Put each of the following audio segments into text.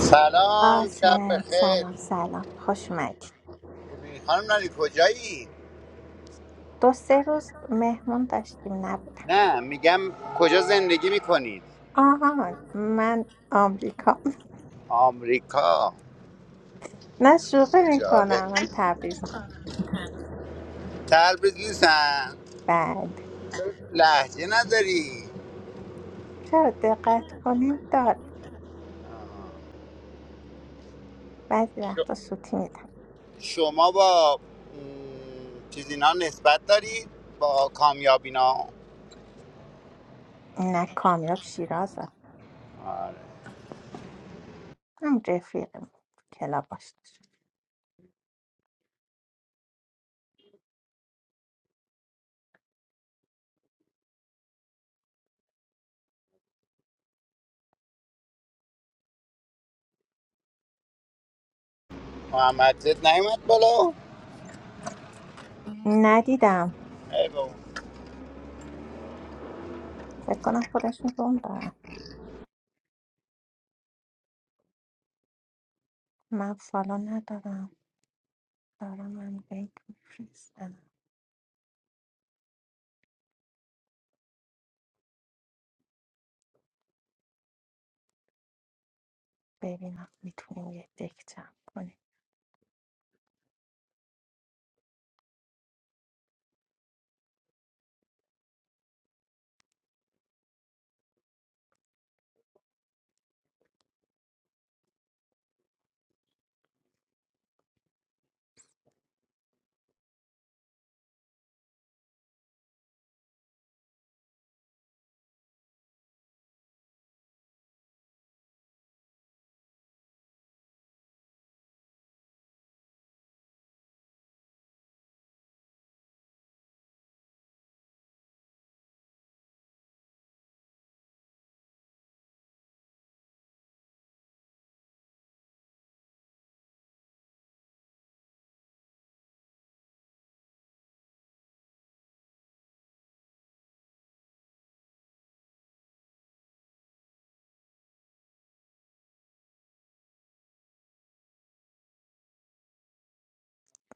سلام شب قاسم بخیر سلام سلام خوش اومدید خانم نانی کجایی؟ دو سه روز مهمون داشتیم نبودم نه میگم کجا زندگی میکنید آها من آمریکا آمریکا نه شوخی چه میکنم جالب من تبریزم تبریز نیستن بله لحجه نداری چرا دقت کنین دارم بعضی وقتا سوتی میدم شما با م، چیز اینا نسبت دارید با کامیابینا نه کامیاب شیرازه آره. هم رفیقم کلا باش محمد زد نیومد بالا ندیدم ای بابا. فکر کنم خودشون روم دارن من فالا ندارم دارم من لینک میفرستم ببینم میتونیم یه دک جمع کنیم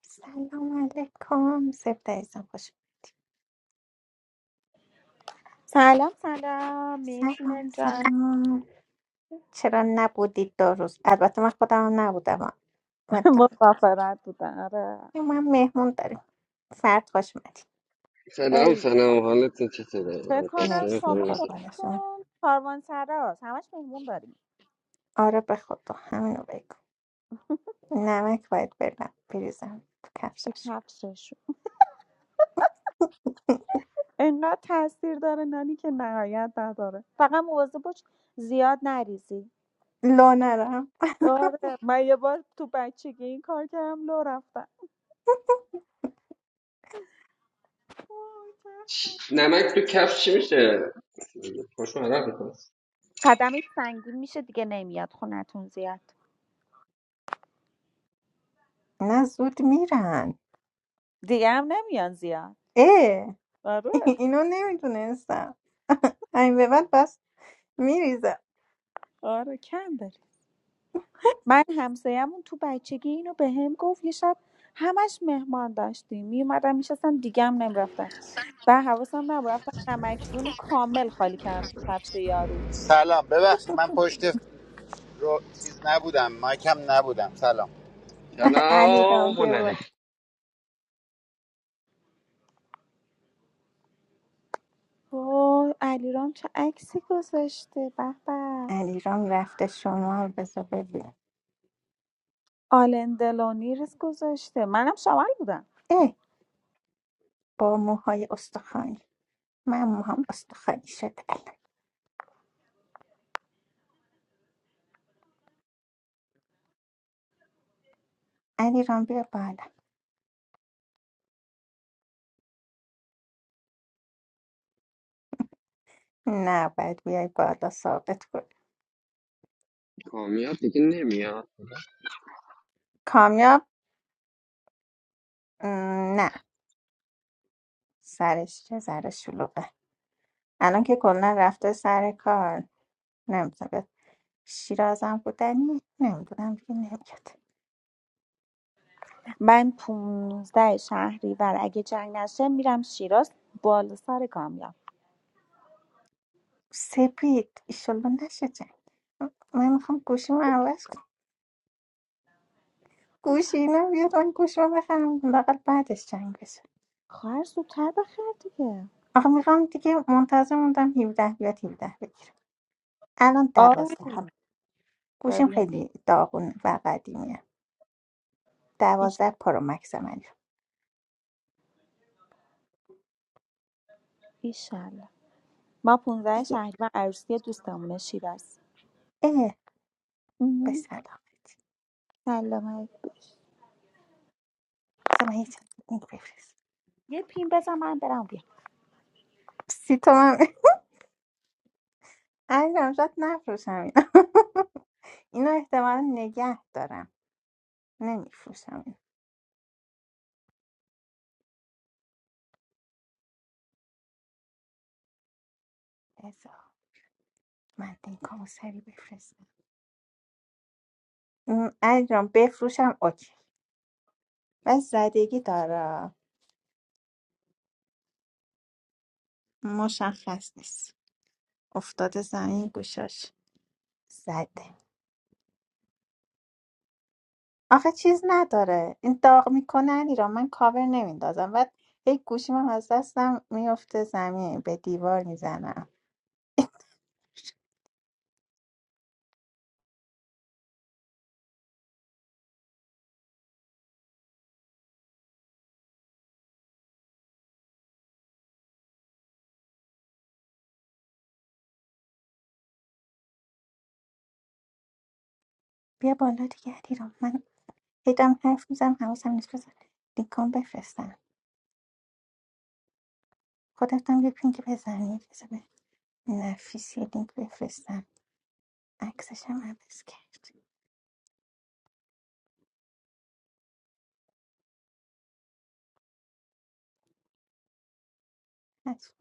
سلام علیکم سبت عزیزم خوش سلام سلام سلام میشونم جان سلام چرا نبودید دو روز البته من خودم هم نبودم مطمئن. من تمام. مسافرت بودن آره ما هم مهمون داریم فرد خوش اومدی سلام ای سلام، حالت چطوره؟ فکر کنم متاسفم مرسی شما فرمسه قربانشون خودتون کاروان سراست همش مهمون داریم آره به خدا همینو بگو نمک باید برم بریزم تو تو کفشش کفششون انقدر تاثیر داره نانی که نهایت نداره فقط مواظب باش زیاد نریزی لانرم آره من یه بار تو بچگی این کار کردم لو رفتم وای، چه نمک تو کفش چی میشه؟ خوش عرق میکنه. قدمت سنگین میشه دیگه نمیاد خونتون زیاد نه زود میرن دیگه هم نمیان زیاد اه آره اینو نمیدونستم همین به بعد بس میریزم آره کم داریم. من همسایه‌مون تو بچگی اینو به هم گفت یه شب همش مهمان داشتیم میومدن میشستن دیگه هم نمیرفتن و حواسم نبود رفتن نمکدون رو کامل خالی کردم تو کفش یارو سلام ببخشید من پشت رو چیز نبودم مایکم نبودم سلام علی سلام، سلام رام بیا هنره بالا. وای علیرام چه عکسی گذاشته به به علیرام رفته شما بذار ببین آلندلونیرس گذاشته منم شامل بودم اه با موهای استخوانی من موهام استخوانی شده الان علی بیا بالا نه باید بیای بالا ثابت کن کامیاب دیگه نمیاد. کامیاب م، نه سرش چه ذره شلوغه الان که کلا رفته سر کار نمیتونه بیاد شیرازم بودنی نمیدونم دیگه نمیاد من پونزده شهری و اگه جنگ نشه میرم شیراز بالا سر کامیاب سپید ایشالله نشه جنگ من میخوام گوشیمو عوض کنم گوشی اینا بیاد من گوشیمو بخرم لااقل بعدش جنگ بشه خواهر زودتر بخیر دیگه آخه میخوام دیگه منتظر موندم 17 بیاد 17 بگیرم الان آه دوازده هم گوشیم ببین خیلی داغون و قدیمیه ایش- دوازده پرو مکس من ایشالله ما 15 دیگه شهریور عروسی دوستمونه شیراز اه به مهم. سلامت سلامت باش بذار من یه چند این بفرست یه پین بزن من برم بیا سی تومن عزیزم شاید نفروشم اینا اینو احتمالا نگه دارم نمیفروشم این بذار من لینکامو سری بفرستم م، عزیزم بفروشم اوکی و زدگی داره مشخص نیست افتاده زمین گوشاش زده آخه چیز نداره این داغ میکنه علیرام من کاور نمیندازم بعد هی گوشیم هم از دستم میفته زمین به دیوار میزنم بیا بالا دیگه علیرام من هی دارم حرف میزنم حواسم نیست بذار لینک هم بفرستم خودتم یه پینک بزنی بذار به نفیسی لینک بفرستم عکسش هم عوض کرد از-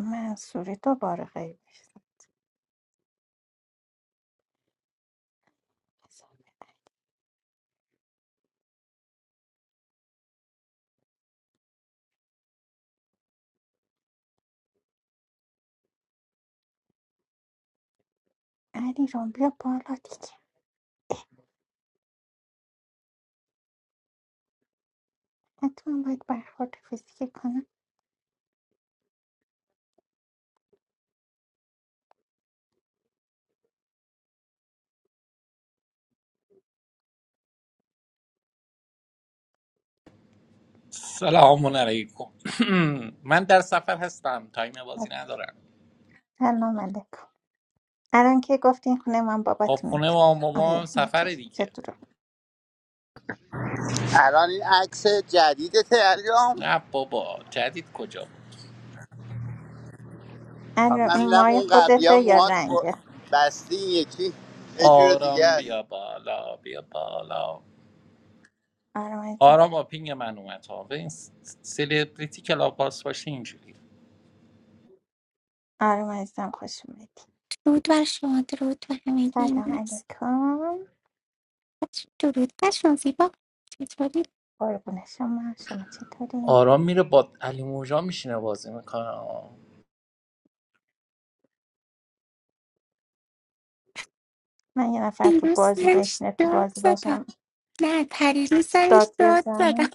منصوری دوباره غیب شد علی رام بیا بالا دیگه حتما باید برخورد فیزیکی کنم سلام علیکم من در سفر هستم تایم بازی ندارم سلام علیکم الان که گفتین خونه من خب خونه باباتونت ما مامان آقای سفر مجید دیگه چطور الان این عکس جدیدته علیرام نه بابا جدید کجا بود علی رام من این می‌گم مای اون قبلی ها خودته یا موهات ب- رنگه بستی این یکی یه جور دیگه آرام است بیا بالا بیا بالا آرام عزیزم آرام با پینگ من اومد ها به این س- سلبریتی کلاب باس باشه اینجوری آرام عزیزم خوش اومدی درود بر شما درود بر همگی سلام امروز علیکم درود بر شما زیبا چطوری قربون شما شما چطوری آرام میره با علی موجا میشینه بازی میکنه من یه نفر تو دیروز بازی سرش بشینه تو داد بازی زدم باشم نه پریروز سرش داد داد زدم بزنه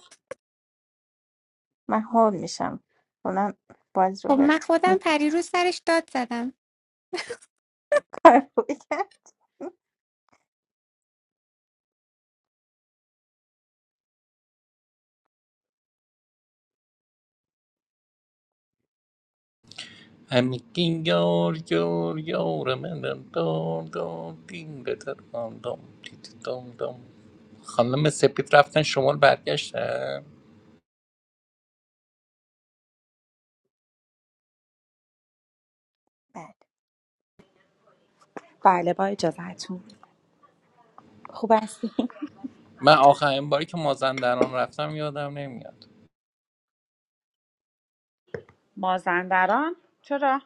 من هول میشم اونم بازی خب رو من خودم میترسم پریروز سرش داد زدم فراری کرد Amikin yar yar yar منم دار دار دین بتر دام دام دیت دام دام خانم سپید رفتن شمال برگشتن بله بله با اجازهتون خوب هستی من آخرین باری که مازندران رفتم یادم نمیاد مازندران چرا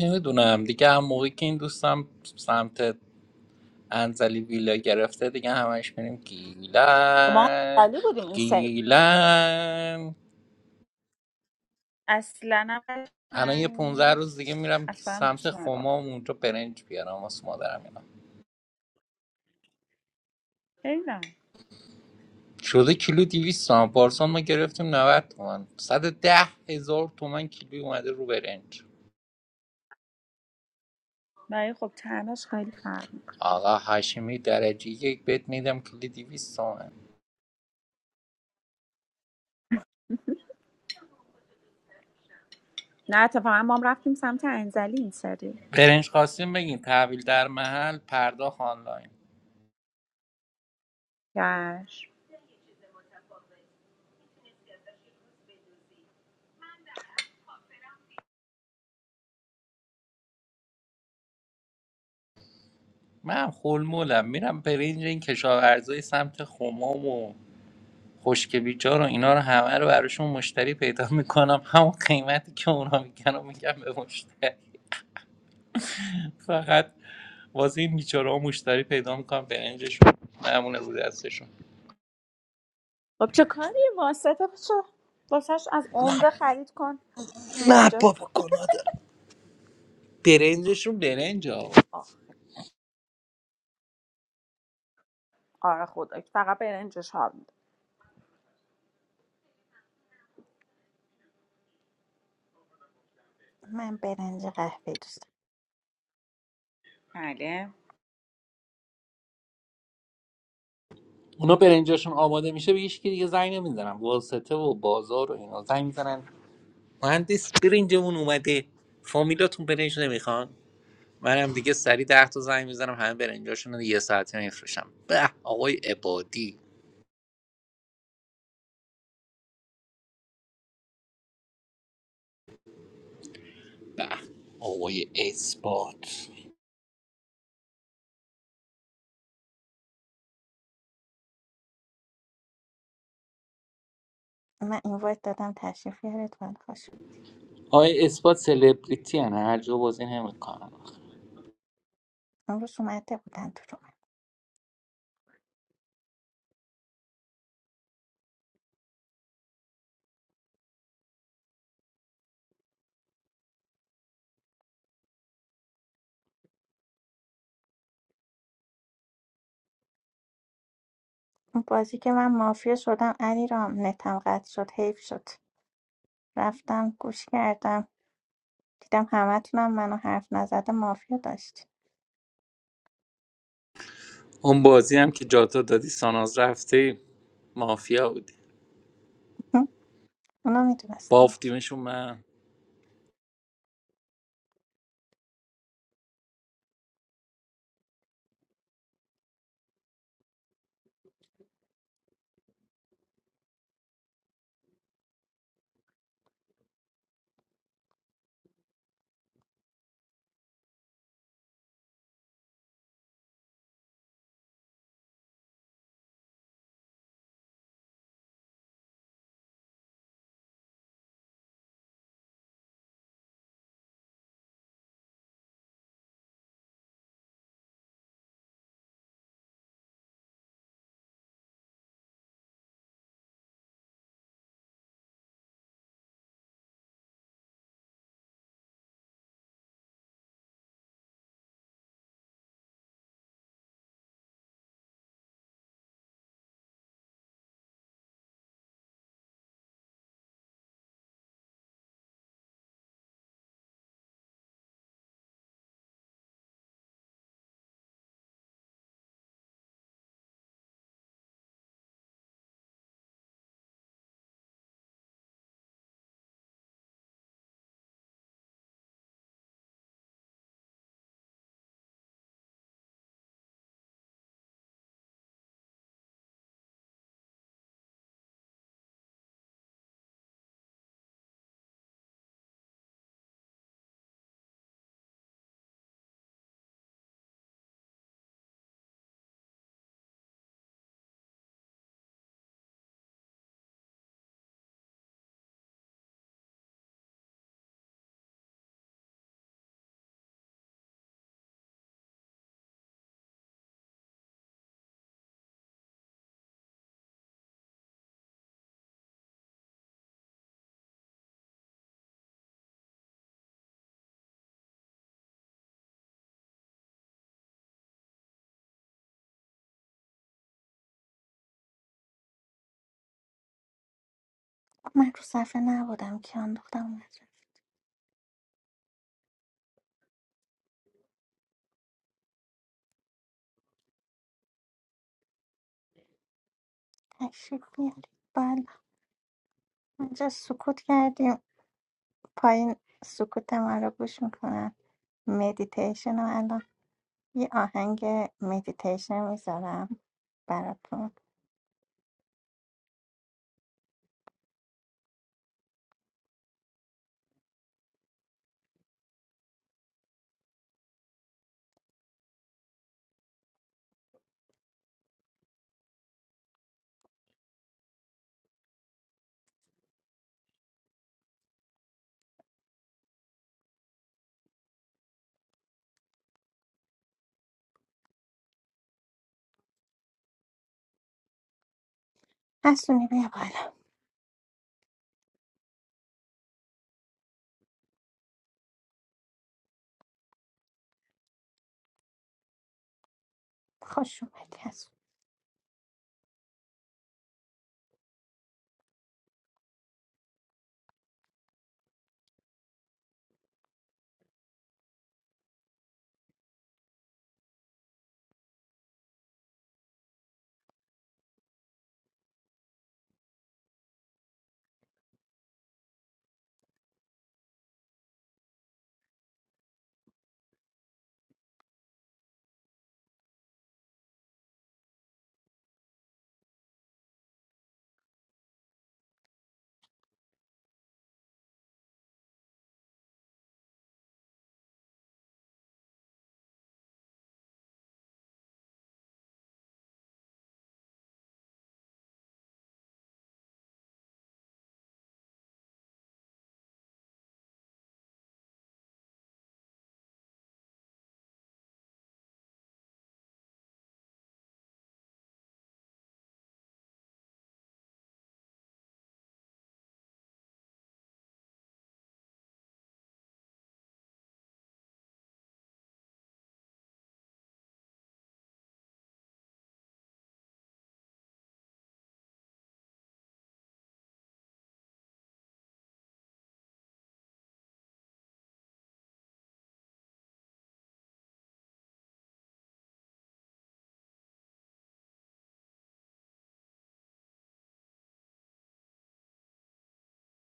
نمیدونم دیگه هم موقعی که این دوستم سمت انزلی ویلا گرفته دیگه همش میریم ما گیلن خالی بودیم این سری گیلن اصلا هم الان یه قشنگ 15 روز دیگه نیست میرم اصلا سمت دوست خمام ندارم اونجا برنج بیارم واسه مادرم نمیدونم شده کیلو 200 تومن پارسال ما گرفتیم 90 تومن صد و ده هزار تومن کیلو اومده رو برنج ولی خب تنش خیلی فرق میکنه آقا هاشمی درجه یک بت میدم کیلو 200 تومن نه اتفاقا ما هم رفتیم سمت انزلی این سری برنج خواستیم بگین تحویل در محل پرداخت آنلاین گش من خلمولم میرم برنج این کشاورزای سمت خمام و خشک بیجار و اینا رو همه رو براشون مشتری پیدا میکنم همون قیمتی که اونا میگن رو میگم به مشتری فقط واسه این بیچاره مشتری پیدا میکنم برنجشون معمونه بود دستشون. خب چه کاری واسطه چه واسهش از عمده خرید کن بیا نه اینجا بابا گناه داره برنجشون برنج ها آره خدا فقط برنجش حال میده من برنج قهوه دوست بله اونا برنجشون آماده میشه به هیچ کی دیگه زنگ نمیزنن واسطه و بازار و اینا زنگ میزنن مهندس برنجمون اومده فامیلاتون برنج نمیخوان منم دیگه سری ده تا زنگ میزنم همه برنجاشون رو یه ساعته میفروشم به آقای عبادی به آقای اثبات دارم. من این وایت دادم تشریف یارت باید خوش بود. آقای اثبات سلبریتی هن هر جا بازی نمیکنن امروز اومده بودن تو رو من بازی که من مافیا شدم علی رام نتم قطع شد حیف شد رفتم گوش کردم دیدم همه همتونم منو حرف نزده مافیا داشتی اون بازی هم که جاتا دادی ساناز رفته مافیا بودی اونا میدونستم مافیا بافتیمشون من من رو صفحه نبودم که انداختم اومد رفت. تشریف بیارید بالا اینجا سکوت کردیم پایین سکوت ما رو گوش میکنن مدیتیشن رو الان یه آهنگ مدیتیشن میذارم براتون حسونی بیا بالا خوش اومدی حسون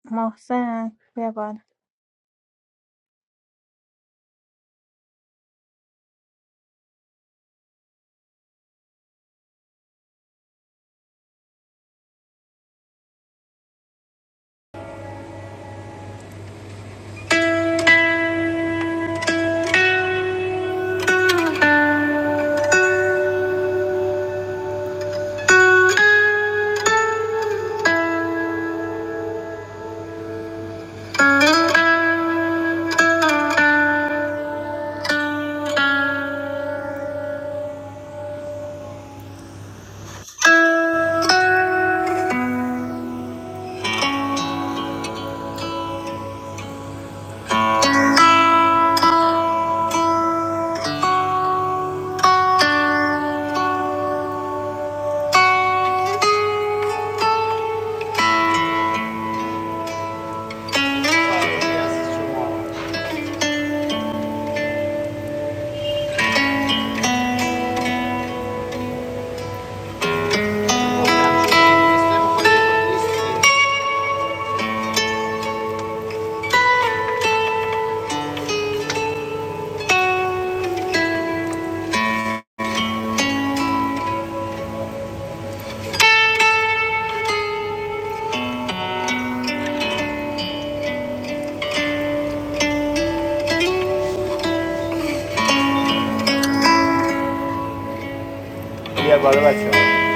محسن بیا بالا بیا بالا بچه ها،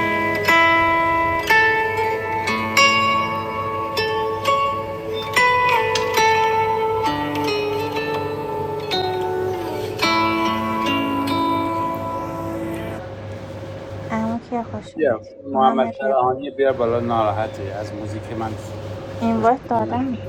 امو که خوش بیا اومدی محمد محمد بیا بالا فرهانی بیا بالا ناراحته از موزیک من خوش اینوایت میاد. دادم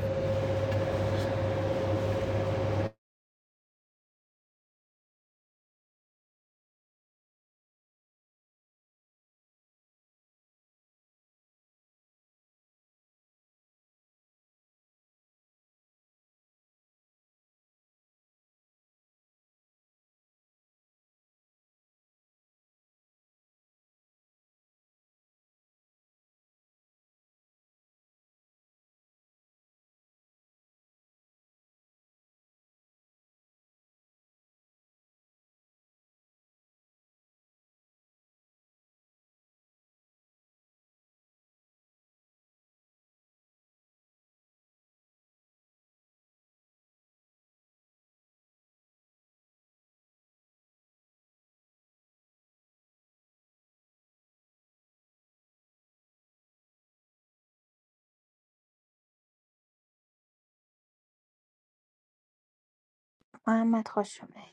محمد خوش اومدی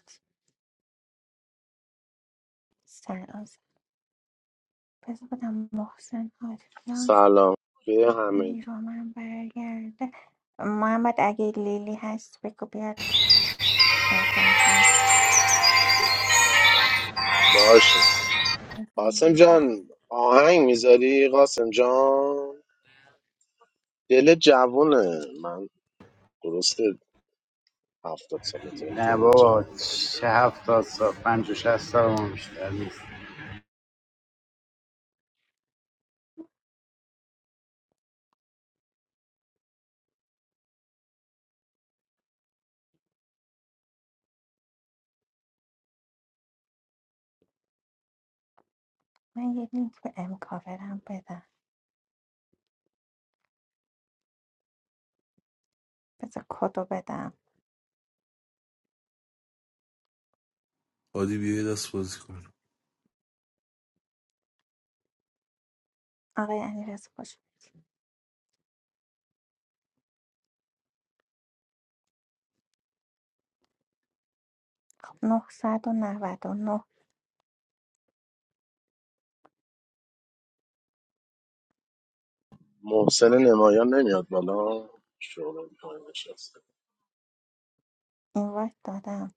سلام بذار بدم محسن آریان سلام به علی همگی رامن برگرده محمد اگه لیلی هست بگو بیاد بر بازی باشه قاسم جان آهنگ میذاری قاسم جان دل جوونه من درسته هفتاد سالته نه دل بابا جوون هست چه هفتاد سال پنج و شست سال ما بیشتر نیست من یه لینک به امکاورم بدم بذار کدو بدم عادی بیا یه دست بازی کن آقای علیرضا باشه. نه نه نه این محسن نمایان نمیاد بالا شغل پایین نشسته اینوایت دادم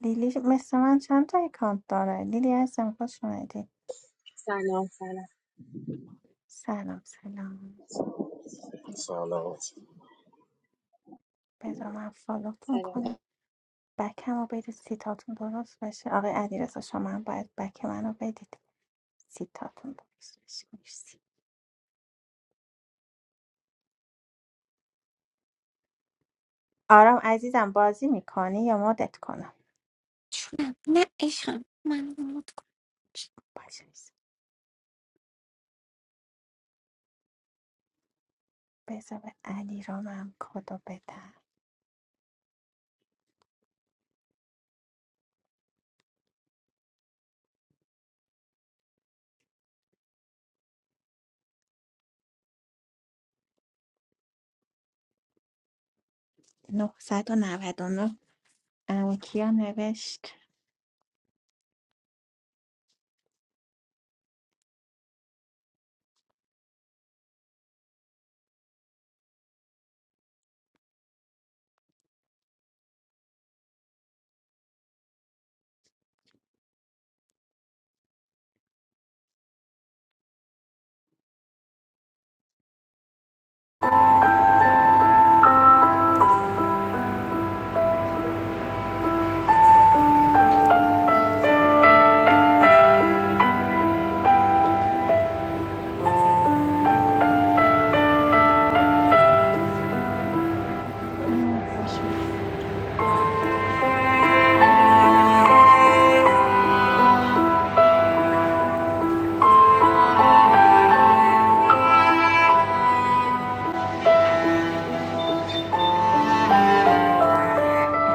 لیلی مثل من چند تا اکانت داره لیلی هستم خوش اومدی سلام سلام سلام سلام سلام بذار من فالوتون سلام کنم بکم رو بدید سیتاتون درست بشه آقای علیرضا شما هم باید بک منو بدید سیتاتون درست بشه مرسی آرام عزیزم بازی میکنی یا مدت کنم چونم نه عشقم من مت کن باشه بذار به علیرامم کدو بدم 999 اما کیا نوشت آه خوش اومد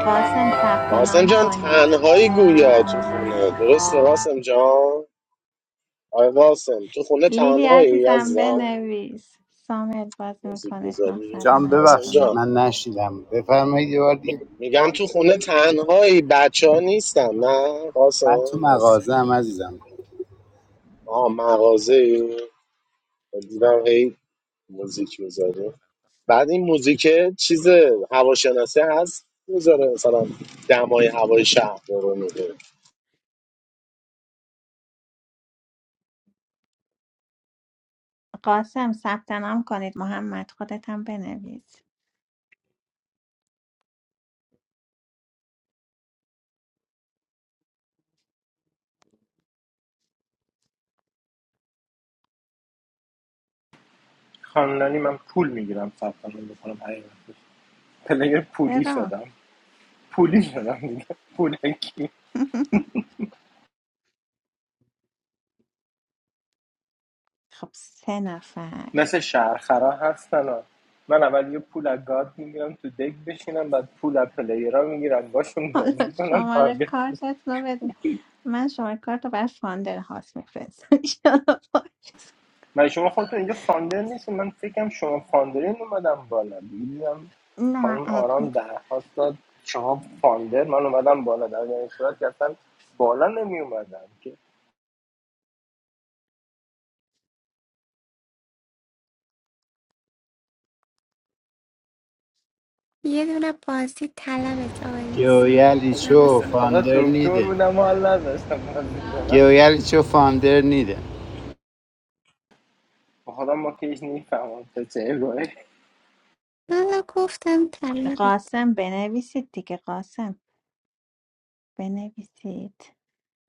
قاسم ثبت قاسم نام جان کنید تنهایی گویا علیرضا تو محمد خونه درسته قاسم جان آی قاسم تو خونه لیلی تنهایی عزیزم عزیزم بنویس سامل بازی موزیک میکنید بذاری جان قاسم ببخشید 999 جان من نشیدم بفرمایید یه بار دیگه میگم تو خونه تنهایی بچه ها نیستن نه من قاسم تو از مغازه هم عزیزم آه مغازه دیدم هی موزیک میذاره بعد این موزیک چیز هواشناسی هست میذاره مثلا دمای هوای شهر رو میده قاسم ثبت نام کنید محمد خودت هم بنویس خانم نانی من پول میگیرم ثبت نام بکنم حقیقتش پلیر پولی چرا شدم پولی شدم دیگه پولکی خب سه نفر مثل شهرخرا هستن ها. من اول یه پول از گارد میگیرم تو دک بشینم بعد پول از پلیرها میگیرم باشون بازی حالا کنم شماره تارگت بزنم. کارتت رو بده من شماره کارت رو بر فاندر هاست میفرستم ایشالا باشه. من شما خودتون اینجا فاندر نیستین من فکرم شما فاندرین اومدم بالا دیدم نه خانم ادمین آرام درخواست داد شما فاندر من اومدم بالا در این صورت که اصلا بالا نمی اومدم یه دونه بازی طلبت آیستم گویلی شو به حواسم خدا فاندر دکتر نیدن بودم و حال نداشتم بازی کنم گویل چه فاندر نیده به خدا ما که هیچ نیفهمم تا چه روی حالا گفتم طلبت قاسم بنویسید دیگه قاسم بنویسید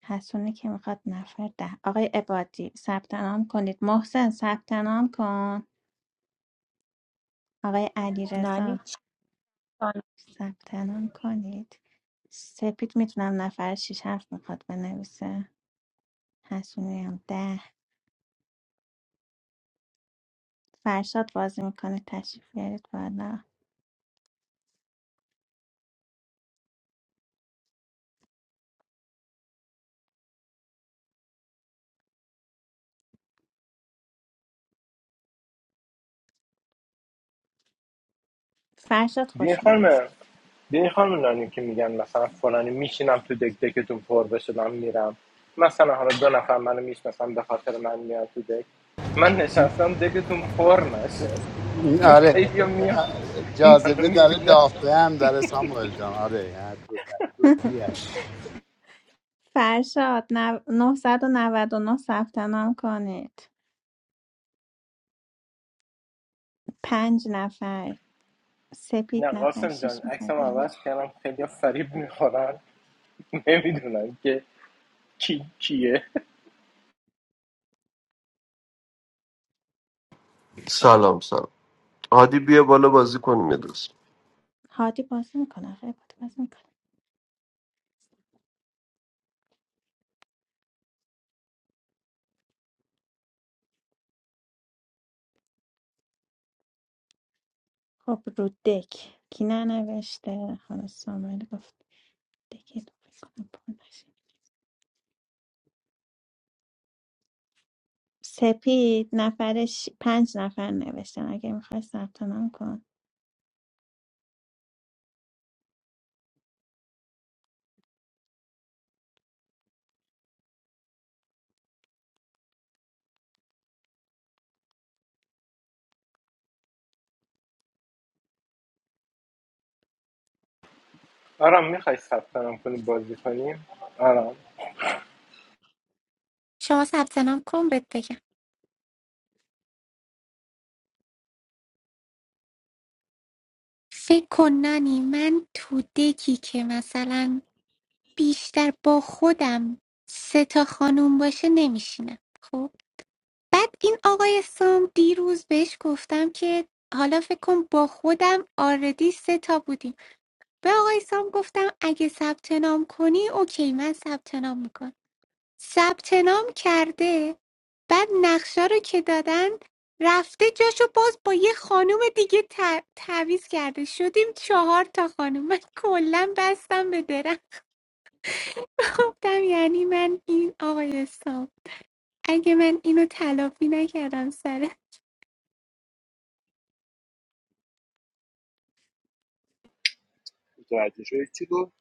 حسونی که میخواد نفر ده آقای عبادی ثبت نام کنید محسن ثبت نام کن آقای نانی علیرضا چی دانی؟ ثبت نام کنید سپید میتونم نفر شیش هفت میخواد بنویسه حسونی هم ده فرشاد بازی میکنه تشریف بیارید بالا فرشاد بین خوش اومد خانم بین خانم نانی که میگن مثلا فلانی میشینم تو دک دکتون پر بشه من میرم مثلا حالا دو نفر منو میشناسن به خاطر من میاد تو دک من نشستم دکتون پر نشه این چون آره خیلی میان منو جاذبه داره میبینم دافته هم داره ساموئل جان آره یعنی دو تا- دو تیه. فرشاد نو- 999 ثبت نام کنید پنج نفر سپید نه نفر قاسم جان شیش میخوای عکسم عوض بنویس کردم خیلی فریب میخورن نمیدونن که کی کیه سلام سلام هادی بیا بالا بازی کنیم یه دست هادی بازی میکنه آقای هادی بازی میکنه خب رو دک کی ننوشته خانم سامال گفت دکی رو فکر کنم پر نشه. سپید نفرش پنج نفر نوشتن اگه میخوای ثبت نام کن آرام میخوای ثبت نام کنی بازی کنیم آرام شما ثبت نام کن بهت بگم فکر کن نانی من تو دکی که مثلا بیشتر با خودم سه تا خانوم باشه نمیشینم خب بعد این آقای سام دیروز بهش گفتم که حالا فکر کن با خودم آردی سه تا بودیم به آقای سام گفتم اگه ثبت نام کنی اوکی من ثبت نام میکنم ثبت نام کرده بعد نقشه رو که دادن رفته جاشو باز با یه خانوم دیگه ت- تعویض کرده شدیم چهار تا خانوم من کلا بستم به درم گفتم یعنی من این آقای سام اگه من اینو تلافی نکردم سر متوجه شدی چی گفت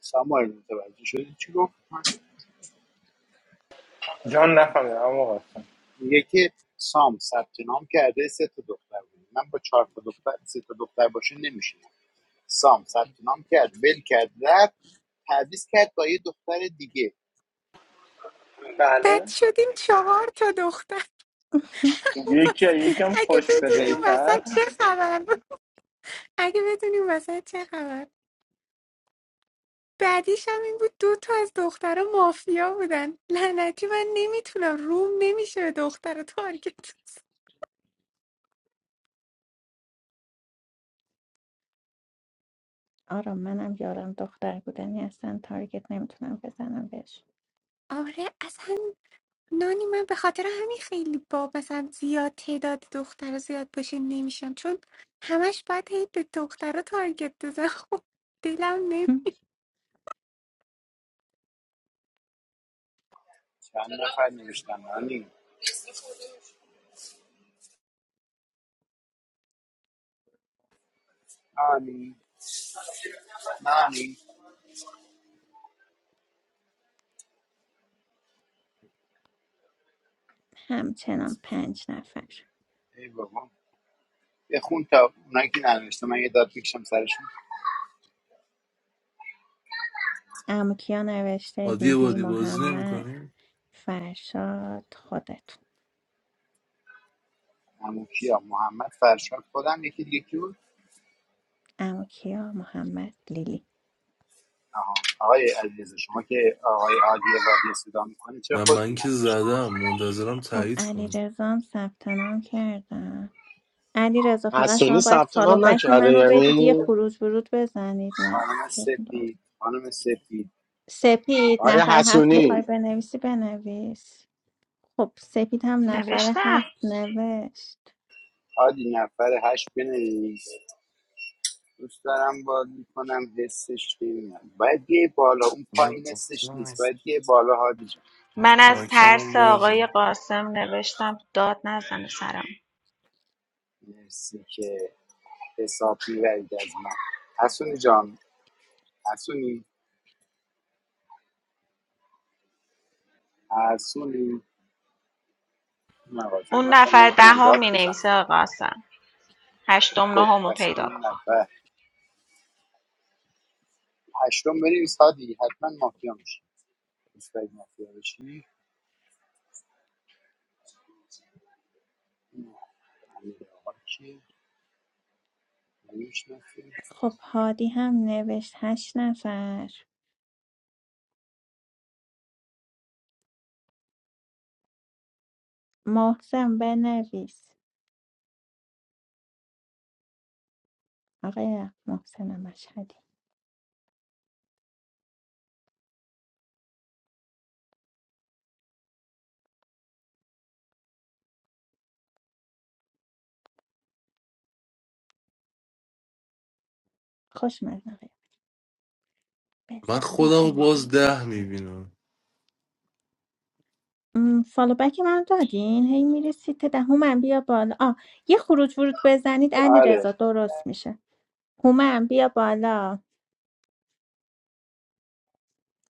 ساموئل متوجه شدی چی گفت جان نفهمیدم اما قاسم میگه که سام ثبت نام کرده سه تا دختر بود من با چهار تا دختر سه تا دختر باشه نمیشینم سام ثبت نام کرد ول کرد رفت تعویض کرد با یه دختر دیگه بد بله شدیم چهار تا دختر پس یکی یکم اگه خوش بدونی اون بلیتر وسط چه خبر بود اگه بدونی اون وسط چه خبر بعدیش هم این بود دو تا از دخترها مافیا بودن لعنتی من نمیتونم روم نمیشه به دختر تارگت آرام منم یارم دختر بودنی اصلا تارگت نمیتونم بزنم بهش آره اصلا نانی من به خاطر همین خیلی با مثلا زیاد تعداد دختر زیاد باشه نمیشم چون همش باید هی به دختر تارگت بزن خب دلم نه چند نفر نوشتن نانی آنی. نانی همچنان پنج نفر ای بابا بخون تا اونایی که ننوشته من یه داد میکشم سرشون عمو کیا نوشته عادی لیلی بادی بازی محمد نمیکنی فرشاد خودتون همون کیا محمد فرشاد خودم یکی دیگه کی بود عمو کیا محمد لیلی آها آقای علیرضا شما که آقای عادی وادی صدا میکنید چرا نه خودتون من که ننوشته زدم منتظرم خب تایید کنی علیرضا هم ثبت نام کردم علیرضا فقط شما حسونی باید ثبت فالو نام بک نکرده منو بدید یه یعنی خروج ورود بزنید من خانم چیز می‌کنم. سپید خانم سپید سپید آیا نفر هفت میخوای حسونی بنویسی بنویس خب سپید هم نفر نوشتم هفت نوشت عادی نفر هشت بنویس دوست دارم بازی کنم حسش نمیاد باید یه بالا اون من پایین حسش گفتم نیست باید یه بالا هادی جان من از مایکم هم ترس آقای بازه قاسم نوشتم داد نزنه سرم مرسی که حساب میبرید از من حسونی جان حسونی حسونی مغازه اون هم اصلا نفر نمیتونم دهم داد می بزنم نویسه آقا قاسم هشتم خب نهم رو دست پیدا من کن نفر هشتم بنویس سادی حتما مافیا میشی دوست داری مافیا بشی امیر آقا کیه نمی‌شناسی؟ خب هادی هم نوشت هشت نفر محسن بنویس آقای محسن مشهدی خوش آقای من بذار خودم رو ببینم باز ده بگیر. میبینم م، فالو بک من دادین هی میری سیت ده هومن بیا بالا آ یه خروج ورود بزنید علی رضا آره درست میشه هومن بیا بالا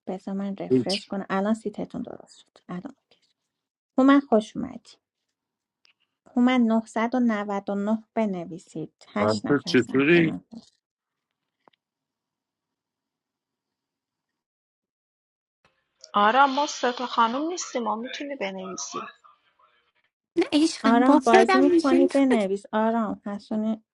بذار من رفرش هیچ کنم الان سیتتون درست شد الان اوکی. هومن خوش اومدی هومن 999 بنویسید من هشت تو نفر ثبت چطوری؟ نام کرد. آره ما سه تا خانم نیستیم ما میتونی بنویسی نه عشقم آرام با بازی خودم میکنی میشه بنویس آرام حسونی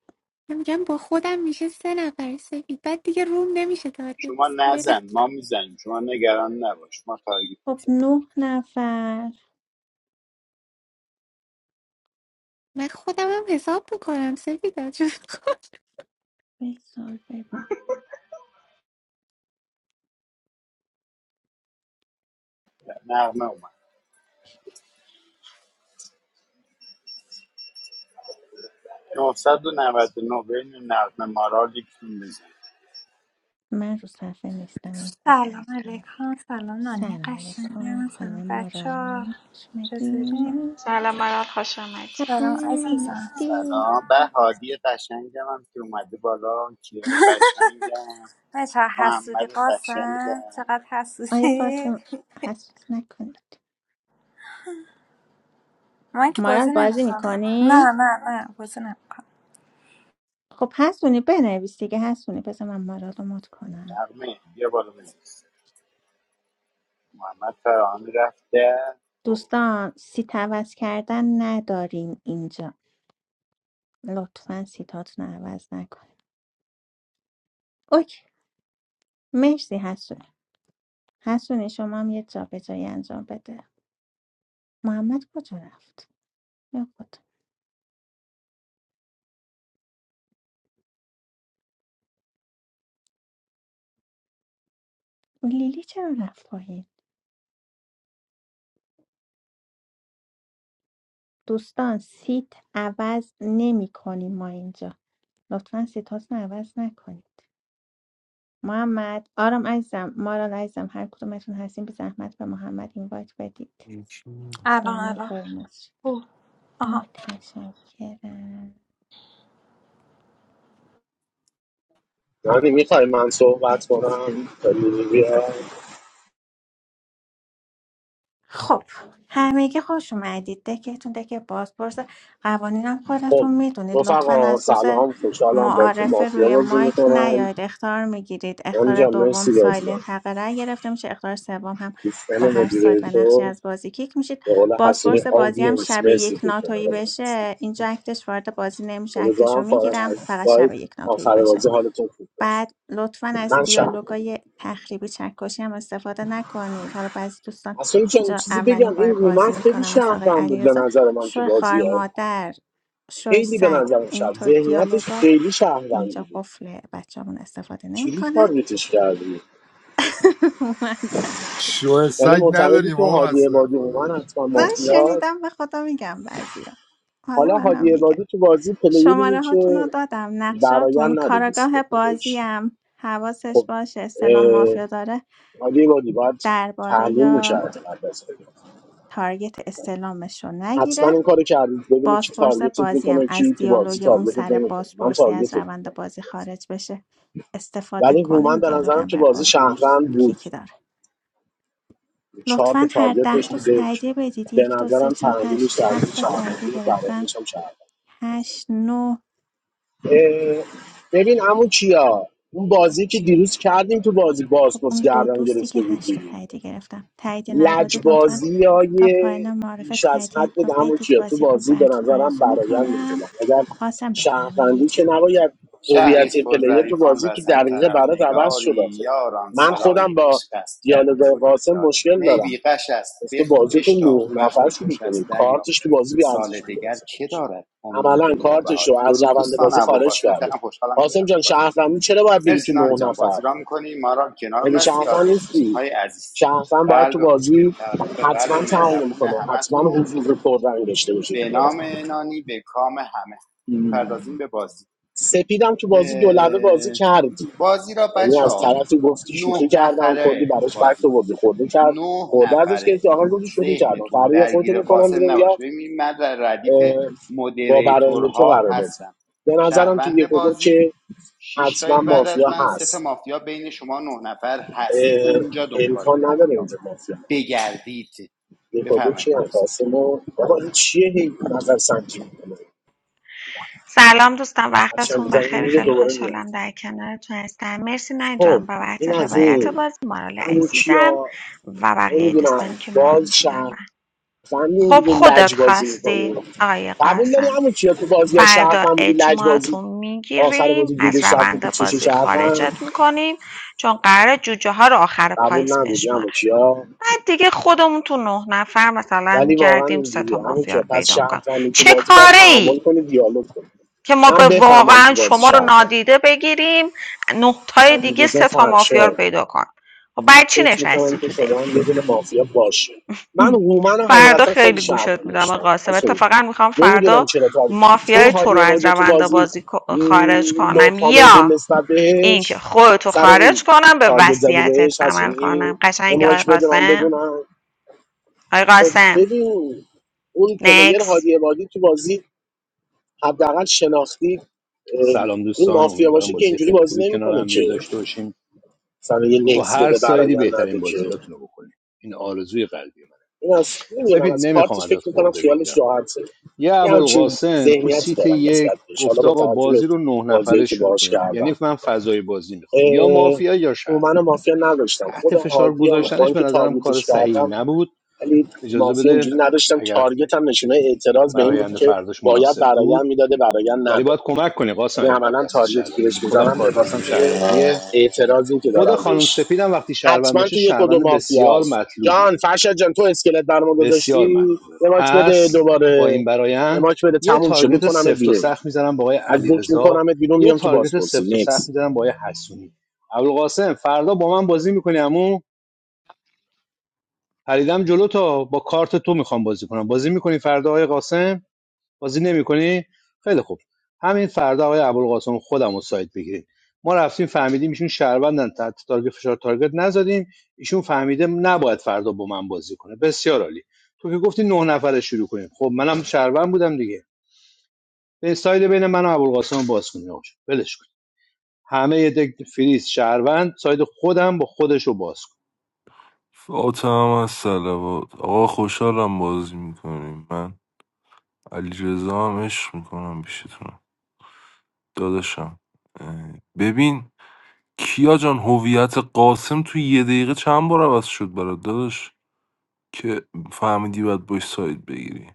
میگم با خودم میشه سه نفر سفید بعد دیگه روم نمیشه تارگت شما بزن. برم نزن ما میزنیم شما نگران نباش ما تارگت خب میزن نه نفر من خودم هم حساب میکنم سفید چون بذار ببین. نغمه اومد 999 بین نغمه مارال یکتون بزن من رو صفحه نیستم سلام علیکم، سلام نانی سلام علیکم قشنگم، سلام خانم بچه ها، مارال شمدی چطورین؟ سلام مرال خوش آمدی خبر سلام عزیزم. نیستی سلام به هادی قشنگم هم که اومده بالا کیره قشنگم بچه ها حسودی محمد قاسم، قشنگم چقدر آیا حسودی؟ قاسم حسوس نکنید من که مارال بازی بازی نمیکنم. میکنی؟ نه نه نه بازی نمیکنم. خب هستونی بنویس دیگه هستونی بذار من مارال رو مد کنم نغمه بیا بالا بزن محمد فرهانی رفته خب. دوستان سیت عوض کردن نداریم اینجا لطفا سیتاتون رو عوض نکنید اوکی مرسی هستونی حسونی شما هم یه جا به جایی انجام بده محمد کجا رفت؟ یا خود لیلی چرا رفت پایین؟ دوستان سیت عوض نمی کنیم ما اینجا لطفا سیتاتون رو عوض نکنیم محمد آرام عزیزم مارال عزیزم هر کدومتون هستین به زحمت به محمد اینوایت بدید هیچ. الان برامون الان قرمز شد. اوه. آها متشکرم یعنی میخوای من صحبت کنم خیلی بیا. خب همگی خوش اومدید دکتون دک بازپرس قوانینم خب خودتون میدونید لطفا رفقا از روز سلام خوشحالم با تو معارفه مافیا روی بازی مایک میکنم نیاید اختار میگیرید اختار اونجا دوم مرسی بازی سایلنت حق رأی گرفته میشه اختار سوم هم با دوستان هر سایت و نقشی مدیریتور از بازی کیک میشید به قول حسونی بازپرس بازی هم آدینس شب مرسی یک که کنار ناتویی ما هستید بشه اینجا اکتش وارد بازی نمیشه اکتش رو امیدوارم فارغ از میگیرم فقط سایت شب یک ناتویی آخر بشه بازی حالتون خوب باشه بعد لطفا از من شهر دیالوگای تخریبی چکشی هم استفاده نکنید حالا بعضی دوستان حسونی چون اینجا چیزی اولین بگم این بار هومن بازی خیلی میکنم مثل آقای شهروند بود به علیرضا نظر من تو شو خار بازی ها مادر شوی خیلی به سگ نظرم شب اینطور ذهنیتش دیالوگا خیلی شهروندی اینجا بود قفل بچه‌مون استفاده چیزی نمیکنن تارگتش کردی من شوه یعنی سگ معتقدی نداریم تو آقا هادی اصلا عبادی خودش هومن حتما من مافیا شنیدم به خدا میگم بعضیا حالا حالا منم هادی میگم عبادی تو بازی پلیری شماره هاتون رو که دادم نقشاتون برایند نداده سیده کاراگاه خودش بازیم حواسش خب باشه استلام مافیا داره ولی یه بادی باید درباره تحلیل یا میکرد تارگت استلامش رو حتما نگیره این کارو کردید ببینید کی بازپرس تارگتت بازی هم میکنه از کی تو بازی دیالوگ اون تارگتت سر نمیکنه من بازپرسی از تارگتت روند میکنم بازی خارج بشه استفاده ولی کنه این هومن به دیالوگ نظرم هم که بر بازی بازپرس شهروند بود کیکی داره چهار تا لطفا هر تارگت ده داشت تو دوست بوده تاییدیه بدید به یک دو سه نظرم چهار پنج تحلیلش شیش در مورد هفت تا تاییدیه شهروندی و گرفتم برایش هم شهروند هشت نو اه، ببین عمو کیا اون بازی که دیروز کردیم تو بازی خب بازپرس اون دو گردن دوستی که گرفته هشت تا بودی تاییدیه گرفتم تاییدیه ندادید لطفا لجبازی تا های پایان معرفه بیش از حد تاییدیتون بود رو همون بدید کیا تو بازی خوب بازی به براتون نظرم آرزو برایان میکنم میدونم اگر قاسم شهروندی که بفرمایید نباید شهری هویت است پر پلیر تو ظریفان و بازی تو از هر دقیقه طرف برات عوض شد نگاری یاران من صلای خودم با عشق است گر دیالوگ میکنید قاسم یاری مشکل می بی دارم غش است گفته بخ- بازی تو بشتاب نه نفر وقتی شروع خوش کنی است دریاب کارتش تو بازی بی سال ارزش بوده دگر واسه که خودش دارد امید عملا کارتش رو نوبهاری از درود روند دوستان بازی خارج ابوالقاسم کرده شرم خوشحالم که قاسم جان کنارتون بازی میکنم شهروندی چرا باید بگی مرسی تو نانی نه جان نفر بازی را میکنی ما را هم کنار اگه هستی شهروند آدینس نشین نیستی های عزیز شهروند باید قلب تو خوشگل بازی تقدیم به قلب حتما تحمل مهربون کنه حتما همتون حضور پررنگ داشته باشه تو به بازی نام نانی به کام همه میپردازیم به بازی سپیدم تو بازی دولبه بازی کردی بازی را یعنی بچه از ها طرفی گفتی نه شوخی کردم کردی نفره براش فکت بازی آوردی کنید خورده کرد نه خورده ازش نفره گرفتی آخر گفتی شوخی کردم ذهنتون فردا یا خودتو درگیر میکنم قاسم بیرون یا نباشه ببینید من در ردیف اه، با برنده تو مدریتورها قرار بازی هستم به نظرم تو شهروند یک و دو بازی که شش حتما تایید بعد از مافیا من سه تا هست مافیا بین شما نه نفر هست اه، اونجا دنبال امکان نداره مافیا اینجا مافیا بگردید دیپادو بفرمایید کی هم خانم سپید. قاسم و بابا این چیه هی نظر سنجی میکنه سلام دوستان هرچند وقتتون میزنی بخیر میره خیلی دوباره میاد خوشحالم در کنارتون هستم مرسی نانی خب جان بابت این از روایت این بازی مارال همون عزیزم کیا و بقیه نمیدونم دوستانی که ما رو باز میشنون شهروند خب اینجوری خودت لج بازی خواستی میکنی آقای قبول داری قاسم همون کیا تو بازی ها فردا شهروند بودی لج بازی اجماعتون آخر میگیریم بازی از جورش رفت تو روند چشی بازی شهروند خارجت میکنیم چون قراره جوجه ها رو آخر قبول پاییز نبودی همون بشمارن کیا بعد دیگه خودمون تو نه نفر مثلا ولی واقعا میگردیم سه تا اینجوریه همون مافیا کیا رو پس پیدا میکنیم شهروندی تو چه بازی باید کاره تعامل ای کنی دیالوگ کنی که ما من به بفهمم واقعا تو بازی شما رو شهروند نادیده بگیریم نه تای دیگه علیرضا سه تا مافیا رو فرشاد پیدا کن خب بعد چی فکر میکنم نشستی که تو دک شما هم یه دونه مافیا باشه من هومن رو فردا حقیقتا خیلی خیلی گوشت شهروند میدم آقا داشتم قاسم از اون اتفاقا میخوام نمیدونم فردا چرا تا چون مافیای تو رو هادی از عبادی تو روند بازی بازی ک- م، خارج نو کنم کامنت بود یا نسبت اینکه بهش خودتو سر خارج این کنم به تارگت زدی وصیتت بهش از عمل این کنم یه قشنگ آقای مایک بده من قاسم بدونم آقای خب قاسم ببین اون پلیر نکس هادی عبادی تو بازی حداقل شناختی اه، سلام این دوستان مافیا امیدوارم باشه که بازی اینجوری خیلی خوبی بازی کنار نمیکنه هم که دیگه داشته باشیم مثلا یه تو نکس هر بده سایدی برای بهترین نده که بازیاتون رو بکنیم این آرزوی قلبی منه این از نمیدونم از سپید نمیخوام کارتش ازت فکر میکنم خورده خیالش بگیرم راحته یه یه همچین ابوالقاسم تو ذهنیتی سیت دارم یک نسبت بهش حالا گفت با آقا توجه به بازی رو نه بازیایی نفره که شروع باهاش کنیم یعنی کردم من فضای بازی میخوام یا اه، مافیا یا شهر هومن و مافیا نداشتم تحت خودم فشار هادی هم با گذاشتنش به اینکه نظرم کار تارگتش صحیحی کردم نبود ولی اجازه مافیا اونجوری بده نداشتم اگر تارگت هم نشونه اعتراض به این بود برآینده که فرداش باید مناسب برایم بود میداده برایم ولی نداده باید کمک کنی قاسم یعنی اگه کارت عملا دست تارگتی که شهروندی چون بهش خودم میزنم به کارت دستم واسطه شهروندیه اعتراضی که خود دارم خانم بهش سپیدم وقتی شهروند حتما باشه تو یک و دو شهروند بسیار مافیاست جان مطلوبیه فرشاد جان تو اسکلت بر ما گذاشتی بسیار مطلوبه یه ماک بده پس با این دوباره یه برایند ماک بده یه تموم شد تارگت میکنمت سفت و بیرون سخت میزنم با آقای از دک علیرضا میکنمت بیرون یه میام تو تارگت بازپرسی سفت و سخت نکس میزنم با آقای حسونی ابوالقاسم فردا با من بازی میکنی عمو پریدم جلو تا با کارت تو میخوام بازی کنم بازی میکنی فردا آقای قاسم بازی نمیکنی خیلی خوب همین فردا آقای ابوالقاسم خودم رو سایت بگیریم ما رفتیم فهمیدیم ایشون شهروندن تحت تارگت فشار تارگت نزدیم ایشون فهمیده نباید فردا با من بازی کنه بسیار عالی تو که گفتی نه نفره شروع کنیم خب منم شهروند بودم دیگه به ساید بین من و ابوالقاسم باز کنیم آقا جون. ولش کن همه یه دک فریز شهروند ساید خودم با خودش رو باز کن فاطم هم از سلوات آقا خوشحالم بازی میکنیم من علی رزا هم عشق میکنم بیشتونم داداشم اه، ببین کیا جان هویت قاسم تو یه دقیقه چند بار عوض شد برات داداش که فهمیدی باید باش ساید بگیری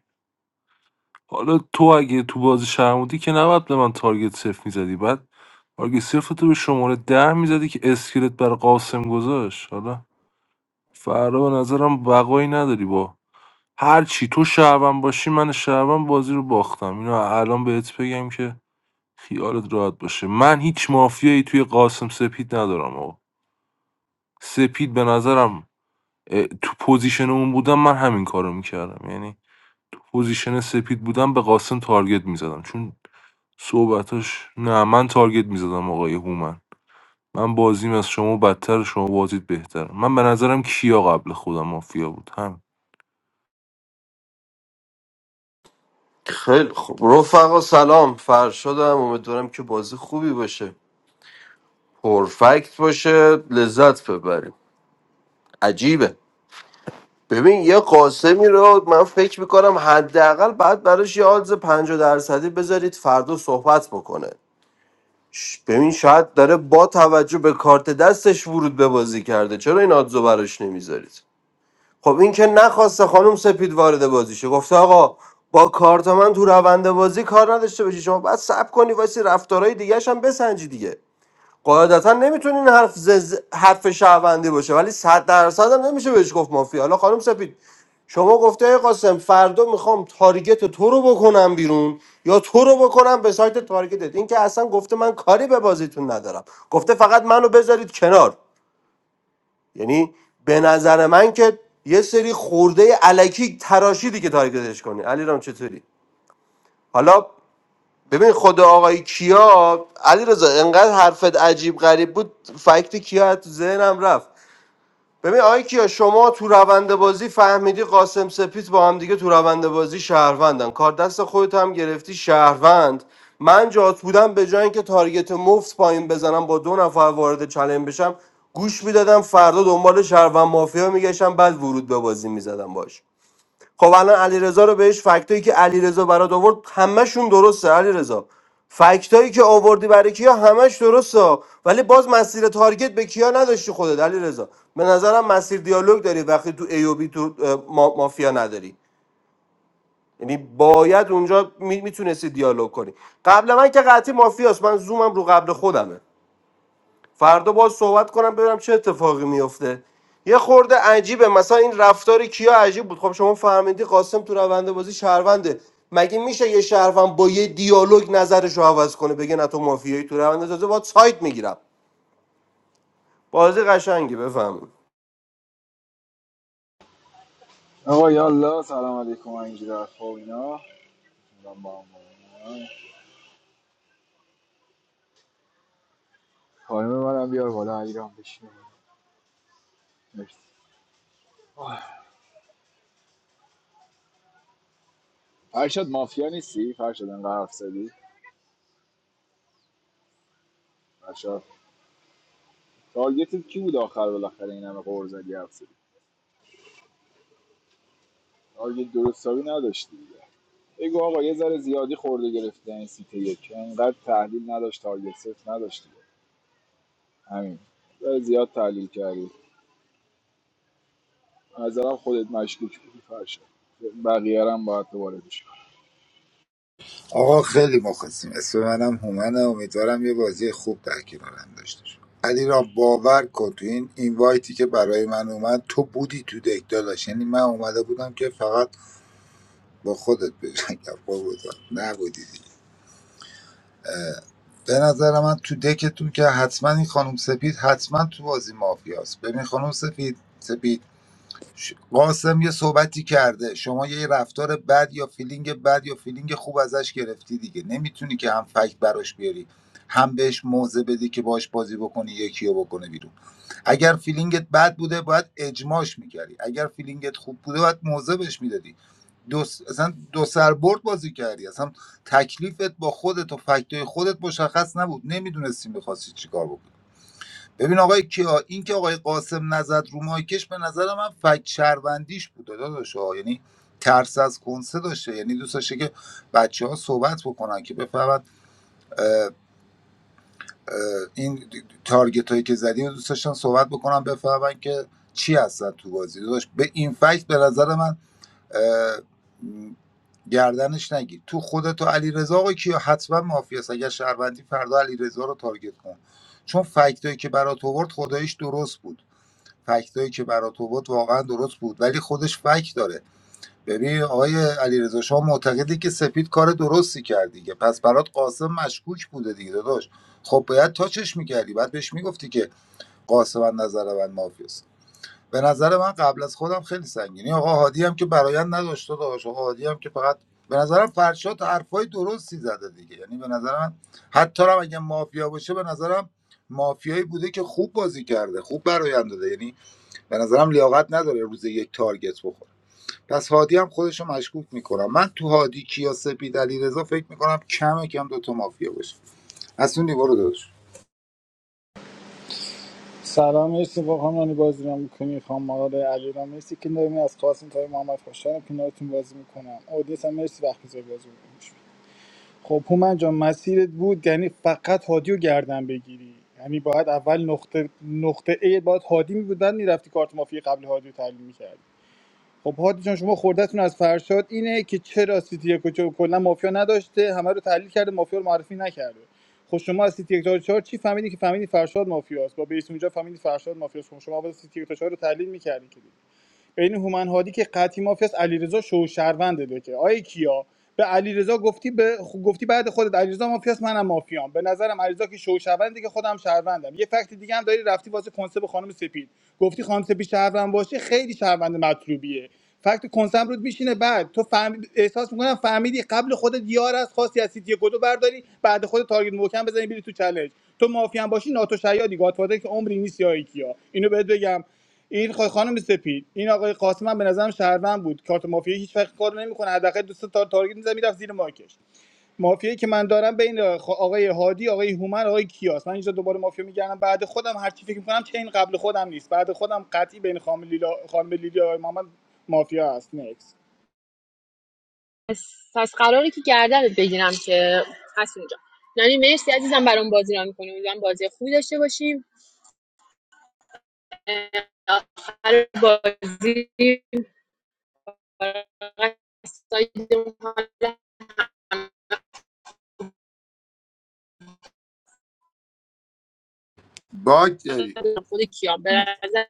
حالا تو اگه تو بازی شهر بودی که نباید به من تارگت صفر میزدی بعد تارگت صفر تو به شماره ده میزدی که اسکلت بر قاسم گذاشت حالا فردا به نظرم بقایی نداری با هر چی تو شهروند باشی من شهروند بازی رو باختم اینو الان بهت بگم که خیالت راحت باشه من هیچ مافیایی توی قاسم سپید ندارم آقا سپید به نظرم اه، تو پوزیشن اون بودم من همین کارو میکردم یعنی تو پوزیشن سپید بودم به قاسم تارگت میزدم چون صحبتاش نه من تارگت میزدم آقای هومن من بازیم از شما بدتر شما بازید بهتر من به نظرم کیا قبل خودم مافیا بود هم خیلی خوب رفقا سلام فرشادم امیدوارم که بازی خوبی باشه پرفکت باشه لذت ببریم عجیبه ببین یه قاسمی رو من فکر میکنم حداقل بعد براش یه آدز 50 درصدی بذارید فردا صحبت بکنه ش- ببین شاید داره با توجه به کارت دستش ورود به بازی کرده چرا این آدزو براش نمیذارید خب این که نخواسته خانم سپید وارد بازیشه گفته آقا با کارت من تو روند بازی کار نداشته باشی شما باید صبر کنی واسه رفتارهای دیگه هم بسنجی دیگه قاعدتا نمیتونین حرف زز... حرف شهروندی باشه ولی صد درصد هم نمیشه بهش گفت مافیا حالا خانم سپید شما گفته ای قاسم فردا میخوام تارگت تو رو بکنم بیرون یا تو رو بکنم به سایت تارگتت این که اصلا گفته من کاری به بازیتون ندارم گفته فقط منو بذارید کنار یعنی به نظر من که یه سری خورده علکی تراشیدی که تارگتش کنی علیرام رام چطوری حالا ببین خود آقای کیا علیرضا رضا انقدر حرفت عجیب غریب بود فکت کیا از تو ذهنم رفت ببین آقای کیا شما تو روند بازی فهمیدی قاسم سپیت با هم دیگه تو روند بازی شهروندن کار دست خودت هم گرفتی شهروند من جات بودم به جای اینکه تارگت مفت پایین بزنم با دو نفر وارد چلن بشم گوش میدادم فردا دنبال شهروند مافیا میگشتم بعد ورود به بازی میزدم باش خب الان علیرضا رو بهش فکتایی که علیرضا برات آورد همشون درسته علیرضا فکتایی که آوردی برای کیا همش درسته ولی باز مسیر تارگت به کیا نداشتی خودت علیرضا به نظرم مسیر دیالوگ داری وقتی تو ای و بی تو اه، ما- مافیا نداری یعنی باید اونجا می- میتونستی دیالوگ کنی قبل من که قطعی مافیاست من زومم رو قبل خودمه فردا باز صحبت کنم ببینم چه اتفاقی میفته یه خورده عجیبه مثلا این رفتار کیا عجیب بود خب شما فهمیدی قاسم تو روند بازی شهرونده مگه میشه یه شهروند با یه دیالوگ نظرش رو عوض کنه بگه نه تو مافیایی تو روند تازه باید سایت میگیرم بازی قشنگی بفهمید آقا یالا سلام علیکم اینجوری حرفا و اینا من با هم بودم. خانم منم بیار بالا ایران بشینه مرسی آه. فرشاد مافیا نیستی فرشاد انقدر حرف زدی فرشاد تارگتت کی بود آخر بالاخره این همه قور زدی حرف زدی تارگت درست حسابی نداشتی دیگه بگو آقا یه ذره زیادی خورده گرفته این سیت یک انقدر تحلیل نداشت تارگت صفر نداشتی همین یه ذره زیاد تحلیل کردی به نظرم خودت مشکوک بودی فرشاد بقیه رو هم باید دوباره گوش کنی. آقا خیلی مخلصیم اسم منم هومنه امیدوارم یه بازی خوب در کنارم داشته شد علی را باور کن تو این اینوایتی که برای من اومد تو بودی تو دک داداش یعنی من اومده بودم که فقط با خودت بجنگم با بودم نبودی دیگه به نظر من تو دکتون که حتما این خانم سپید حتما تو بازی مافیاست ببین خانم سپید سپید ش- قاسم یه صحبتی کرده شما یه رفتار بد یا فیلینگ بد یا فیلینگ خوب ازش گرفتی دیگه نمیتونی که هم فکت براش بیاری هم بهش موضع بدی که باش بازی بکنی یکی رو بکنه بیرون اگر فیلینگت بد بوده باید اجماش میکردی اگر فیلینگت خوب بوده باید موضع بهش میدادی دو س... اصلا دو سربرد بازی کردی اصلا تکلیفت با خودت و فکتای خودت مشخص نبود نمیدونستی میخواستی چیکار بکنی ببین آقای کیا این که آقای قاسم نزد رو مایکش به نظر من فک شهروندیش بود داداش ها. یعنی ترس از کنسه داشته یعنی دوست داشته که بچه ها صحبت بکنن که بفهمن اه، اه، این تارگت هایی که زدیم دوست داشتن صحبت بکنن بفهمن که چی هستن تو بازی داداش به این فکت به نظر من اه، م، گردنش نگیر تو خودتو علی رضا آقای کیا حتما مافی است اگر شهروندی فردا علی رضا رو تارگت کن چون فکتایی که برات آورد خداییش درست بود فکتایی که برات آورد واقعا درست بود ولی خودش فکت داره ببین آقای علیرضا شما معتقدی که سپید کار درستی کرد دیگه پس برات قاسم مشکوک بوده دیگه داداش خب باید تاچش میکردی بعد بهش میگفتی که قاسم از نظر من مافیاست به نظر من قبل از خودم خیلی سنگینی آقا هادی هم که برایند نداشته داداش، آقا هادی هم که فقط به نظرم فرشاد حرفای درستی زده دیگه یعنی به نظرم حتی هم اگه مافیا باشه به نظرم مافیایی بوده که خوب بازی کرده خوب برایند داده یعنی به نظرم لیاقت نداره روز یک تارگت بخوره پس هادی هم خودش رو مشکوک میکنم من تو هادی کیا سپید علیرضا فکر میکنم کم کم دو تا مافیا باشه حسونی برو داداش سلام مرسی با همانی بازی رو میکنی خانم آقای علیرام مرسی که نمی از قاسم تای محمد خوشحالم که کنارتون بازی میکنم اودیس هم مرسی وقت میذاری بازی میکنم خب هومن جان مسیرت بود یعنی فقط هادی رو گردن بگیری یعنی باید اول نقطه نقطه A باید هادی میبود بعد میرفتی کارت مافی قبل هادی رو تحلیل می‌کردی. خب هادی جان شما خوردتون از فرشاد اینه که چرا سیتی یک و چهار کلا مافیا نداشته همه رو تحلیل کرده مافیا رو معرفی نکرده خب شما از سیتی یک تا چهار چی فهمیدی که فهمیدی فرشاد مافیاست با بیس اونجا فهمیدی فرشاد مافیاست خب شما اول سیتی یک تا چهار رو تحلیل میکردی بین هومن هادی که قطعی مافیاست علیرضا شو شهرونده ده که آیه کیا به علیرضا گفتی به خ- گفتی بعد خودت علیرضا مافیاست منم مافیام به نظرم علیرضا که شو شهرونده که خودم شهروندم یه فکت دیگه هم داری رفتی واسه کنسپ خانم سپید گفتی خانم سپید شهروند باشه خیلی شهروند مطلوبیه فکت کنسم رود میشینه بعد تو فهم... احساس میکنم فهمیدی قبل خودت یار از خاصی از سیتی گدو برداری بعد خود تارگت محکم بزنی بری تو چالش تو مافیا باشی ناتو شیادی گاتفادر که عمری نیست یا کیا اینو بهت بگم این خ- خانم سپید این آقای قاسم هم به نظرم شهروند بود کارت مافیایی هیچ وقت کار نمیکنه حداقل دوست تا تارگت میزد میرفت زیر ماکش مافیایی که من دارم بین خ- آقای هادی آقای هومن آقای کیاس من اینجا دوباره مافیا میگردم بعد خودم هر چی فکر میکنم چه این قبل خودم نیست بعد خودم قطعی بین خانم لیلا خانم لیلا آقای محمد مافیا هست Next. پس, پس قراره که گردنت بگیرم که هست اونجا نانی مرسی عزیزم برام بازی را میکنی امیدوارم بازی خوبی داشته باشیم آخر بازی فارغ از سایدمون حالا باگ داری هم خود کیا به نظر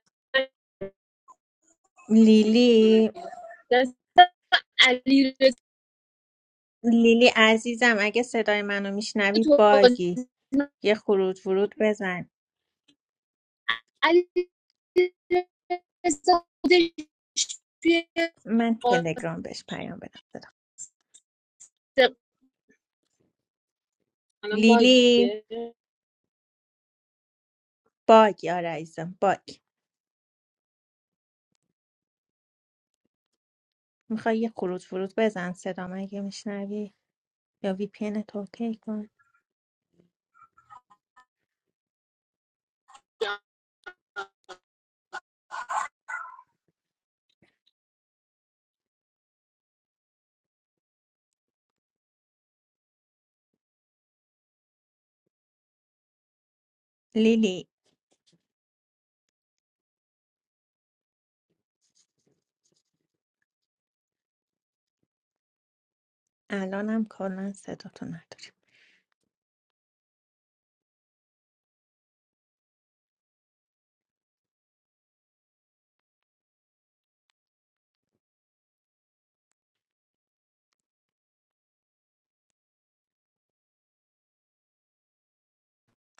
لیلی دست علی لیلی عزیزم اگه صدای منو میشنوی تو بازی باگی یه خروج ورود بزن علی رضا خودش توی من قاسم تلگرام بهش پیام بدم صدا. الان لیلی باگه باگی آره عزیزم باگ میخوای یه خروج ورود بزن صدام اگه میشنوی یا وی پی تو اوکی کن لیلی الانم کلا صداتو نداریم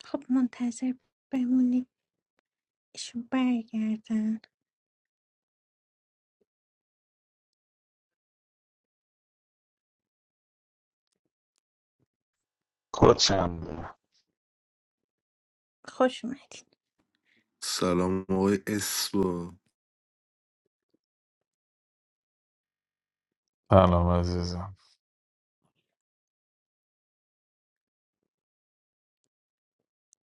خب منتظر بمونی شو برگردن کتم دارم خوش اومدین سلام آقای اسبا سلام عزیزم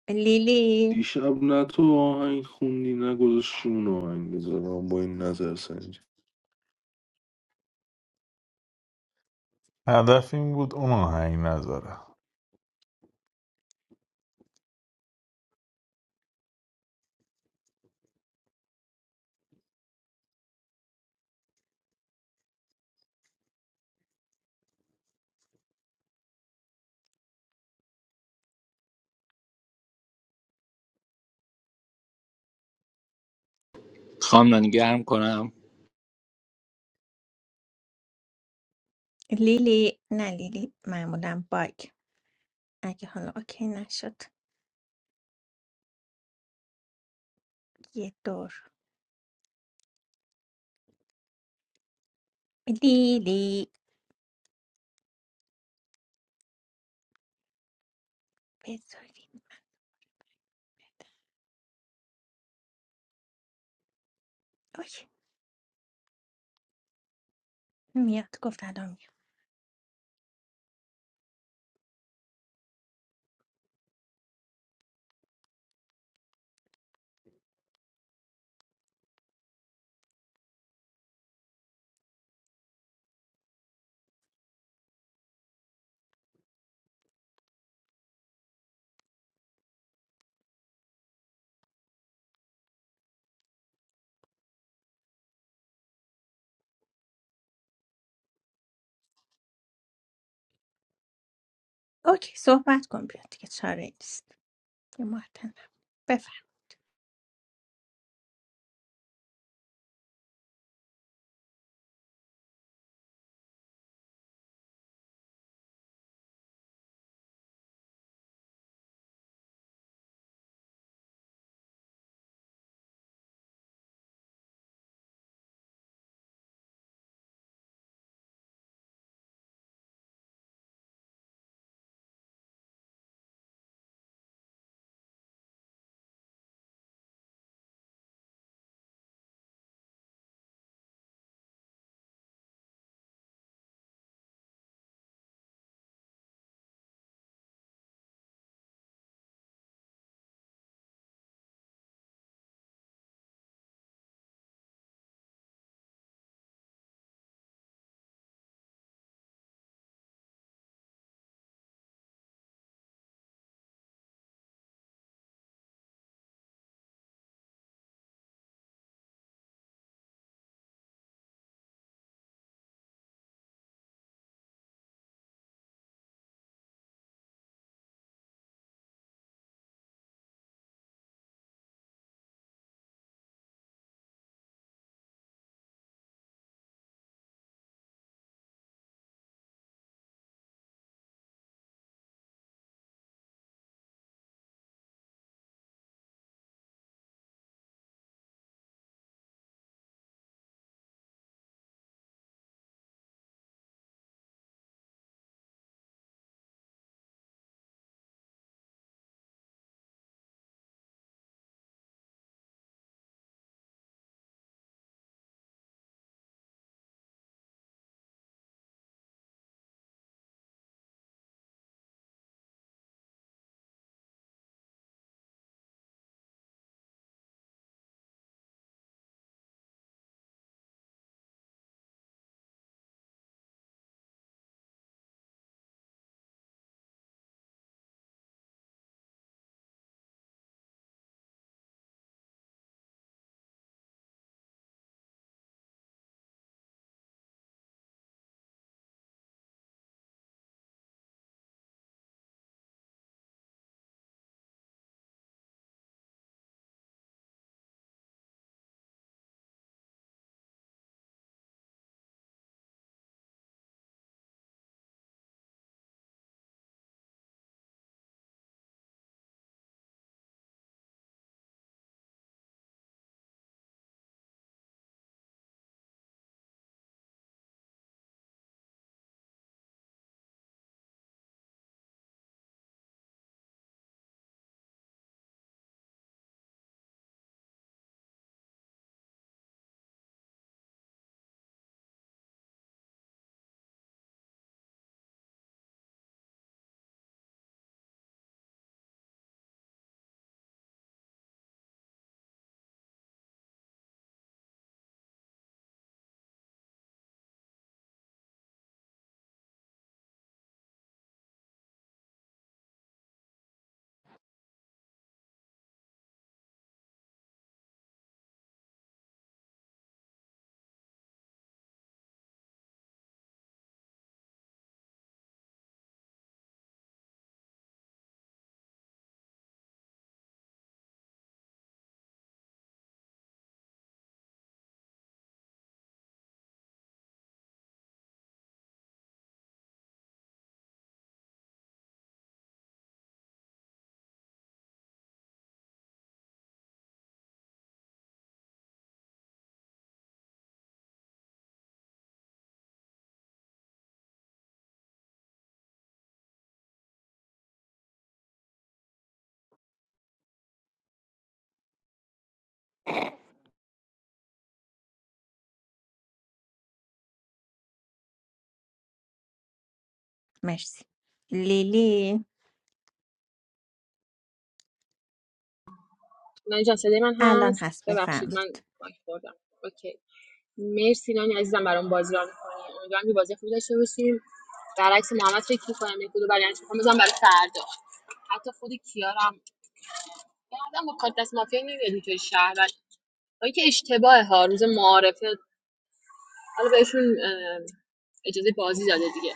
لیلی دیشب نه تو آهنگ خوندی نه گذاشتون آهنگ بذارم با این نظر سنجی هدف این بود اون آهنگ نذاره خواهم نانی گرم کنم لیلی نه لیلی معمولا باگ اگه حالا اوکی نشد یه دور لیلی بذاریم اوکی میاد گفت الان میاد اوکی صحبت کن بیاد دیگه چاره ای نیست یه معتنم بفرم مرسی لیلی من جان صدای من الان هست هست ببخشید من بفرمایید باک خوردم اوکی مرسی نانی عزیزم برام بازی ران می‌کنی امیدوارم که بازی خوب داشته باشیم برعکس محمد فکر می‌کنم یه کدو برای انتخاب می‌ذارم برای فردا حتی خود کیارم بعدم با کارت دست مافیا نمیاد اینطوری شهر و که اشتباه ها روز معارفه حالا بهشون اه، اجازه بازی داده دیگه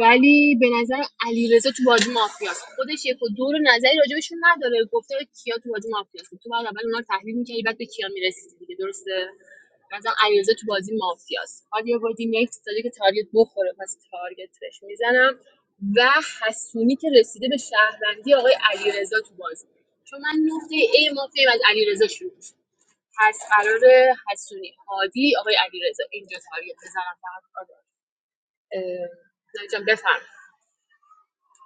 ولی به نظر علیرضا تو بازی مافیاست خودش یک و دو رو نظری راجبشون نداره گفته کیا تو بازی مافیاست تو بعد اول اونا رو تحلیل می‌کردی بعد به کیا می‌رسیدی دیگه درسته به نظرم علیرضا تو بازی مافیاست حالا یه بازی نکس داده که تارگت بخوره پس تارگتش میزنم و حسونی که رسیده به شهروندی آقای علیرضا تو بازی چون من نقطه ای مافیا از علیرضا شروع میشه پس قرار حسونی هادی آقای علیرضا اینجا تارگت بزنم فقط آره. اه، نه جان، بفرمایید.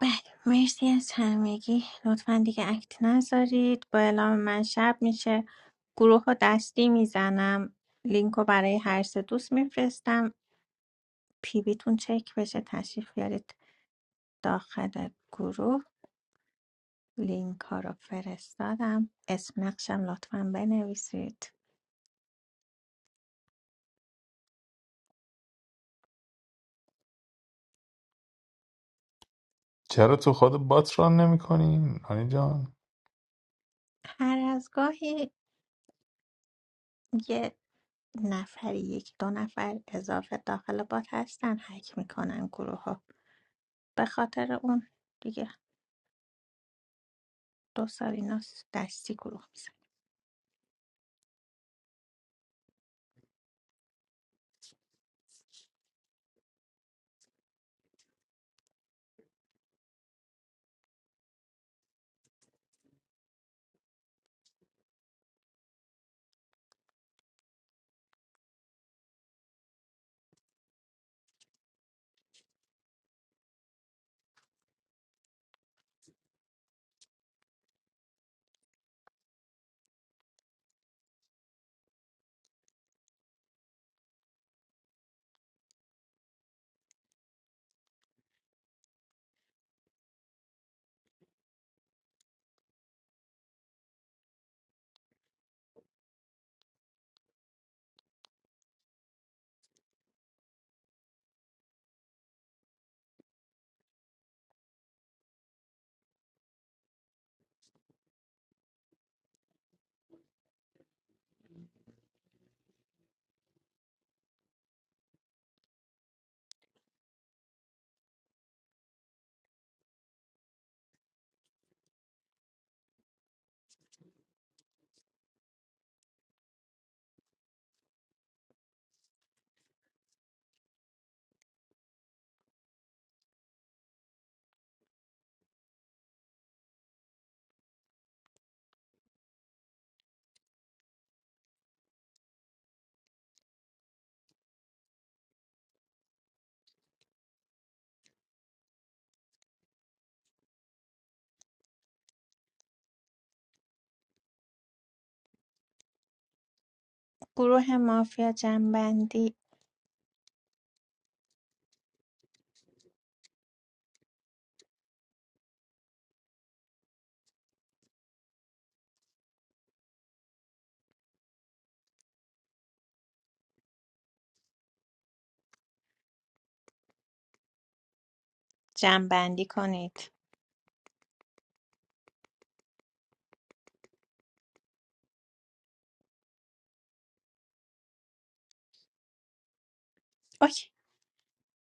بله مرسی از همگی لطفا دیگه اکت نذارید با اعلام من شب میشه گروه رو دستی میزنم لینک رو برای هر سه دوست میفرستم پیویتون چک بشه تشریف بیارید داخل گروه لینک ها رو فرستادم اسم نقشم لطفا بنویسید چرا تو خود بات ران نمی کنی؟ آنی جان هر از گاهی یه نفر یک دو نفر اضافه داخل بات هستن حک میکنن گروه ها به خاطر اون دیگه دو سال اینا دستی گروه میزن گروه مافیا جنبندی جنبندی کنید اوکی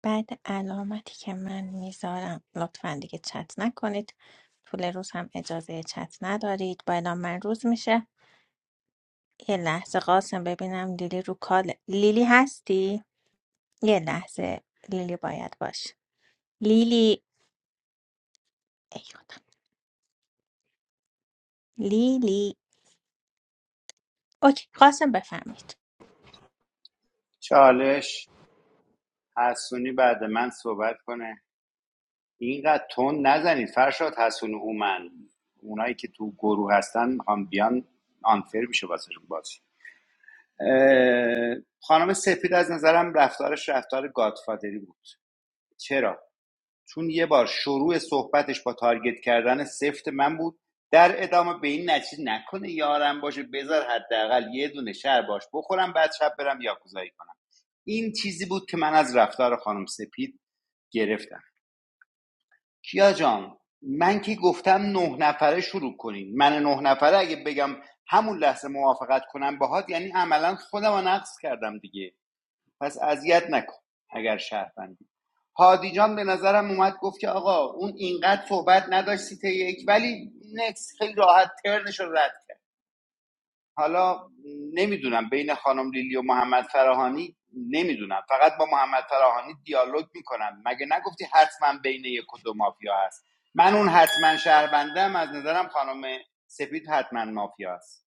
بعد علامتی که من میذارم لطفا دیگه چت نکنید طول روز هم اجازه چت ندارید با اعلام من روز میشه یه لحظه قاسم ببینم لیلی رو کال لیلی هستی؟ یه لحظه لیلی باید باشه لیلی ای خدا لیلی اوکی قاسم بفهمید چالش حسونی بعد من صحبت کنه اینقدر تون نزنید فرشاد حسون اومن، اونایی که تو گروه هستن میخوام بیان آنفر میشه واسه بازی خانم سپید از نظرم رفتارش رفتار گادفادری بود چرا چون یه بار شروع صحبتش با تارگت کردن سفت من بود در ادامه به این نتیجه نکنه یارم باشه بذار حداقل یه دونه شر باش بخورم بعد شب برم یاکوزایی کنم این چیزی بود که من از رفتار خانم سپید گرفتم کیا جان من که گفتم نه نفره شروع کنین من نه نفره اگه بگم همون لحظه موافقت کنم باهات یعنی عملا خودم رو نقص کردم دیگه پس اذیت نکن اگر شهروندی هادی جان به نظرم اومد گفت که آقا اون اینقدر صحبت نداشت سیت یک ولی نکس خیلی راحت ترنش رو رد حالا نمیدونم بین خانم لیلی و محمد فراهانی نمیدونم فقط با محمد فراهانی دیالوگ میکنم مگه نگفتی حتما بین یک و دو مافیا هست من اون حتما شهروندم از نظرم خانم سپید حتما مافیا است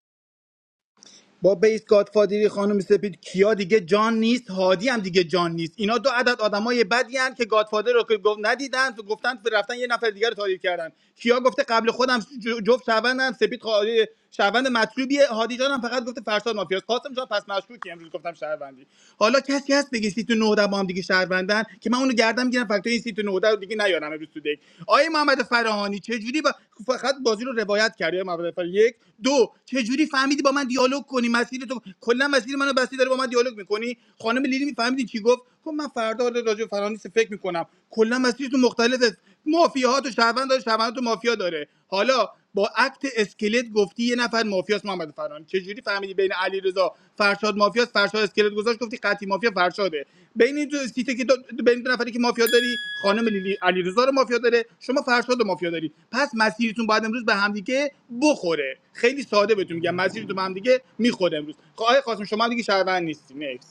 با بیس گادفادری خانم سپید کیا دیگه جان نیست هادی هم دیگه جان نیست اینا دو عدد آدمای بدی هن که گادفادر رو که گفت ندیدن گفتن رفتن یه نفر دیگه رو تاریخ کردن کیا گفته قبل خودم ج- جفت شوندن سپید خواهی شوند مطلوبیه هادی جان هم فقط گفته فرشاد مافیاست قاسم جان پس مشکوکی امروز گفتم شهروندی حالا کسی هست بگه سی تو نه آدم با هم دیگه شهروندن که من اونو رو گردن میگیرم فکتای این سیت 19 رو دیگه نیارم امروز تو دک آقای محمد فرهانی چجوری با... فقط بازی رو روایت کردی آقای محمد فرهانی یک دو چجوری فهمیدی با من دیالوگ کنی مسیر تو کلا مسیر منو بستی داره با من دیالوگ میکنی خانم لیلی میفهمیدی چی گفت گفت من فردا آره راجع به فرهانی فکر میکنم کلا مسیر تو مختلفه مافیاهات و شهروند داره شهروند تو مافیا داره حالا با عکت اسکلت گفتی یه نفر مافیاس محمد فرهان چجوری فهمیدی بین علیرضا فرشاد مافیاس فرشاد اسکلت گذاشت گفتی قطعی مافیا فرشاده بین این دو سیته که دو- بین دو نفری که مافیا داری خانم لیلی علیرضا رو مافیا داره شما فرشاد رو مافیا داری پس مسیرتون باید امروز به همدیگه بخوره خیلی ساده بهتون میگم مسیرتون به همدیگه میخوره امروز خواهی خواستم شما هم دیگه شهروند نیستی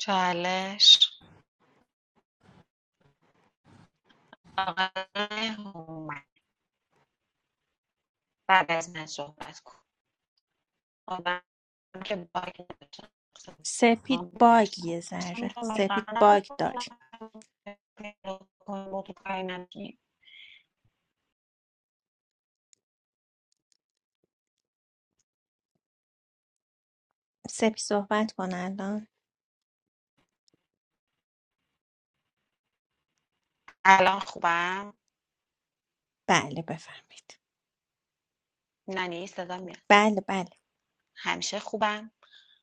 چالش آقای هومن بعد از من صحبت کن آدم که باگ نداشتم. سپید من باگ بهشتم. یه ذره سپید اصلا باگ داری کنم. سپید صحبت کن الان الان خوبم بله بفهمید نه نیست صدا میاد. بله بله همیشه خوبم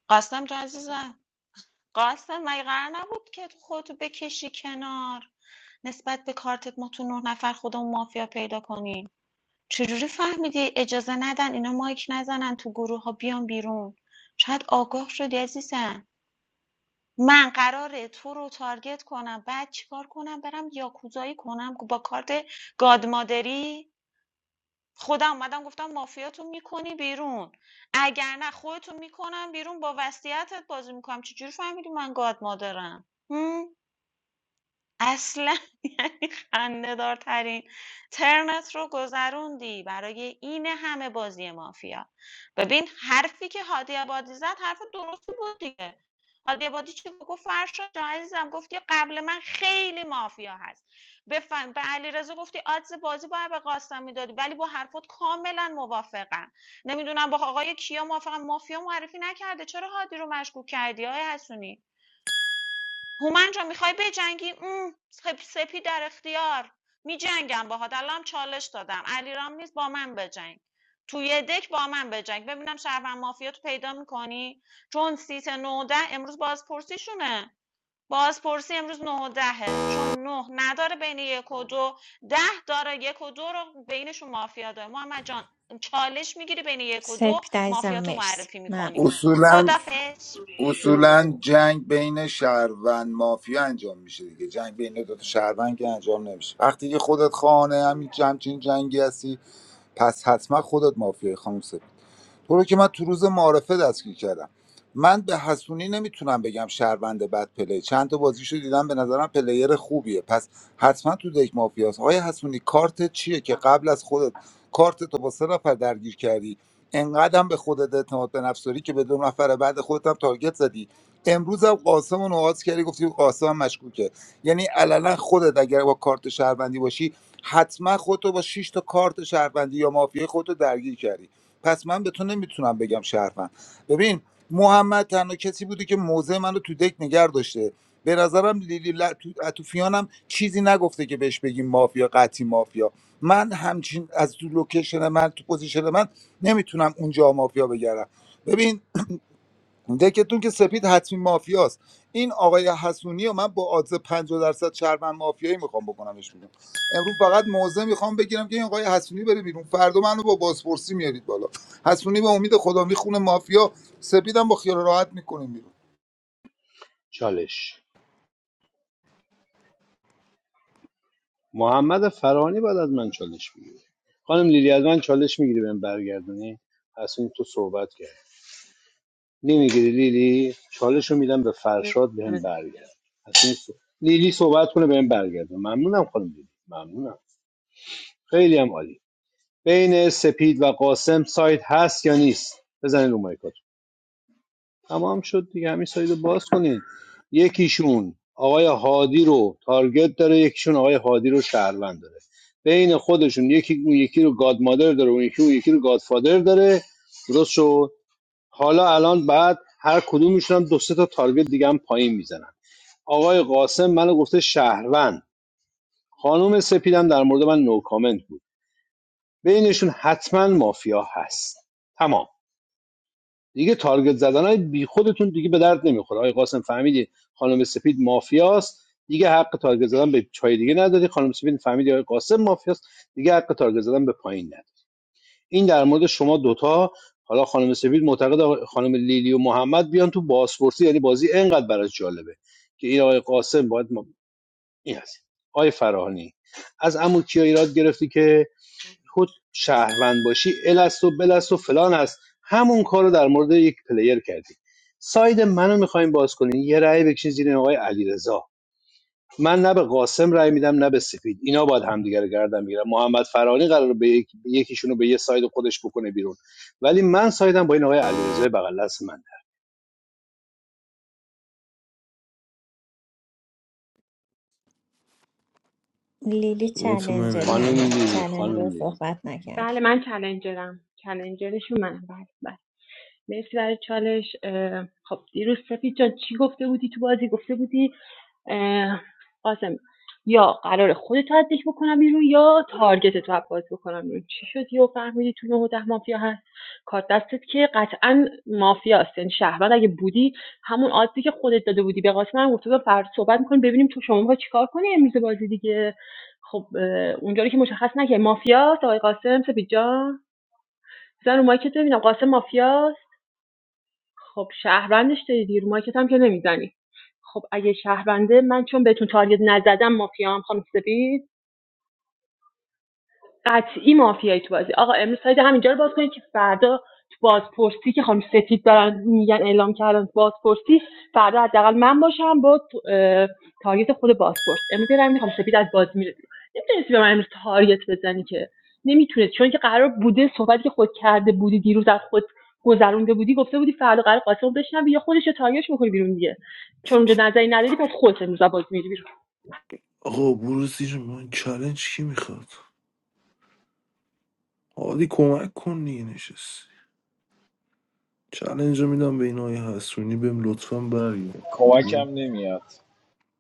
قاسم جان عزیزم قاسم مگه قرار نبود که خودتو بکشی کنار نسبت به کارتت ما تو نه نفر خودمون مافیا پیدا کنیم چجوری فهمیدی اجازه ندن اینا مایک نزنن تو گروه ها بیان بیرون شاید آگاه شدی عزیزم من قراره تو رو تارگت کنم بعد چیکار کنم برم یاکوزایی کنم با کارت گادمادری خودم اومدم گفتم مافیاتون میکنی بیرون اگر نه خودتون میکنم بیرون با وصیتت بازی میکنم چجوری فهمیدی من گاد مادرم هم اصلا یعنی خنده‌دارترین ترنت رو گذروندی برای این همه بازی مافیا ببین حرفی که هادی عبادی زد حرف درستی بود دیگه هادی عبادی چی گفت گفت فرشا جان عزیزم گفتی قبل من خیلی مافیا هست بفهم به علیرضا گفتی آدز بازی باید به قاسم میدادی ولی با حرفات کاملا موافقم نمیدونم با آقای کیا موافقم مافیا معرفی نکرده چرا هادی رو مشکوک کردی آقای حسونی هومن جان میخوای بجنگی اوم، سپی در اختیار میجنگم باهات الان چالش دادم علیرام نیست با من بجنگ توی دک با من بجنگ ببینم شهروند مافیاتو پیدا میکنی چون سیت نوده امروز بازپرسیشونه بازپرسی امروز نودهه چون نه نداره بین یک و دو ده داره یک و دو رو بینشون مافیا داره محمد جان چالش میگیری بین یک و دو سپید عزیزم مافیا مرسی معرفی ممنون میکنی اصولا خدافظ اصولا یورو جنگ بین شهروند مافیا انجام میشه دیگه جنگ بین دو تا شهروند که انجام نمیشه وقتی که خودت خانه همین جمچین جنگی هستی پس حتما خودت مافیای خانم تو رو که من تو روز معارفه دستگیر کردم من به حسونی نمیتونم بگم شهروند بد پلی چند تا بازیشو دیدم به نظرم پلیر خوبیه پس حتما تو دک مافیاس آیا حسونی کارت چیه که قبل از خودت کارت تو با سه نفر درگیر کردی انقدرم به خودت اعتماد به نفس داری که به دو نفر بعد خودت هم تارگت زدی امروز هم قاسم رو نواز کردی گفتی قاسم هم مشکوکه یعنی علنا خودت اگر با کارت شهروندی باشی حتما خودتو با 6 تا کارت شهروندی یا مافیای خودتو درگیر کردی پس من به تو نمیتونم بگم شهروند ببین محمد تنها کسی بوده که موضع من رو تو دک نگر داشته به نظرم لیلی ل... تو... اتوفیانم چیزی نگفته که بهش بگیم مافیا قطعی مافیا من همچین از تو لوکیشن من تو پوزیشن من نمیتونم اونجا مافیا بگردم ببین دکتون که سپید حتمی مافیاست این آقای حسونی و من با آدز 50 درصد شهروند مافیایی میخوام بکنمش بیرون امروز فقط موضع میخوام بگیرم که این آقای حسونی بره بیرون فردا منو با بازپرسی میارید بالا حسونی به امید خدا میخونه مافیا سپیدم با خیال راحت میکنیم بیرون چالش محمد فرانی بعد از من چالش میگیره خانم لیلی از من چالش میگیری بهم برگردونی پس این تو صحبت کرد نمیگیری لیلی چالش رو میدم به فرشاد بهم برگرد اصلا نیست. لیلی صحبت کنه بهم برگرده ممنونم خانم لیلی ممنونم خیلی هم عالی بین سپید و قاسم سایت هست یا نیست بزنید رو مایکات تمام شد دیگه همین سایت رو باز کنین یکیشون آقای هادی رو تارگت داره یکیشون آقای هادی رو شهروند داره بین خودشون یکی اون یکی رو گاد مادر داره اون یکی اون یکی رو گاد فادر داره درست شد حالا الان بعد هر کدومشون هم دو سه تا تارگت دیگه هم پایین میزنن آقای قاسم منو گفته شهروند خانم سپیدم در مورد من نو کامنت بود بینشون حتما مافیا هست تمام دیگه تارگت زدن بی خودتون دیگه به درد نمیخوره آقای قاسم فهمیدی خانم سپید مافیاست دیگه حق تارگت زدن به چای دیگه نداری خانم سپید فهمیدی آقای قاسم مافیاست دیگه حق تارگت زدن به پایین نداری این در مورد شما دوتا حالا خانم سپید معتقد خانم لیلی و محمد بیان تو بازپرسی یعنی بازی انقدر براش جالبه که این آقای قاسم باید ما... این هست آقای فراهانی از عمو کیا ایراد گرفتی که تو شهروند باشی الست و بلست و فلان هست همون کارو رو در مورد یک پلیر کردی ساید منو میخوایم باز کنین یه رأی بکشین زیر آقای علیرضا من نه به قاسم رای میدم نه به سپید اینا باید همدیگه رو گردن بگیرن محمد فرانی قراره به یک... یکیشون رو به یه ساید خودش بکنه بیرون ولی من سایدم با این آقای علیرضا بغل دست من لیلی نوبت چلنجر منه نه خانم نه لیلی چلنجر خانم لیلی صحبت نکرد بله من چالنجرم چلنجرشون منم بله بله خب اه، قاسم یا قرار خودت رو بکنم بیرون یا تارگت تو باز بکنم بیرون چی شد یو فهمیدی تو نه و ده مافیا هست کارت دستت که قطعا مافیاست یعنی شهروند اگه بودی همون عادتی که خودت داده بودی به قاسم هم گفته بودم فرد صحبت میکنیم ببینیم تو شما می‌خوای چیکار کنی امروز بازی دیگه خب اه، اونجا که مشخص نکرد مافیاست آقای قاسم سپید جان بزن رو مایکت ببینم قاسم مافیاست خب شهروندش داری دیر مارکت هم که نمیزنی خب اگه شهرونده من چون بهتون تارگت نزدم مافیام خانم سپید قطعی مافیایی تو بازی آقا امروز ساید همینجا رو باز کنید که فردا تو بازپرسی که خانم سفید دارن میگن اعلام کردن تو بازپرسی فردا حداقل من باشم با تو- تارگت خود بازپرس امروز یه رنگ می‌خوام سفید از باز میره نمیتونستی به من امروز تارگت بزنی که نمیتونست چون که قرار بوده صحبتی که خود کرده بودی دیروز از خود گذرونده بودی گفته بودی فردا قرار قاسم رو بشنوی یا خودش رو تارگتش میکنی بیرون دیگه چون اونجا نظری نداری پس خودت امروز از بازی میری بیرون آقا برو زیر من چلنج کی میخواد حالی کمک کن دیگه نشست چلنج رو میدم به این آقای حسونی بهم لطفا برگرد ب- کمکم نمیاد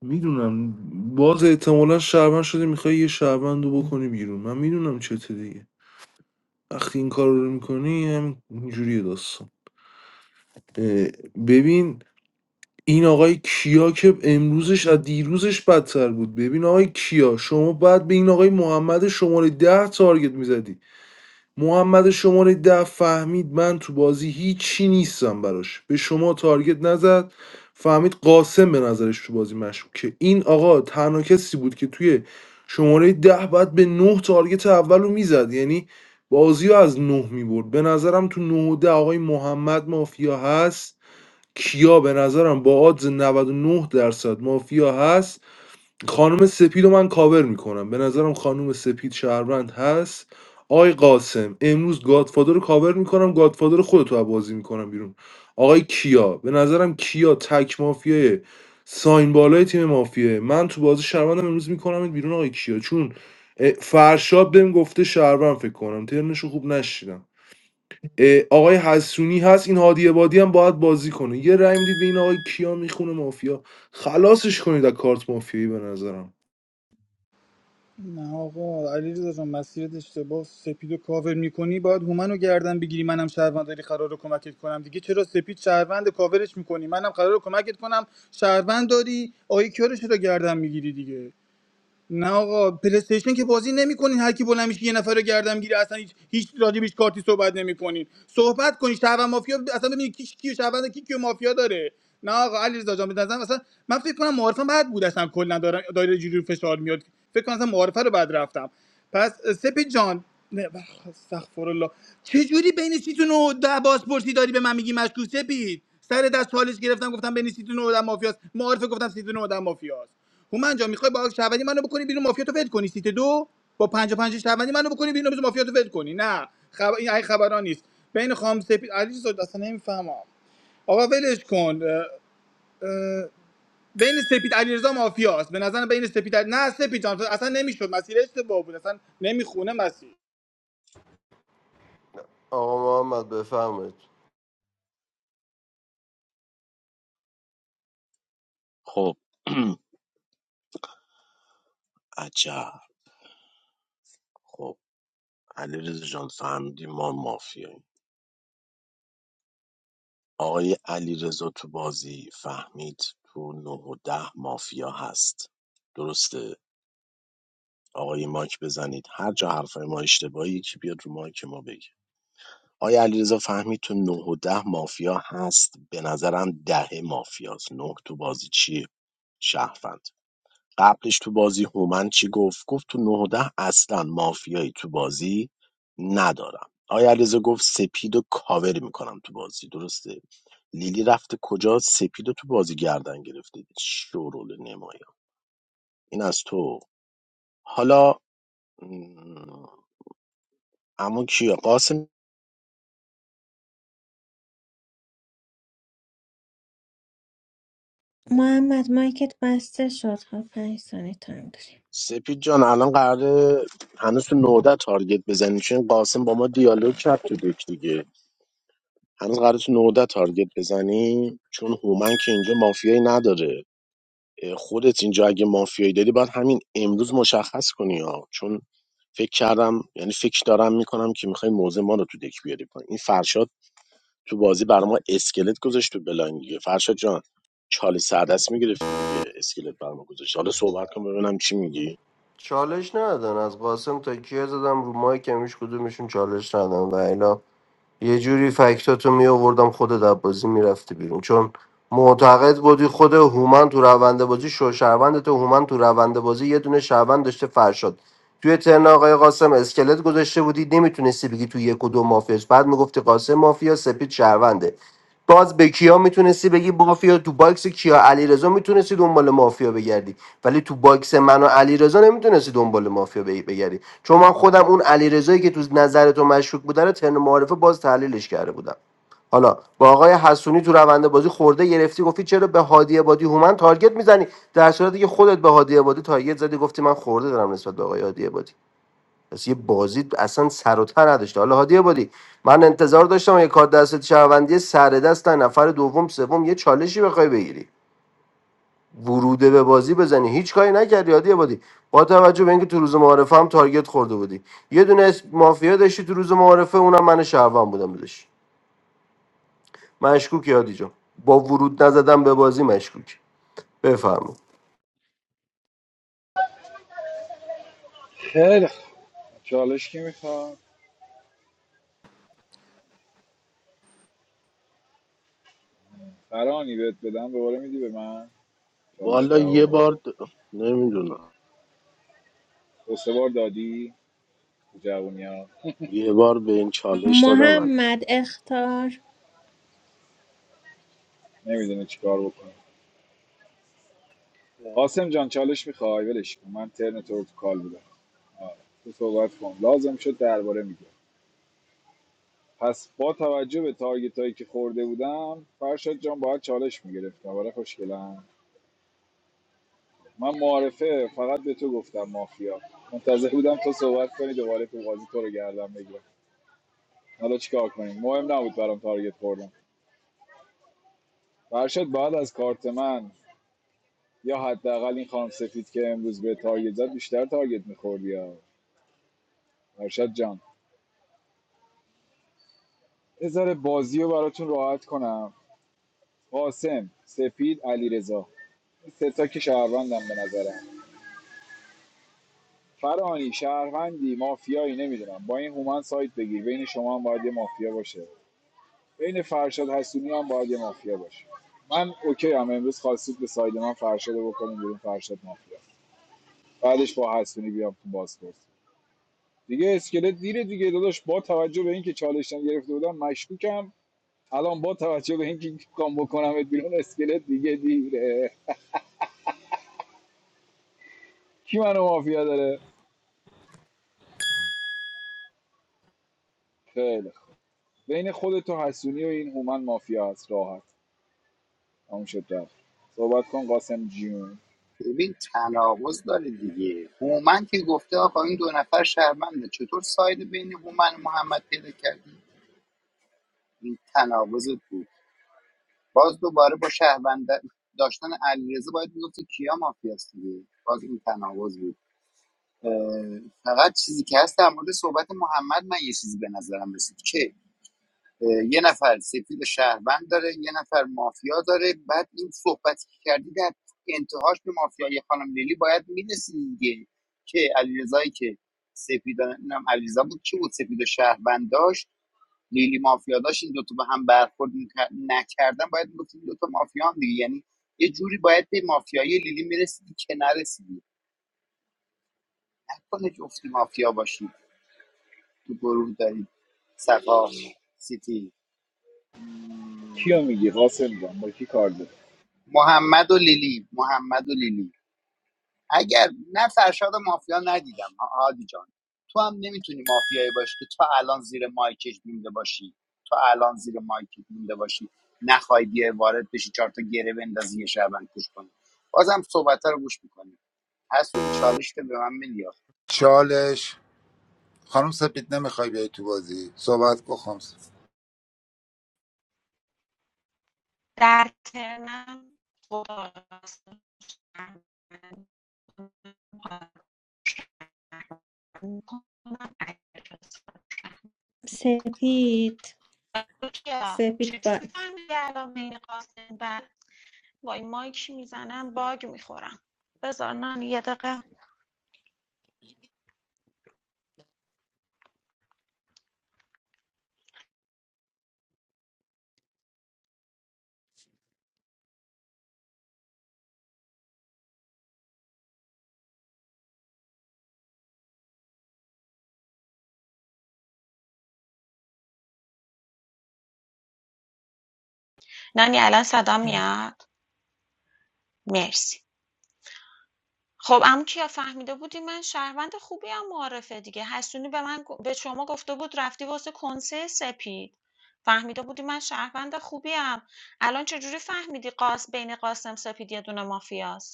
میدونم باز احتمالا شهروند شده میخوای یه شهروند رو بکنی بیرون من میدونم چته دیگه وقتی این کار رو میکنی همینجوری داستان اه، ببین این آقای کیا که امروزش از دیروزش بدتر بود ببین آقای کیا شما بعد به این آقای محمد شماره ده تارگت میزدی محمد شماره ده فهمید من تو بازی هیچی نیستم براش به شما تارگت نزد فهمید قاسم به نظرش تو بازی مشکوک که این آقا تنها کسی بود که توی شماره ده بعد به نه تارگت اول رو میزد یعنی بازی رو از نه میبرد به نظرم تو نه و ده آقای محمد مافیا هست کیا به نظرم با آدز 99 درصد مافیا هست خانم سپید رو من کاور میکنم به نظرم خانم سپید شهروند هست آقای قاسم امروز گادفادر رو کاور میکنم گادفادر خودتو از بازی میکنم بیرون آقای کیا به نظرم کیا تک مافیای ساین بالای تیم مافیه من تو بازی شهروندم امروز میکنم بیرون آقای کیا چون اه، فرشاد بهم گفته شهروند فکر کنم ترنشو خوب نشیدم اه، آقای حسونی هست این هادی بادی هم باید بازی کنه یه رای میدید به این آقای کیا میخونه مافیا خلاصش کنید از کارت مافیایی به نظرم نه آقا علیرضا جان مسیرت اشتباه سپیدو کاور میکنی باید هومنو گردن بگیری منم شهروند داری قرار کمکت کنم دیگه چرا سپید شهروند کاورش میکنی منم قرار کمکت کنم شهروند داری آیه کیارش رو گردن میگیری دیگه نه آقا پلیستیشن که بازی نمیکنین هر کی بلند میشه یه نفر رو گردن میگیره اصلا هیچ هیچ راجبش کارتی صحبت نمیکنین صحبت کنین شهروند مافیا اصلا ببینید کی کیو شهروند کی کیو مافیا داره نه آقا علیرضا جان به نظرم اصلا من فکر کنم معارفم بد بود اصلا کلا دارم دایره جوری فشار میاد فکر کنم اصلا معارفه رو بد رفتم پس سپی جان نه، بخ- استغفرالله چجوری بین سیتون و ده باز پرسی داری به من میگی مشکوک سپید سر دست چالش گرفتم گفتم بین سیتون و ده مافیاست معارفه گفتم سیتون و ده مافیاست هومن جان میخوای با شعبانی منو بکنی بیرون مافیا تو ول کنی سیت دو با 55 شعبانی منو بکنی بیرون بذار مافیا تو ول کنی نه خب این این خبرا نیست بین خام سپید علیرضا اصلا نمیفهمم آقا ولش کن اه، اه، بین سپید علیرضا مافیاست به نظر بین سپید علی... نه سپید جان اصلا نمیشد مسیر اشتباه بود اصلا نمیخونه مسیر آقا محمد بفهمید خب عجب خب علیرضا جان فهمیدی ما مافیاییم آقای علیرضا تو بازی فهمید تو نه و ده مافیا هست درسته آقای مایک بزنید هر جا حرفای ما اشتباهی که بیاد رو مایک ما بگه آیا علیرضا فهمید تو 9 و 10 مافیا هست به نظرم ده مافیاست 9 تو بازی چیه شهروند قبلش تو بازی هومن چی گفت گفت تو 9 و 10 اصلا مافیایی تو بازی ندارم آیا علیرضا گفت سپید و کاور میکنم تو بازی درسته لیلی رفته کجا سپید رو تو بازی گردن گرفته شورول نمایان این از تو حالا اما کیا قاسم محمد مایکت بسته شد خب پنج ثانیه تایم داریم سپید جان الان قراره هنوز تو نوده تارگت بزنی چون قاسم با ما دیالوگ کرد تو دک دیگه هنوز قراره تو نوده تارگت بزنی چون هومن که اینجا مافیایی نداره اه، خودت اینجا اگه مافیایی داری باید همین امروز مشخص کنی ها چون فکر کردم یعنی فکر دارم میکنم که میخوای موزه ما رو تو دک بیاری پایین این فرشاد تو بازی برای ما اسکلت گذاشت تو بلاین دیگه فرشاد جان چالی سردست میگرفتی دیگه اسکلت برای ما گذاشت حالا صحبت کن ببینم چی میگی چالش ندادن از قاسم تا کیا زدم رو مایک همیش کدومشون چالش ندادن و الا یه جوری فکتاتو می آوردم خودت از بازی میرفتی بیرون چون معتقد بودی خود هومن تو روند بازی شو شهروند تو هومن تو روند بازی یه دونه شهروند داشته فرشاد توی ترن آقای قاسم اسکلت گذاشته بودی نمیتونستی بگی تو یک و دو مافیاس بعد میگفتی قاسم مافیا سپید شهرونده باز به کیا میتونستی بگی مافیا تو باکس کیا علیرضا میتونستی دنبال مافیا بگردی ولی تو باکس من و علیرضا نمیتونستی دنبال مافیا بگ- بگردی چون من خودم اون علیرضایی که تو نظر تو مشکوک بوده رو ترن معارفه باز تحلیلش کرده بودم حالا با آقای حسونی تو روند بازی خورده گرفتی گفتی چرا به هادی عبادی هومن تارگت میزنی در صورتی که خودت به هادی عبادی تارگت زدی گفتی من خورده دارم نسبت به آقای هادی عبادی پس یه بازی اصلا سر و ته نداشته حالا هادی عبادی من انتظار داشتم یه کار دست شهروندی سر دست در نفر دوم سوم یه چالشی بخوای بگیری وروده به بازی بزنی هیچ کاری نکردی هادی عبادی با توجه به اینکه تو روز معارفه هم تارگت خورده بودی یه دونه اسم مافیا داشتی تو روز معارفه اونم من شهروند بودم داشت مشکوکی هادی جان با ورود نزدن به بازی مشکوک بفرمایید خیلی خوب. چالش کی میخواد برانی بهت بدم دوباره میدی به من چالش والا یه دهو بار د- نمیدونم دو سه بار دادی تو جوونی ها یه بار به این چالش دادم من محمد اختار نمیدونه چیکار بکنه قاسم جان چالش میخوای ولش کن من ترن تو رو تو کال بودم آره. تو صحبت کن لازم شد درباره میگم پس با توجه به تارگت هایی که خورده بودم فرشاد جان باید چالش میگرفت آره خوشگلم من معارفه فقط به تو گفتم مافیا منتظر بودم تو صحبت کنی دوباره تو بازی تو رو گردم بگیرم حالا چیکار کنیم مهم نبود برام تارگت خوردم فرشاد باید از کارت من یا حداقل این خانم سفید که امروز به تارگت زد بیشتر تارگت میخوردی یا فرشاد جان یه بازیو بازی رو براتون راحت کنم قاسم سفید علیرضا این ستا که شهروندم به نظرم فرانی شهروندی مافیایی نمیدونم با این هومن سایت بگیر بین شما هم باید یه مافیا باشه بین فرشاد حسونی هم باید یه مافیا باشه من اوکی هم امروز خواستید به ساید من فرشاد رو بکنیم بیرون فرشاد مافیا بعدش با حسونی بیام تو بازپرس دیگه اسکلت دیره دیگه داداش با توجه به اینکه چالش گرفته بودم مشکوکم الان با توجه به اینکه کام بکنم بیرون اسکلت دیگه دیره کی منو مافیا داره خیلی خوب بین خودت و حسونی و این هومن مافیا هست راحت تموم شد رفت صحبت کن قاسم جیون. ببین تناقض داره دیگه هومن که گفته آقا این دو نفر شهرمنده چطور ساید بین هومن و محمد پیدا کردی این تناقض بود باز دوباره با شهروند داشتن علیرضا باید میگفتی کیا مافیاست دیگه باز این تناقض بود فقط چیزی که هست در مورد صحبت محمد من یه چیزی به نظرم رسید که یه نفر سفید شهروند داره یه نفر مافیا داره بعد این صحبتی که کردی در انتهاش به مافیای خانم لیلی باید میرسید دیگه که علیرضایی که سفید نم علیرضا بود که بود سفید و شهروند داشت لیلی مافیا داشت این دوتا به هم برخورد می‌کر- نکردن باید میگفت این دوتا مافیا هم دیگه یعنی یه جوری باید به مافیای لیلی میرسیدی که نرسیدی نکنه جفتی مافیا باشی تو گروه داریم صفا سیتی کیو مم، میگی قاسم جان با کی کار داری محمد و لیلی محمد و لیلی اگر نه فرشاد و مافیا ندیدم ها- هادی جان تو هم نمیتونی مافیایی باشی که تا الان زیر مایکش مونده باشی تو الان زیر مایکش مونده باشی نخوای بیای وارد بشی چهار تا گره بندازی یه شعبان کش کنی بازم صحبت رو گوش میکنی حسونی چالش که به من میدی چالش خانم سپید نمیخوای بیای تو بازی صحبت کن خانم سپید. در ترنم خدا راستش من- من- اگر سپید سپید چجوری باک فهمیدی الان بین قاسم و وای مایک میزنم باگ میخورم بذار نانی یه دقیقه نانی الان صدا بله بله میاد مرسی خب عمو کیا فهمیده بودی من شهروند خوبی هم معرفه دیگه حسونی به من گ- به شما گفته بود رفتی واسه کنسه سپید فهمیده بودی من شهروند خوبی هم الان چجوری فهمیدی قاس بین قاسم سپید یه دونه مافیاست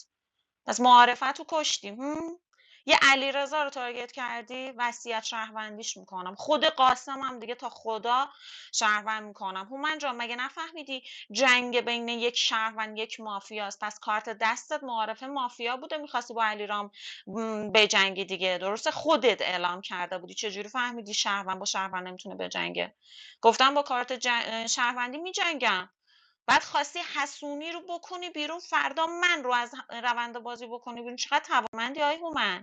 پس معارفت رو کشتی هم؟ یه علیرضا رو تارگت کردی وصیت شهروندیش میکنم خود قاسم هم دیگه تا خدا شهروند میکنم هومن جان مگه نفهمیدی جنگ بین یک شهروند یک مافیاست پس کارت دستت معارفه مافیا بوده میخواستی با علیرام م، بجنگی دیگه درسته خودت اعلام کرده بودی چجوری فهمیدی شهروند با شهروند نمیتونه بجنگه گفتم با کارت جن... شهروندی میجنگم بعد خواستی حسونی رو بکنی بیرون فردا من رو از روند بازی بکنی بیرون چقدر توانمندی آی هومن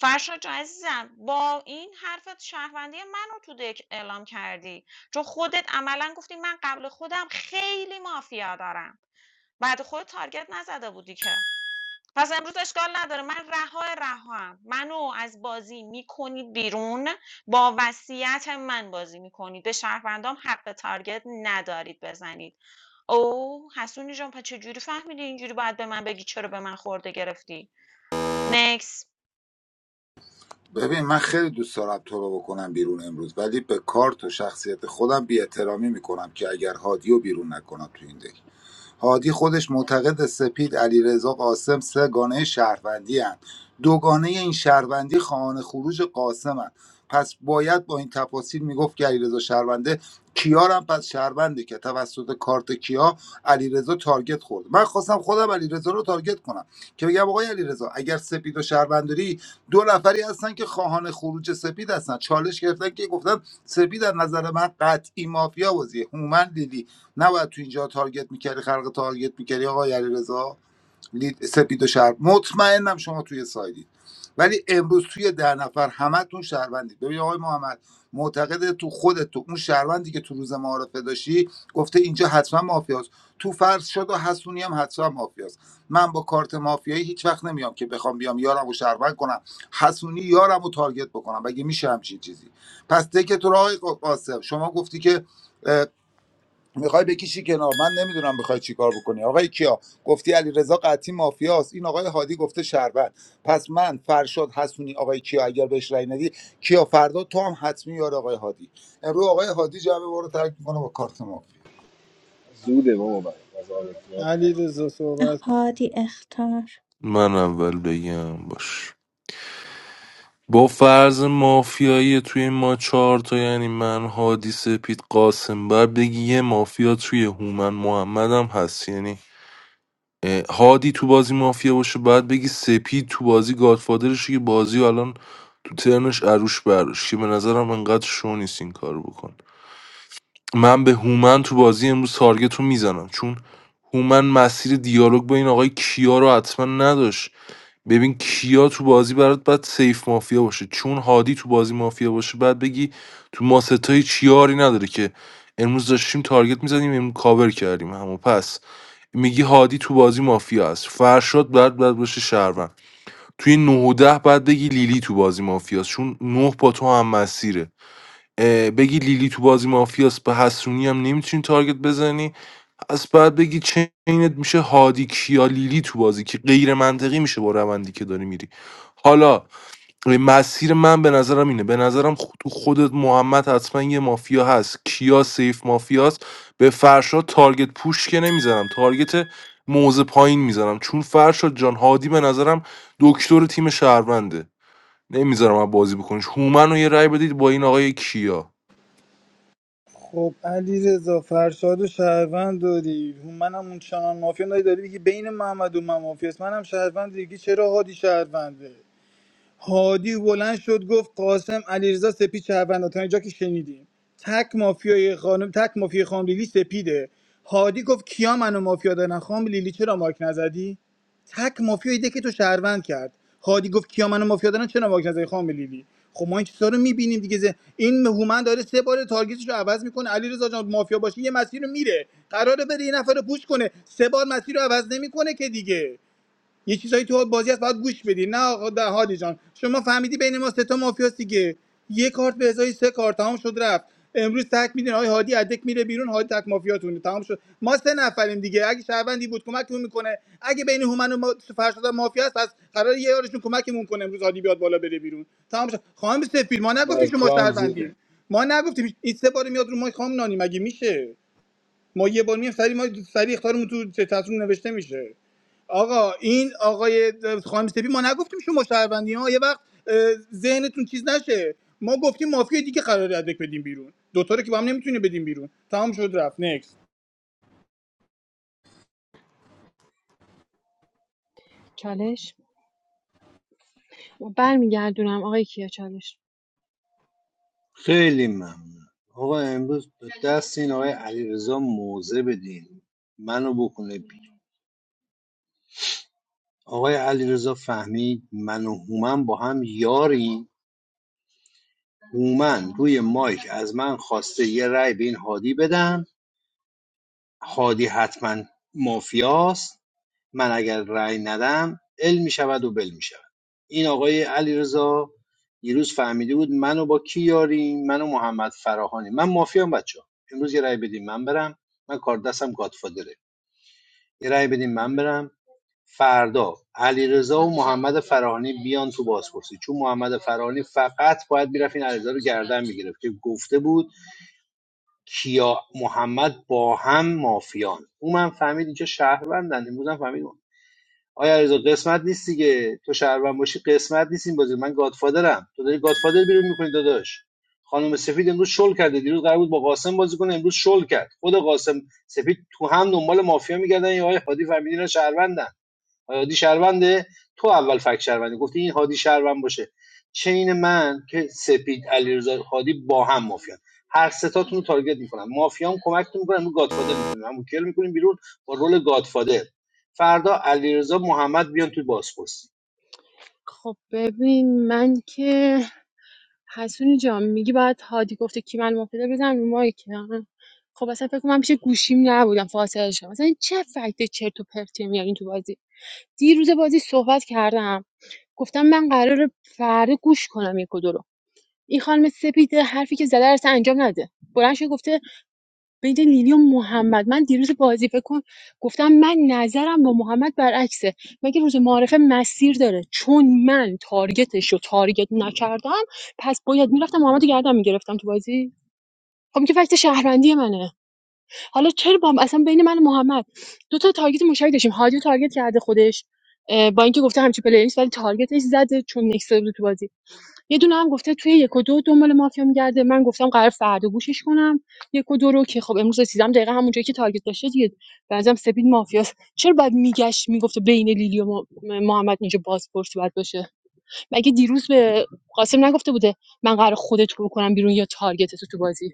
فرشاد جان عزیزم با این حرفت شهروندی منو تو دک اعلام کردی چون خودت عملا گفتی من قبل خودم خیلی مافیا دارم بعد خود تارگت نزده بودی که پس امروز اشکال نداره من رها رها منو از بازی میکنید بیرون با وصیت من بازی میکنید به شهروندام حق تارگت ندارید بزنید او حسونی جان پس چجوری فهمیدی اینجوری باید به من بگی چرا به من خورده گرفتی نکس ببین من خیلی دوست دارم تو رو بکنم بیرون امروز ولی به کارت و شخصیت خودم بی احترامی میکنم که اگر هادی بیرون نکنم تو این دک هادی خودش معتقد سپید علیرضا قاسم سه گانه شهروندی هن. دوگانه این شهروندی خواهان خروج قاسم هن. پس باید با این تفاصیل میگفت که علیرضا شهرونده کیارم پس شهرونده که توسط کارت کیا علیرضا تارگت خورد من خواستم خودم علیرضا رو تارگت کنم که بگم آقای علیرضا اگر سپید و شهرونداری دو نفری هستن که خواهان خروج سپید هستن چالش گرفتن که گفتن سپید از نظر من قطعی مافیا بازیه هومن لیلی نباید تو اینجا تارگت میکردی خلق تارگت میکردی آقای علیرضا لید سپید و شهر مطمئنم شما توی سایدید ولی امروز توی در نفر همتون شهروندید ببین آقای محمد معتقد تو خودت تو اون شهروندی که تو روز معارفه داشتی گفته اینجا حتما مافیاست تو فرض شد و حسونی هم حتما مافیاست من با کارت مافیایی هیچ وقت نمیام که بخوام بیام یارمو و شهروند کنم حسونی یارمو و تارگت بکنم بگه میشه همچین چیزی پس دکتر آقای قاسم شما گفتی که میخوای بکشی کنار من نمیدونم میخوای چیکار بکنی آقای کیا گفتی علی رضا قطعی مافیاست این آقای هادی گفته شربت پس من فرشاد حسونی آقای کیا اگر بهش رأی ندی کیا فردا تو هم حتمی یار آقای هادی امروز آقای هادی جمع ما رو ترک میکنه با کارت مافیا زوده بابا برای قضاوت زیاد علی نکن. رضا صحبت کن هادی اختار من اول بگم باش با فرض مافیایی توی این ما چهار تا یعنی من هادی سپید قاسم بر بگی یه مافیا توی هومن محمد هم هست یعنی اه، هادی تو بازی مافیا باشه باید بگی سپید تو بازی گادفادرشه که بازی رو الان تو ترنش عروش برداشت که به نظرم انقدر شو نیست این کارو بکن من به هومن تو بازی امروز تارگت رو میزنم چون هومن مسیر دیالوگ با این آقای کیا رو حتما نداشت ببین کیا تو بازی برات باید سیف مافیا باشه چون هادی تو بازی مافیا باشه بعد بگی تو ما ستای چیاری نداره که امروز داشتیم تارگت میزنیم امروز کاور کردیم همو پس میگی هادی تو بازی مافیا است فرشاد بعد بعد باشه شهروند توی 9 و 10 بعد بگی لیلی تو بازی مافیاست چون نه با تو هم مسیره اه، بگی لیلی تو بازی مافیاس به حسونی هم نمیتونی تارگت بزنی از بعد بگی چینت میشه هادی کیا لیلی تو بازی که غیر منطقی میشه با روندی که داری میری حالا مسیر من به نظرم اینه به نظرم خ- تو خودت محمد حتما یه مافیا هست کیا سیف مافیاست به فرشاد تارگت پوش که نمیزنم تارگت موزه پایین میزنم چون فرشاد جان هادی به نظرم دکتر تیم شهرونده نمیذارم از بازی بکنش هومن رو یه رای بدید با این آقای کیا خب علی رضا فرشاد و شهروند داری منم اون چنان مافیا داری داری میگی بین محمد و من مافیاست منم شهروند دیگه چرا هادی شهرونده هادی بلند شد گفت قاسم علیرضا سپید شهروند تا اینجا که شنیدیم تک مافیای خانم تک مافیای خانم لیلی سپیده هادی گفت کیا منو مافیا دارن خانم لیلی چرا ماک نزدی تک مافیای ده که تو شهروند کرد هادی گفت کیا منو مافیا دارن چرا ماک نزدی خانم لیلی خب ما این چیزا رو میبینیم دیگه ز- این هومن داره سه بار تارگتش رو عوض میکنه علیرضا جان مافیا باشه یه مسیر رو میره قراره بره یه نفر رو پوش کنه سه بار مسیر رو عوض نمیکنه که دیگه یه چیزایی تو بازی هست باید گوش بدی نه آقا ده هادی جان شما فهمیدی بین ما سه تا مافیاست دیگه یه کارت به ازای سه کارت تمام شد رفت امروز تک میدین آقای هادی ادک میره بیرون هادی تک مافیاتونه تمام شد ما سه نفریم دیگه اگه شهروندی بود کمکمون میکنه اگه بین هومن و ما- فرشاد هم مافیا هست پس قرار یه یارشون کمکمون کنه امروز هادی بیاد بالا بره بیرون تمام شد خانم سفیر ما نگفتیم برای شما تو هم زوده شهروندیم ما نگفتیم این سه بار میاد رو ما خام نانی مگه میشه ما یه بار میایم سری ما سری اختارمون تو چتون نوشته میشه آقا این آقای خانم سپی ما نگفتیم شما شهروندی ها یه وقت اه، ذهنتون چیز نشه ما گفتیم مافیا دیگه قراره ادک بدیم بیرون دوتا رو که با هم نمیتونیم بدیم بیرون تمام شد رفت نکست چالش برمیگردونم آقای کیا چالش خیلی ممنون آقا امروز به دست این آقای علیرضا موزه بدین منو بکنه بیرون آقای علیرضا فهمید من و هومن با هم یاری هومن روی مایک از من خواسته یه رای به این هادی بدم هادی حتما مافیاست من اگر رأی ندم ال میشود و بل میشود این آقای علیرضا دیروز فهمیده بود منو با کی یاریم منو محمد فراهانی من مافیام بچه امروز یه رأی بدیم من برم من کار دستم گادفادره یه رأی بدیم من برم فردا علیرضا و محمد فراهانی بیان تو بازپرسی چون محمد فراهانی فقط باید میرفت این علیرضا رو گردن میگرفت که گفته بود کیا محمد با هم مافیان او من فهمید اینجا شهروندن امروز هم فهمید آیا علیرضا قسمت نیست دیگه تو شهروند باشی قسمت نیست این بازی من گادفادرم تو داری گادفادر بیرون میکنی داداش خانم سفید امروز شل کرده دیروز قرار بود با قاسم بازی کنه امروز شل کرد خود قاسم سفید تو هم دنبال مافیا میگردن یا آقای هادی فهمیدی اینا شهروندن هادی شهرونده تو اول فکت شهروندی گفتی این هادی شهروند باشه چین من که سپید علیرضا هادی با هم مافیان هر ستاتون رو تارگت میکنم مافیام کمکتون میکنم رو گادفادر میکنیم همون کل میکنیم بیرون با رول گادفادر فردا علیرضا محمد بیان تو بازپرسی خب ببین من که حسونی جان میگی باید هادی گفته کی من مافیا بزن رو مایکم خب اصلا فکر کنم من پیش گوشیم نبودم فاصله شدم مثلا چه فکت چرت و پرتی میارین تو بازی دیروز بازی صحبت کردم گفتم من قرار فردا گوش کنم یک و دو رو این خانم سپید حرفی که زده رو اصلا انجام نده بلند شده گفته بین لیلی و محمد من دیروز بازی فکر کن گفتم من نظرم با محمد برعکسه مگه روز معارفه مسیر داره چون من تارگتش رو تارگت نکردم پس باید میرفتم محمد رو گردم میگرفتم تو بازی خب این که فکت شهروندی منه حالا چرا با اصلا بین من و محمد دو تا تارگت مشترک داشتیم هادی رو تارگت کرده خودش اه، با اینکه گفته همچی پلیلیست ولی تارگتش زده چون نکسته بود تو بازی یه دونه هم گفته توی یک و دو دنبال مافیا میگرده من گفتم قرار فردا گوشش کنم یک و دو رو که خب امروز رسیدم دقیقا همون جایی که تارگت داشته دیگه بعضی هم سپید مافیاست چرا بعد میگشت میگفته بین لیلی و ما- محمد اینجا بازپرسی باید باشه مگه دیروز به قاسم نگفته بوده من قرار خودت رو کنم بیرون یا تارگت تو تو بازی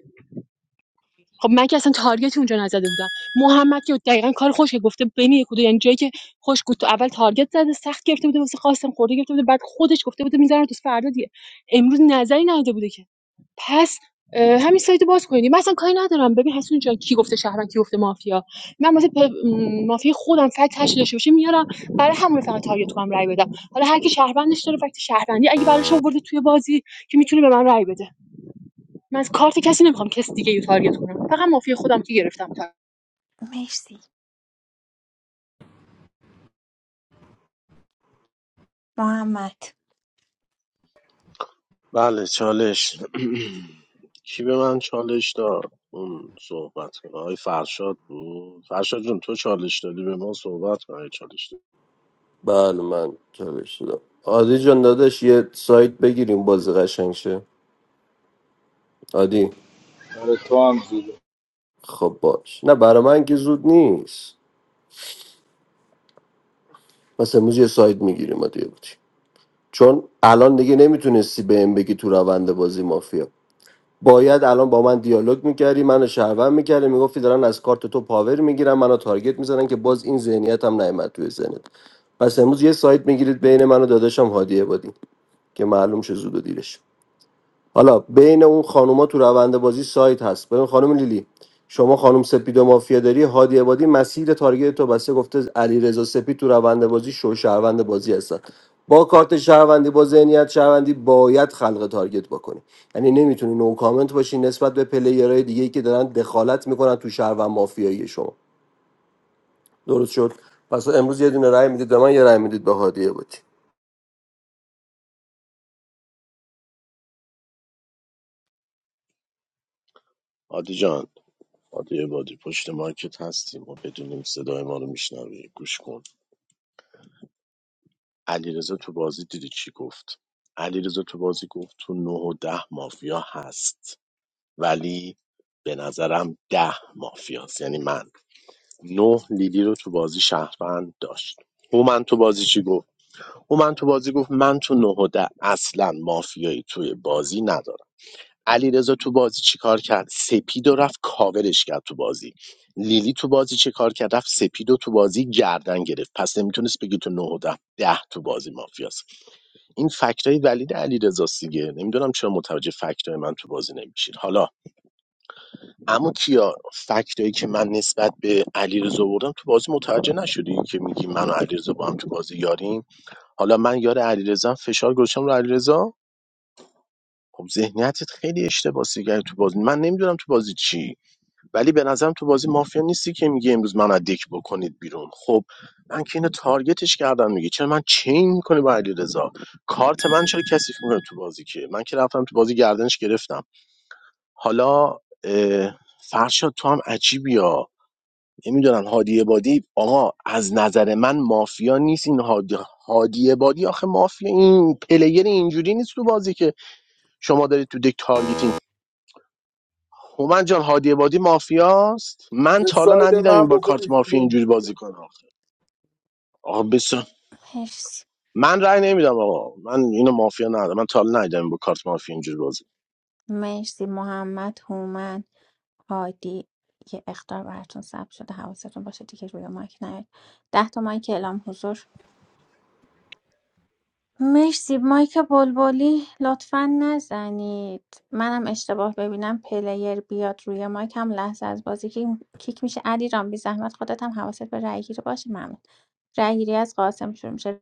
خب من که اصلا تارگتی اونجا نزده بودم محمد که دقیقا کار خوشه گفته بین یک و دو یعنی جایی که خوش گفت تو اول تارگت زده سخت گرفته بوده واسه قاسم خورده گرفته بوده بعد خودش گفته بوده میذارم تو فردا دیگه امروز نظری نداده بوده که پس اه، همین سایت رو باز کنید من اصلا کاری ندارم ببین حسون جان کی گفته شهروند کی گفته مافیا من واسه پ- م، مافیا خودم فکت تشکیل داشته باشه میارم برای همون فقط تارگت کنم رای بدم حالا هر کی شهروندش داره فکت شهروندی اگه براش آورده توی بازی که میتونه به من رای بده من از کارت کسی نمیخوام کسی دیگه رو تارگت کنم فقط مافیا خودم که گرفتم تا مرسی محمد بله چالش کی به من چالش داد اون صحبت کنه آقای فرشاد بود فرشاد جون تو چالش دادی به ما صحبت کن آقای چالش دادی بله من جواب شدم عادی جان داداش یه سایت بگیریم بازی قشنگ شه عادی برای تو هم زوده خب باش نه برای من که زود نیست مثلا امروز یه ساید میگیریم دیگه بودی چون الان دیگه نمیتونستی به این بگی تو روند بازی مافیا باید الان با من دیالوگ میکردی منو شهروند میکردی میگفتی دارن از کارت تو پاور میگیرن منو تارگت میزنن که باز این ذهنیت هم نیومد توی ذهنت پس امروز یه ساید میگیرید بین من و داداشم هادی عبادی که معلوم شه زود و دیرش حالا بین اون خانوما تو روند بازی سایت هست ببین خانم لیلی شما خانم سپید و مافیا داری هادی عبادی مسیر تارگت تو بسته گفته علی رضا سپید تو روند بازی شو شهروند بازی هستن با کارت شهروندی با ذهنیت شهروندی باید خلق تارگت بکنی یعنی نمیتونی نو کامنت باشی نسبت به پلیرهای دیگه که دارن دخالت میکنن تو شهروند مافیایی شما درست شد پس امروز یه دونه رای میدید به من یه رای میدید به هادی عبادی عادی جان عادی عبادی پشت مایکت هستیم ما بدونیم صدای ما رو میشنوی گوش کن علیرضا تو بازی دیدی چی گفت علیرضا تو بازی گفت تو نه و ده مافیا هست ولی به نظرم ده مافیاست یعنی من نه لیلی رو تو بازی شهروند داشت هومن تو بازی چی گفت هومن تو بازی گفت من تو نه و ده اصلا مافیایی توی بازی ندارم علیرضا تو بازی چیکار کرد سپید و رفت کاورش کرد تو بازی لیلی تو بازی چه کار کرد رفت سپیدو تو بازی گردن گرفت پس نمیتونست بگی تو نه و ده ده تو بازی مافیاست این فکتای ولید علی دیگه نمیدونم چرا متوجه فکتای من تو بازی نمیشین حالا اما کیا فکتایی که من نسبت به علیرضا آوردم تو بازی متوجه نشدی که میگی من و علیرضا با هم تو بازی یاریم حالا من یار علیرضا فشار گذاشتم رو علیرضا خب ذهنیتت خیلی اشتباه کرد تو بازی من نمیدونم تو بازی چی ولی به نظرم تو بازی مافیا نیستی که میگه امروز من از دک بکنید بیرون خب من که اینو تارگتش کردم میگه چرا من چین میکنه با علیرضا کارت من چرا کثیف میکنه تو بازی که من که رفتم تو بازی گردنش گرفتم حالا اه، فرشاد تو هم عجیبی ها. نمیدونم هادی عبادی آقا از نظر من مافیا نیست این هادی هادی عبادی آخه مافیا این پلیر اینجوری نیست تو بازی که شما دارید تو دک تارگتین هومن جان هادی عبادی مافیاست من به تا حالا ساید ندیدم این من با کارت بکنی مافیا بیرون اینجوری بازی کنه آخه آقا بسیار مرسی من رأی نمیدم آقا من اینو مافیا ندارم من تا حالا ندیدم این با کارت مافیا اینجوری بازی مرسی محمد هومن هادی یه اختار براتون ثبت شده حواستون باشه دیگه روی مایک نیاد ده تا مایک اعلام حضور مرسی مایک بلبلی لطفا نزنید منم اشتباه ببینم پلیر بیاد روی مایک هم لحظه از بازی کی- کیک میشه علی رام بی زحمت خودت هم حواست به رأی گیری باشه ممنون رأی گیری از قاسم شروع میشه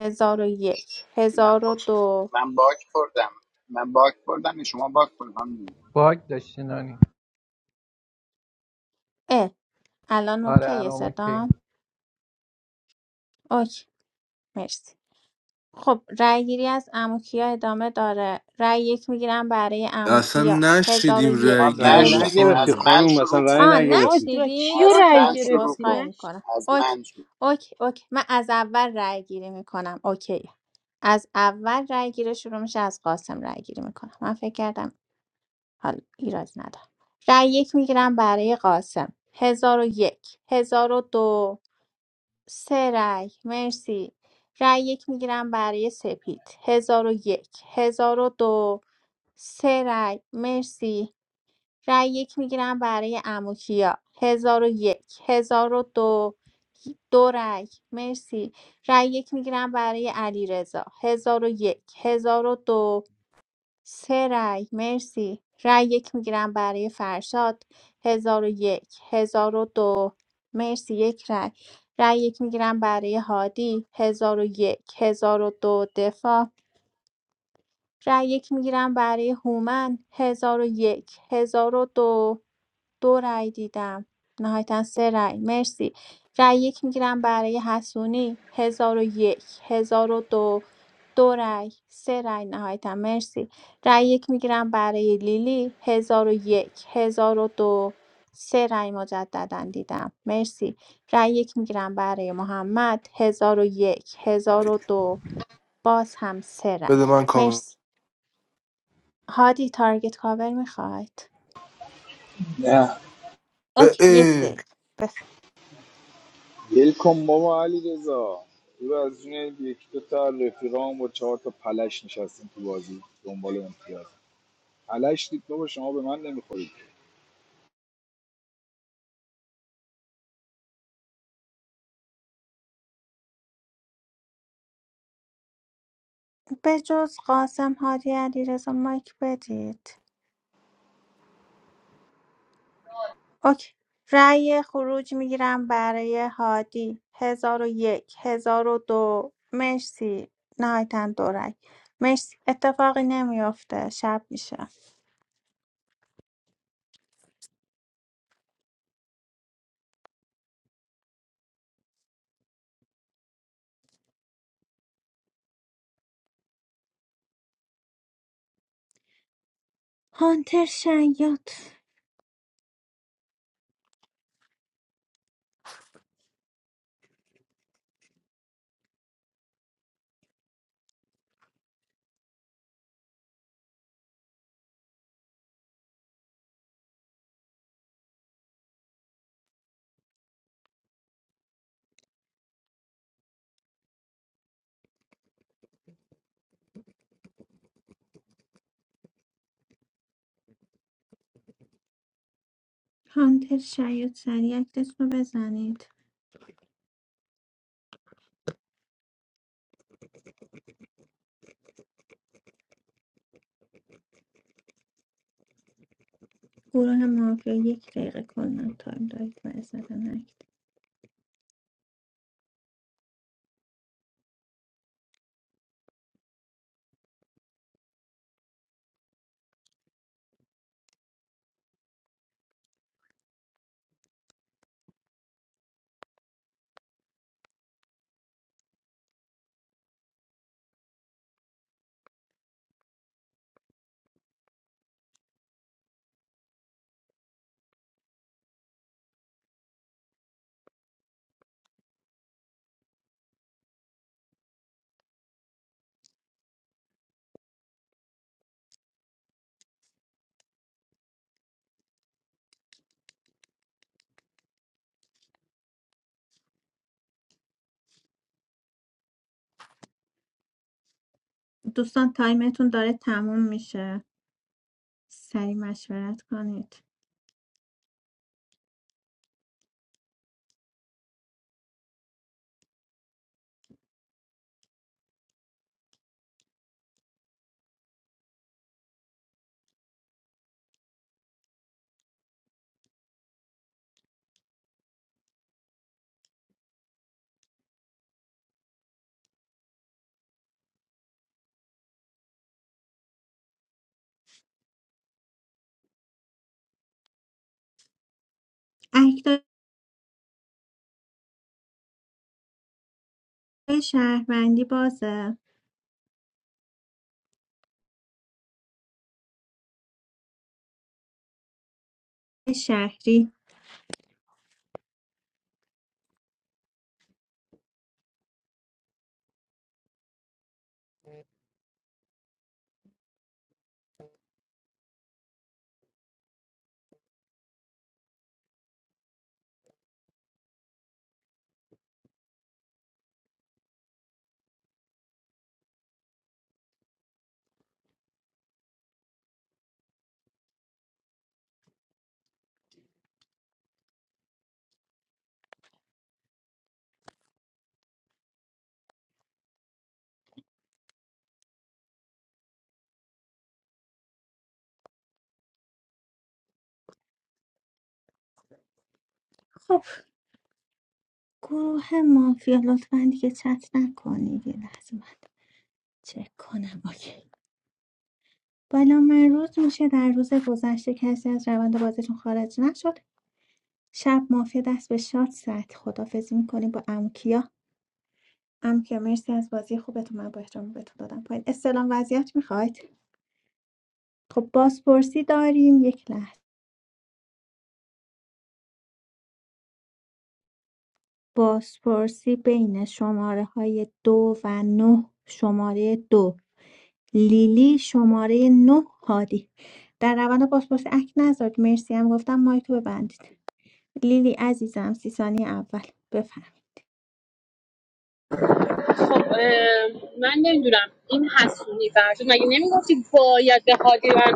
هزار و یک من هزار و دو من باک خوردم من باک خوردم شما باک خوردم اه الان آره. اوکیه صدام اوکی مرسی خب رأیگیری از اموکیا ادامه داره رأی یک میگیرم برای اصلا اموکیا هزار و نشیدیم یک رای ما گیری رأی رو هزار نشنیدیم خانم نگرفتی از من خانم مثلا شروع رأی کن آ آقا نگرفتی را نشنیدین کیو از اوکی رأی من اوکی شروع گرفتی عذرخواهی کن نش میکنم از اوکی من شروع اوکی اوکی من از اول رأی گیری میکنم اوکی از اول رأی گیری شروع میشه از قاسم رأی گیری میکنم من فکر کردم حالا ایراد نداره رأی یک میگیرم برای قاسم هزار و یک هزار و دو سه رأی مرسی رأی یک میگیرم برای سپید هزار و یک هزار و دو سه رأی مرسی رأی یک میگیرم برای اموکیا هزار و یک هزار و دو دو رأی مرسی رأی یک میگیرم برای علیرضا هزار و یک هزار و دو سه رای مرسی رای یک میگیرم برای فرشاد هزار و یک هزار و دو مرسی یک رای رای یک میگیرم برای هادی هزار و یک هزار و دو دفاع رای یک میگیرم برای هومن ۱۰۰۱ ۱۰۰۲ دو دو رای دیدم نهایتا سه رای مرسی رای یک میگیرم برای حسونی ۱۰۰۱ ۱۰۰۲ دو دو رای سه رای نهایتا مرسی رای یک میگیرم برای لیلی ۱۰۰۱ دو سه رای مجددا دیدم مرسی رای یک میگیرم برای محمد ای، ۱۰۰۱ دو باز هم سه رای بده من کار مرسی هادی تارگت کاور میخواید نه به اوکی یک ای دقیقه بف- ول کن بابا علی رضا تو از اون یک دو تا رفیقام با چهار تا پلش نشستیم تو بازی دنبال امتیاز پلش دید بابا شما به من نمیخورید به جز قاسم هادی علیرضا مایک بدید اوکی رأی خروج میگیرم برای هادی هزار و یک هزار و دو مرسی نهایتا دو رأی مرسی اتفاقی نمیافته شب میشه هانتر شیاد هانتر شیاد سریع اکتس رو بزنید گروه مافیا یک دقیقه کلن تایم دارید برای زدن دوستان تایمتون داره تموم میشه سریع مشورت کنید اکتای شهروندی بازه شهری خب گروه مافیا لطفا دیگه چت نکنید یه لحظه من چک کنم اوکی بالا من روز میشه در روز گذشته کسی از روند بازیتون خارج نشد شب مافیا دست به شاد زد خدافزی میکنیم با امکیا امکیا مرسی از بازی خوبتون من با احترام بهتون دادم پایین استلام وضعیت میخواید خب بازپرسی داریم یک لحظه بازپرسی بین شماره‌های دو و نه شماره دو لیلی شماره نه هادی در روند بازپرسی اک نذارید مرسی هم گفتم مایک رو ببندید لیلی عزیزم سی ثانیه اول بفهم خب اه، من نمیدونم این حسونی فرزون مگه نمیگفتی باید به حادی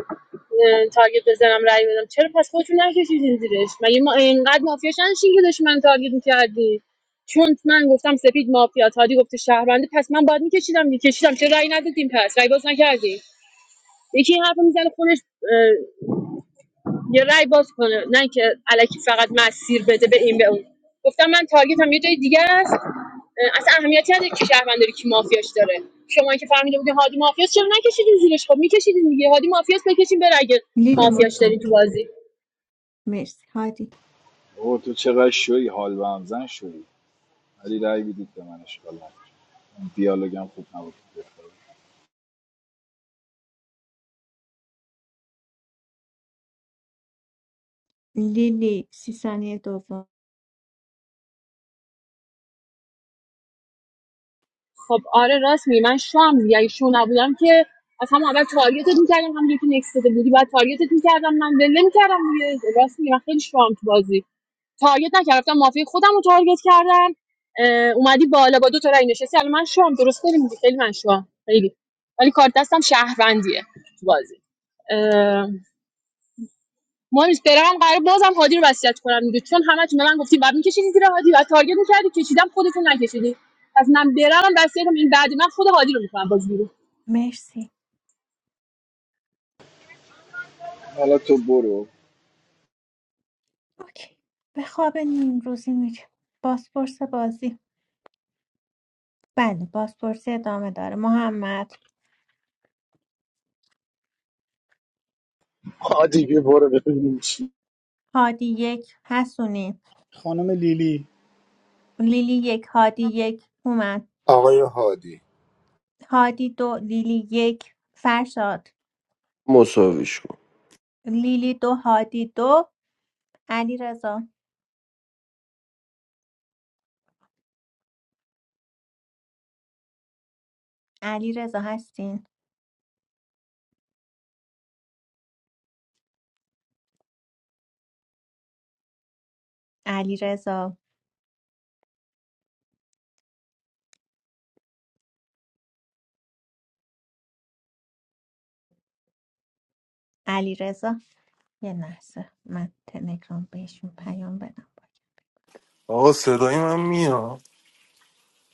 تارگت بزنم رای بدم چرا پس خودتون نکشیدین زیرش مگه ما اینقدر مافیا شدیم که داشت من تارگت میکردی چون من گفتم سپید مافیا تادی گفته شهرونده پس من باید میکشیدم میکشیدم چرا رای ندادیم پس رای باز نکردی یکی این حرفو میزنه خودش اه، یه رای باز کنه نه اینکه الکی فقط مسیر بده به این به اون گفتم من تارگت هم یه جای دیگه است اه، اصلا اهمیتی نداره که شهروند داره کی مافیاش داره شما که فهمیده بودین هادی مافیاست چرا نکشیدین زیرش خب میکشیدین دیگه هادی مافیاست بکشین بره اگه لیلی مافیاش دارین تو متشکرم بازی مرسی هادی بابا تو چقدر شوی حال به همزن شوی ولی رأی بدید به من اشکال نداره. اون دیالوگم خوب نبود لیلی سی ثانیه دوم خب آره راست می من شوام دیگه اگه شو نبودم که از هم اول تارگتت میکردم هم یکی داده بودی بعد تارگتت میکردم من ول نمیکردم دیگه راست میگم خیلی شوام تو بازی تارگت نکردم مافی خودم رو تارگت کردم اه، اومدی بالا با دو تا رای نشستی الان من شوام درست داری میگی خیلی من شوام خیلی ولی کارت دستم شهروندیه تو بازی اه، مهم نیست برم قرار بازم هادی رو وصیت کنم دیگه چون همتون به من گفتین بعد میکشیدی زیر هادی بعد تارگت میکردی کشیدم خودتون نکشیدی پس من برم وصیتم این بعد من خود هادی رو میکنم باز بیرون. مرسی حالا تو برو اوکی به خواب نیم روزی میریم بازپرس بازی بله بازپرسی ادامه داره محمد کنه. هادی بیا برو ببینیم چی هادی یک حسونی خانم لیلی لیلی یک هادی یک هومن آقای هادی هادی دو لیلی یک فرشاد مساویش کن لیلی دو هادی دو علی رضا علی رضا هستین علی رضا علی رضا یه لحظه من تلگرام بهشون پیام بدم آقا صدای من میاد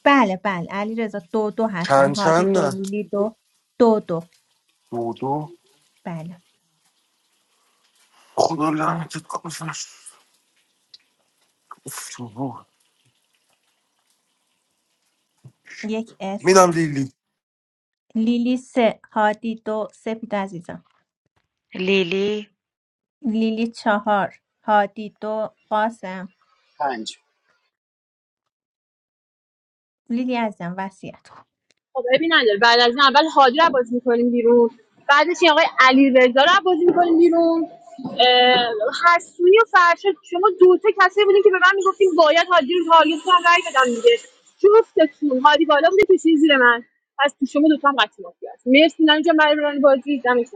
بله بله علی رضا دو دو هستن چند هادی چند دو لیلی دو دو دو دو دو بله خدا لعنتت کنه اف، تو روح. یک اس میدم لیلی لیلی سه هادی دو سپید عزیزم لیلی لیلی چهار هادی دو قاسم پنج لیلی عزیزم وسیعت خب عیبی نداره بعد از این اول هادی رو بازی میکنیم بیرون بعدش این آقای علیرضا رضا رو بازی میکنیم بیرون اه، حسونی و فرشاد شما دوتا کسی بودین که به من میگفتیم باید هادی رو تارگت کنم رای بدم دیگه جفتتون هادی بالا بوده کشید زیر من پس تو شما دوتا هم قطعی مافیا هست مرسی نانی جان برای برنامه بازی دمتون گرم.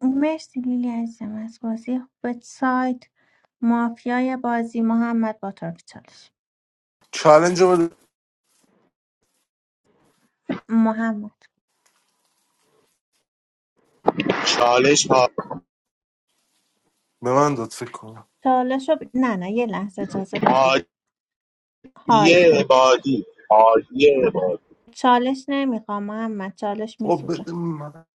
مرسی لیلی عزیزم از بازی خوبت سایت مافیای بازی محمد با طرف چالش چالنج رو بده محمد چالش ها- به من داد فکر کنم چالش رو ب- نه نه یه لحظه اجازه بدید هادی هادی عبادی هادی عبادی چالش نمیخوام محمد چالش آقا میسوزه بده من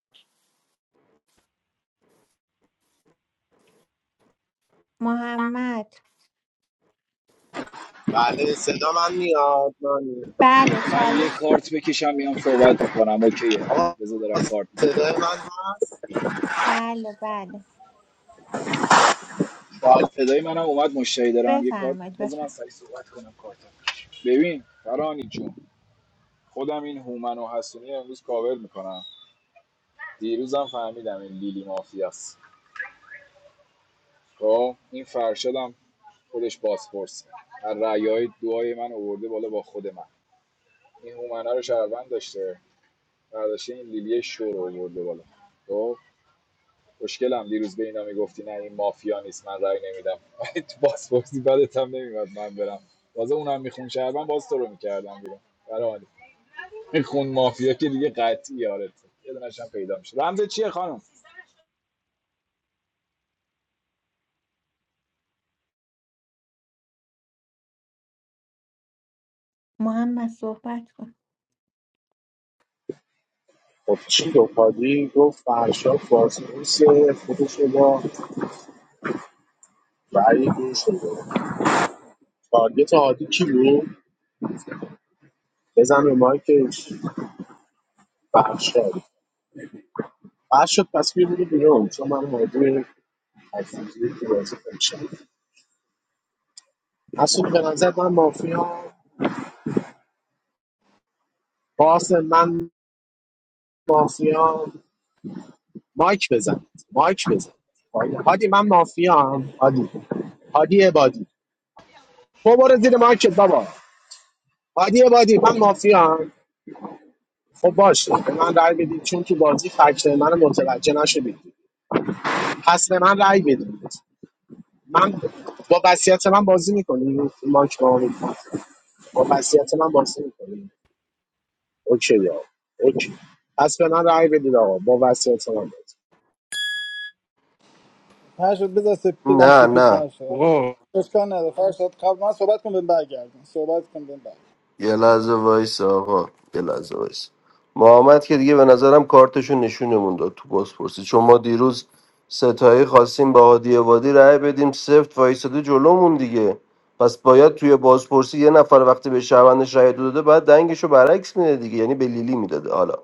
محمد بله صدا من میاد من بله من یه چالش کارت بکشم میام صحبت میکنم اوکیه بذار دارم کارت میکشم صدای من بله بله باگ صدای منم اومد مشتری دارم یه کارت بفرمایید بذار من بفرمایید سری صحبت کنم کارتم ببین فرانی جون خودم این هومن و حسونی امروز کاور میکنم دیروزم فهمیدم این لیلی مافیاست خب این فرشادم خودش بازپرسه در رعیه های دعای من آورده بالا با خود من این هومنا رو شهروند داشته برداشته این لیلی شو رو آورده بالا خب مشکلم دیروز به اینا میگفتی نه این مافیا نیست من رأی نمیدم تو بازپرسی بدت هم نمیاد من برم باز اونم میخون شهروند باز تو رو میکردم بیرون برای این خون مافیا که دیگه قطعی یارته یه دونش هم پیدا میشه رمز چیه خانم محمد صحبت کن خب چی گفت هادی گفت فرشاد بازپرس خودش رو با رأی دو شده تارگت هادی کی بود بزن به مایکش فرشاد فرشاد پس میبینی بیرون چون من هادی عزیزی که بازی کنشم اصلا به نظر من مافیا باس من مافیا مایک بزن مایک بزن هادی من مافیا هم هادی هادی عبادی تو برو زیر مایکت بابا هادی عبادی من مافیا خب باشه به من رأی بدید چون تو بازی فکت من متوجه نشدید پس به من رأی بدید من با وصیت من بازی میکنی ماک با با وصیت من بازی میکنی اوکی آقا اوکی پس به من رأی بدید آقا با وصیت من بازی فرشاد بذار سپید بدن نه سپید نه فرشاد آقا اشکال نداره فرشاد قبل من صحبت کن بهم برگردون صحبت کن بهم برگردون یه لحظه وایس آقا یه لحظه وایس محمد که دیگه به نظرم کارتشون نشونمون داد تو بازپرسی چون ما دیروز ستایی خواستیم با هادی وادی رأی بدیم سفت وایساده جلومون دیگه پس باید توی بازپرسی یه نفر وقتی به شهروندش رأی دو داده باید دنگشو برعکس میده دیگه یعنی به لیلی میداده حالا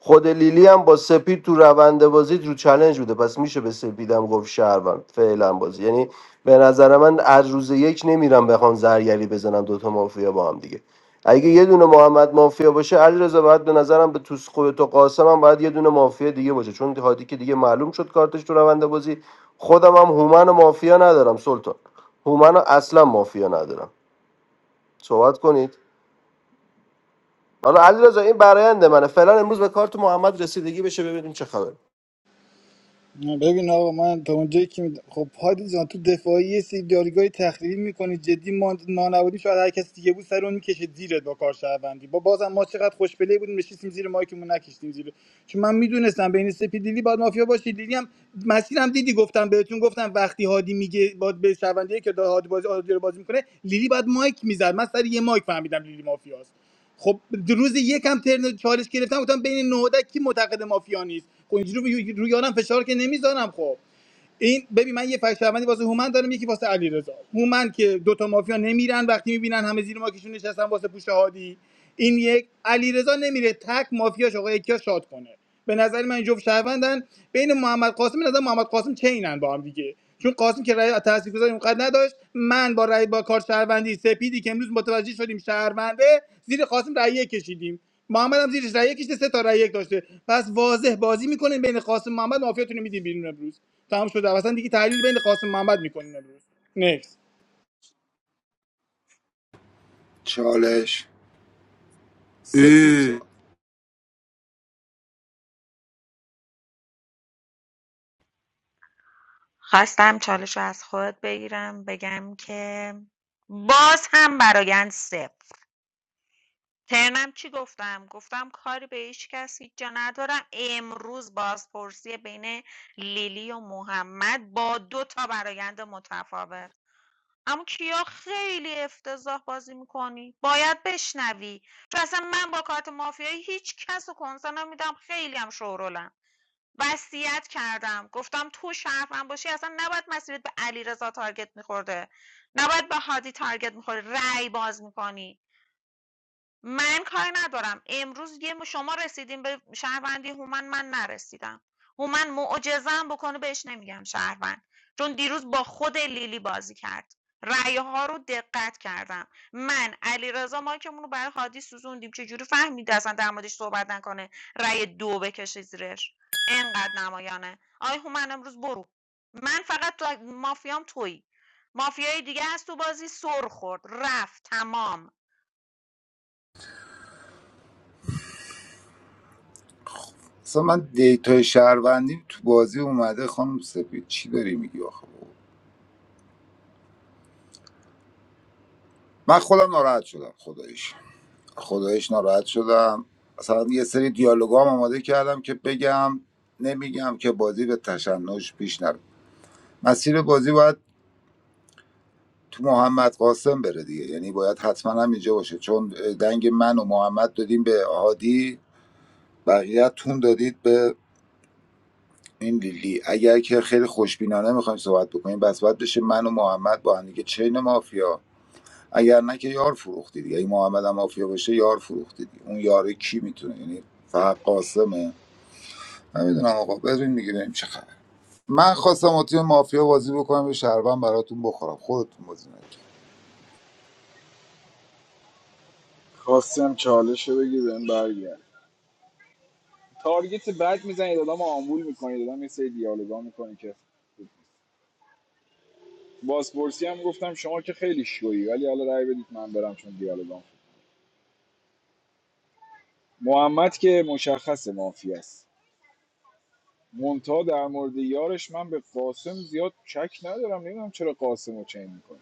خود لیلی هم با سپید تو روند بازی رو چلنج بوده پس میشه به سپیدم گفت شهروند فعلا بازی یعنی به نظر من از روز یک نمیرم بخوام زرگری بزنم دوتا مافیا با هم دیگه اگه یه دونه محمد مافیا باشه علیرضا بعد به نظرم به توس خودت و قاسم هم باید یه دونه مافیا دیگه باشه چون هادی که دیگه معلوم شد کارتش تو روند بازی خودم هم هومن و مافیا ندارم سلطان هومن رو اصلا مافیا ندارم صحبت کنید حالا علیرضا این برایند منه فعلا امروز به کارت محمد رسیدگی بشه ببینیم چه خبر ببین آقا من تا اونجایی که می- خب هادی جان تو دفاعی یه سری دیالوگای تخریبی میکنی جدی ما ما نبودیم شاید هر کسی دیگه بود سر اون میکشه زیرت با کار شهروندی با بازم ما چقدر خوشبلی بودیم نشستیم زیر مایکمون نکشتیم زیر چون من میدونستم بین سپی لیلی باید مافیا باشه لیلی هم مسیرم دیدی گفتم بهتون گفتم وقتی هادی میگه باید به شهروندی که داره هادی بازی هادی رو بازی میکنه لیلی باید مایک میزد من سر یه مایک فهمیدم لیلی مافیاست خب دو روز یکم ترن چالش گرفتم گفتم بین نهادک کی معتقد مافیا نیست خب اینجوری روی روی یارم فشار که نمیذارم خب این ببین من یه فکت شهروندی واسه هومن دارم یکی واسه علیرضا هومن که دوتا مافیا نمیرن وقتی میبینن همه زیر ماکشون نشستن واسه پوش هادی این یک علیرضا نمیره تک مافیاش آقا یکیا شاد کنه به نظر من جفت شهروندن بین محمد قاسم به نظر محمد قاسم چینن با هم دیگه چون قاسم که رأی تاثیرگذاری اونقدر نداشت من با رأی با کار شهروندی سپیدی که امروز متوجه شدیم شهرونده زیر قاسم رأی یک کشیدیم محمد هم زیرش رأی یک کشیده سه تا رأی یک داشته پس واضح بازی میکنین بین قاسم محمد مافیاتون رو میدین بیرون امروز تمام شده اصلا دیگه تحلیل بین قاسم محمد میکنین امروز نکس چالش سپید ای سوال خواستم چالش رو از خودت بگیرم بگم که باز هم برایند صفر ترنم چی گفتم گفتم کاری به هیچ کس هیچ جا ندارم امروز بازپرسی بین لیلی و محمد با دو تا برایند متفاوت اما کیا خیلی افتضاح بازی میکنی باید بشنوی چون اصلا من با کارت مافیایی هیچ کس رو کنسه نمیدم خیلی هم شورولم وصیت کردم گفتم تو شرفم باشی اصلا نباید مسیرت به علیرضا تارگت میخورده نباید به هادی تارگت میخوره رأی باز میکنی من کاری ندارم امروز یه م- شما رسیدین به شهروندی هومن من نرسیدم هومن معجزه‌ام بکنه بهش نمیگم شهروند چون دیروز با خود لیلی بازی کرد رأیه ها رو دقت کردم من علیرضا مایکمون رو برای هادی سوزوندیم چجوری فهمیده اصلا در موردش صحبت نکنه رأی دو بکشه زیرش انقدر نمایانه آی هومن امروز برو من فقط تو مافیام تویی مافیای دیگه هست تو بازی سر خورد رفت تمام اصلا من دیتای شهروندی تو بازی اومده خانم سپید چی داری میگی آخه من خودم ناراحت شدم خداییش خدایش ناراحت شدم اصلا یه سری دیالوگا هم آماده کردم که بگم نمیگم که بازی به تشنج پیش نره مسیر بازی باید تو محمد قاسم بره دیگه یعنی باید حتما هم اینجا باشه چون دنگ من و محمد دادیم به هادی بقیه‌تون دادید به این لیلی اگر که خیلی خوشبینانه میخوایم صحبت بکنیم بس باید بشه من و محمد با هم دیگه چین مافیا اگر نه که یار فروختی دیگه اگه محمد هم مافیا بشه یار فروختی دیگه اون یاره کی میتونه یعنی فقط قاسمه نمیدونم آقا بریم دیگه بریم چه خبر من خواستم با تیم مافیا بازی بکنم یه شهروند براتون بخورم خودتون بازی نکردید خواستم چالش رو بگیر بهم برگرد تارگت بد میزنید آدم آمبول میکنید آدم یه سری دیالوگا میکنید که بازپرسی هم گفتم شما که خیلی شویی ولی حالا رأی بدید من برم چون دیالوگام خوب. محمد که مشخص مافی است مونتا در مورد یارش من به قاسم زیاد شک ندارم نمیدونم چرا قاسم رو چین میکنه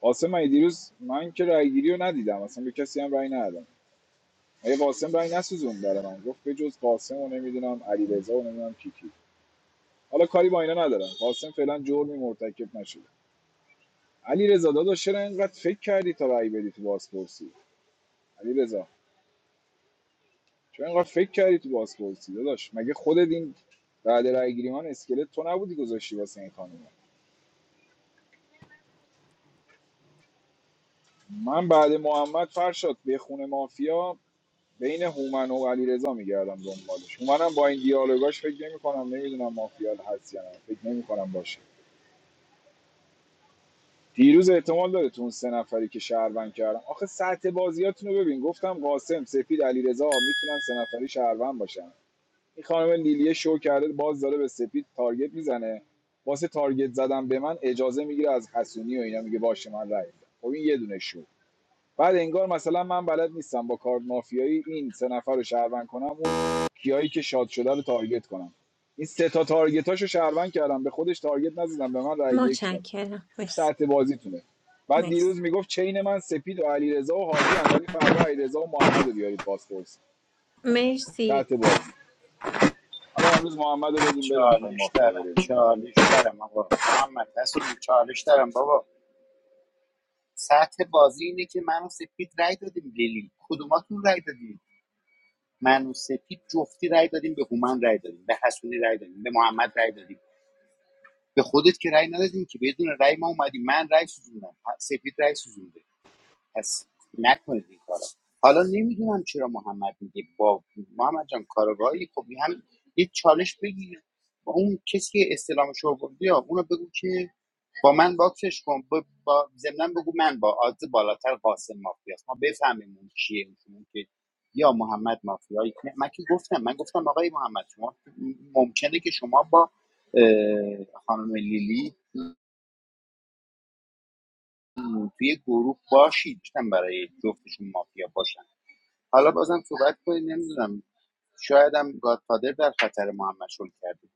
قاسم من دیروز من که رأیگیری رو ندیدم اصلا به کسی هم رأی ندادم مگه قاسم رأی نسوزون برای من گفت به جز قاسم و نمیدونم علیرضا و نمیدونم کی کی. حالا کاری با اینا ندارم قاسم فعلا جرمی مرتکب نشده علی رضا داداش چرا اینقدر فکر کردی تا رأی بدی تو بازپرسی علی رضا چرا اینقدر فکر کردی تو بازپرسی داداش مگه خودت این بعد رأی گیری من اسکلت تو نبودی گذاشتی واسه این خانم من بعد محمد فرشاد به خونه مافیا بین هومن و علیرضا میگردم دنبالش هومنم با این دیالوگاش فکر نمی‌کنم نمیدونم مافیا هست یا نه فکر نمی‌کنم باشه دیروز احتمال داره تو اون سه نفری که شهروند کردم آخه سطح بازیاتون رو ببین گفتم قاسم سپید علیرضا میتونن سه نفری شهروند باشن این خانم لیلیه شو کرده باز داره به سپید تارگت میزنه واسه تارگت زدن به من اجازه میگیره از حسونی و اینا میگه باشه من رای میدم خب این یه دونه شو بعد انگار مثلا من بلد نیستم با کارت مافیایی این سه نفر رو شهروند کنم اون کیایی که شاد شده رو تارگت کنم این سه تا تارگتاشو شهروند کردم به خودش تارگت نزدم به من رای یک داد متشکرم این مرسی سطح بازیتونه بعد مرسی دیروز میگفت چین من سپید و علیرضا و هادی ان ولی فردا علیرضا و محمد رو بیارید پاسپورت مرسی سطح بازی حالا امروز محمدو رو بدیم بره میخوایم چالش مافیا دارم بره دیگه چالش دارم آقا محمد هستونی چالش دارم بابا سطح بازی اینه که من و سپید رای دادیم لیلی کدوماتون رای دادیم من و سپید جفتی رای دادیم به هومن رای دادیم به حسونی رای دادیم به محمد رای دادیم به خودت که رای ندادیم که بدون رای ما اومدیم من رای سوزوندم سپید رای سوزونده پس نکنید این کارا حالا نمیدونم چرا محمد میگه با محمد جان کارگاهی خب هم یه چالش بگیر با اون کسی که استلامش رو بردی یا اونو بگو که با من باکسش کن با, با ضمناً بگو من با آدز بالاتر قاسم مافیاست ما بفهمیم اون کیه اون که یا محمد مافیایی که- من که گفتم من گفتم آقای محمد شما ممکنه که شما با اه، خانم لیلی توی گروه باشید گفتم برای جفتشون مافیا باشن حالا بازم صحبت کنید نمیدونم شاید هم گادفادر در خطر ما هم مشغول کرده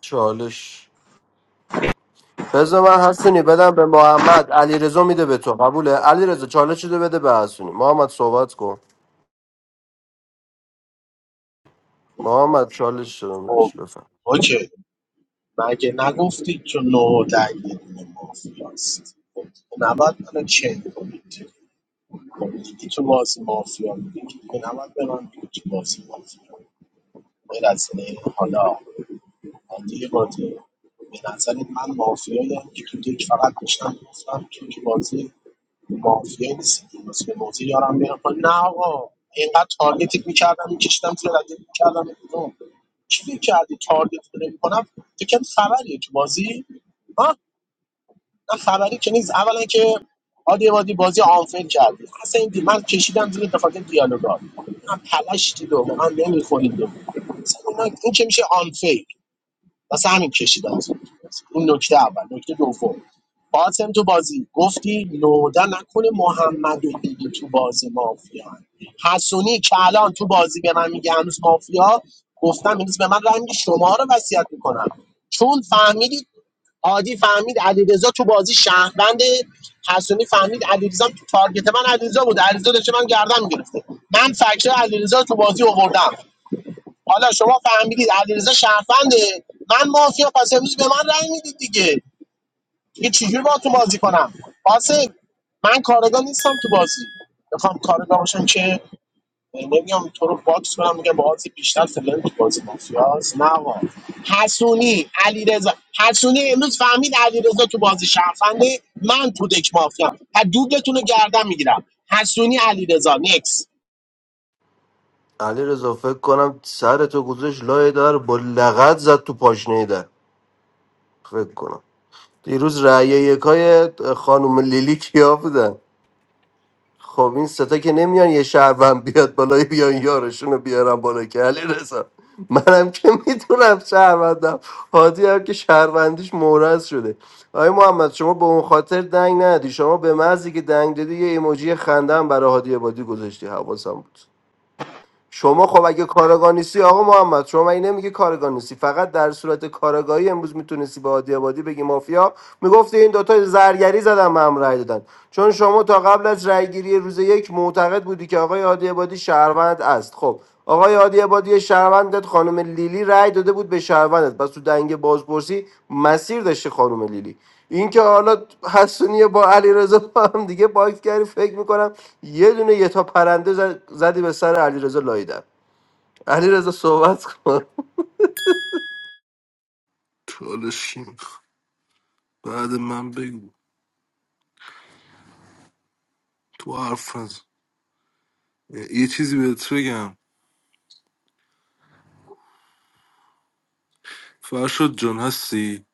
چالش بذار من حسونی بدم به محمد علیرضا میده به تو قبوله علیرضا چالش رو بده به حسونی محمد صحبت کن محمد چالش رو خب میدش بفهم اوکی مگه نگفتید تو نه و ده یه دونه مافیاست خب، نباید منو چین کنید خب، یکی تو بازی مافیا میگه نباید به من بگید تو بازی مافیا غیر از اینه، حالا بنده قاطع به نظرت من مافیایم که تو دک فقط داشتم گفتم تو که بازی مافیا نیستی که بازی به بازی یارم میره پایین. نه آقا اینقدر تارگتت میکردم میکشیدم تو ردت میکردم بیرون چی فکر کردی تارگت رو نمیکنم فکر کردی خبریه تو بازی ها نه خبری که نیست اولا که عادی وادی بازی آنفیل کردی اصلا این دی- من کشیدم زیر بخاطر دیالوگا من پلشتی دو من نمیخورید دو مثلا اینا- این که میشه آنفیل واسه همین کشیدم زیر تو بازی. اون نکته اول نکته دوم قاسم تو بازی گفتی نودا نکنه محمد و دیگه تو بازی مافیا هن. حسونی که الان تو بازی به من میگه هنوز مافیا گفتم امروز به من رنگ شما رو وصیت میکنم چون فهمیدید عادی فهمید علیرضا تو بازی شهروند حسونی فهمید علیرضا تو تارگت من علیرضا بود علیرضا داشته من گردن میگرفته من فکر علیرضا تو بازی آوردم حالا شما فهمیدید علیرضا شهرفنده من مافیا پس امروز به من رأی میدید دیگه دیگه چجوری با تو بازی کنم قاسم من کارگاه نیستم تو بازی بخوام کارگاه باشم که نمیام تو رو باکس کنم میگم بازی بیشتر فلان تو بازی مافیاس نه آقا. حسونی علیرضا حسونی امروز فهمید علیرضا تو بازی شهرفنده من تو دک مافیا حدودتون رو گردن میگیرم حسونی علیرضا نکس علیرضا فکر کنم سر تو گذاشت لای در با لغت زد تو پاشنه در فکر کنم دیروز رأی یکای خانم لیلی کیا بودن خب این ستا که نمیان یه شهروند بیاد بالای بیان یارشون رو بیارن بالا که علی منم که میدونم شهروندم هادی هم که شهروندیش مورز شده آقای محمد شما به اون خاطر دنگ ندی شما به محضی که دنگ دادی یه ایموجی خندم برای هادی عبادی گذاشتی حواسم بود شما خب اگه کارگاه نیستی آقا محمد شما این نمیگه کارگاه نیستی فقط در صورت کارگاهی امروز میتونستی به عادی آبادی بگی مافیا میگفتی این دوتا زرگری زدن به هم رأی دادن چون شما تا قبل از رأیگیری روز یک معتقد بودی که آقای عادی آبادی شهروند است خب آقای عادی آبادی شهروندت خانم لیلی رأی داده بود به شهروندت پس تو دنگ بازپرسی مسیر داشتی خانم لیلی این که حالا حسونی با علیرضا با هم دیگه باکس کردی فکر میکنم یه دونه یه تا پرنده زد- زدی به سر علیرضا رضا لایدن علی صحبت کن چالش کی می‌خواد؟ بعد من بگو تو حرف نزن یه چیزی بهت بگم فرشاد جان هستی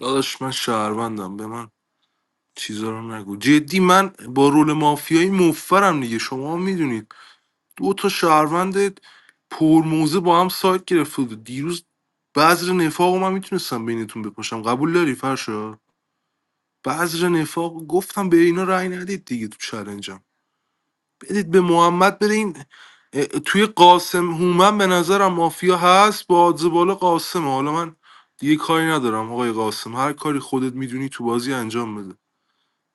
داداش من شهروندم به من چیزا رو نگو جدی من با رول مافیایی موفرم دیگه شما میدونید دو تا شهروند پرموزه با هم سایت گرفته بود دیروز بذر نفاق من میتونستم بینتون بپاشم قبول داری فرشا بذر نفاق گفتم به اینا رأی ندید دیگه تو چلنجم بدید به محمد بره این اه، توی قاسم هومن به نظرم مافیا هست با آدز بالا قاسمه حالا من دیگه کاری ندارم آقای قاسم هر کاری خودت میدونی تو بازی انجام بده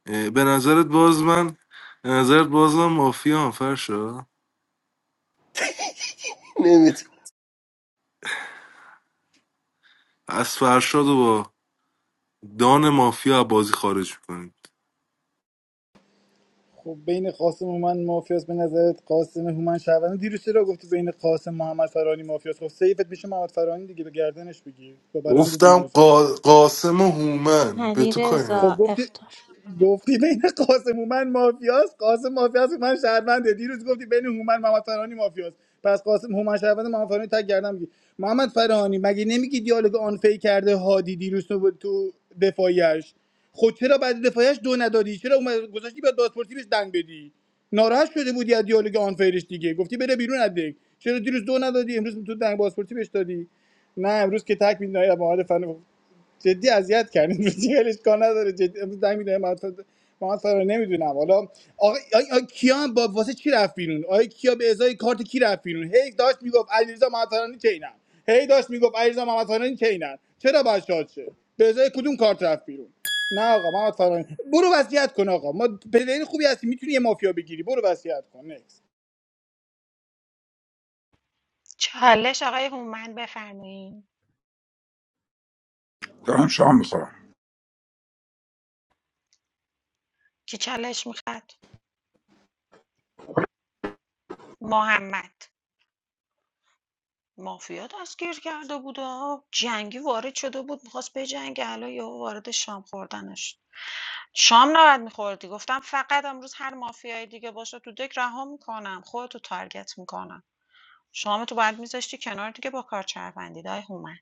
اه، به نظرت باز من به نظرت باز من مافیا هم فرشا نمیتون از فرشاد رو با دان مافیا بازی خارج میکنیم خب بین قاسم هومن مافیاس به نظرت قاسم هومن شهروند دیروز چرا گفتی بین قاسم محمد فرانی مافیاس خب سیفت میشه محمد فرانی دیگه به گردنش بگیر با برند گفتم دیروزت قا- قاسم و هومن به علی تو کاری خب ندارم. گفتی رضا گفتی بین قاسم هومن مافیاست قاسم مافیاست هومن شهرونده دیروز گفتی بین هومن محمد فرانی مافیاست پس قاسم هومن شهرونده محمد فرانی تک گردم میگی محمد فرانی مگه نمیگی دیالوگ آنفی کرده هادی دیروز تو تو دفاعیش خود چرا بعد دفاعیش دو ندادی چرا اومد گذاشتی به دادپرسی بهش دنگ بدی ناراحت شده بودی از دیالوگ آنفیرش دیگه گفتی بره بیرون از دک چرا دیروز دو ندادی امروز تو دنگ بازپرسی بهش دادی نه امروز که تک میدونی جدی اذیت کردین روزی ولش کار نداره جدی امروز زنگ میدونم محمد محمد فرار نمیدونم حالا آقا آی آی کیا با واسه چی رفت بیرون آقا کیا به ازای کارت کی رفت بیرون هی داشت میگفت علیرضا محمد فرانی چینن هی داشت میگفت علیرضا محمد فرانی چینن چرا باید شاد شه به ازای کدوم کارت رفت بیرون نه آقا محمد فرانی برو وصیت کن آقا ما پلیر خوبی هستی میتونی یه مافیا بگیری برو وصیت کن نکس چالش آقای هومن بفرمایین دارم شام میخورم کی چالش میخواد محمد مافیا دستگیر کرده بود ها. جنگی وارد شده بود میخواست به جنگ الان یهو وارد شام خوردنش شام نباید میخوردی گفتم فقط امروز هر مافیای دیگه باشه تو دک رها میکنم خودتو تارگت میکنم شام تو باید میذاشتی کنار دیگه با کار شهروندی دای هومن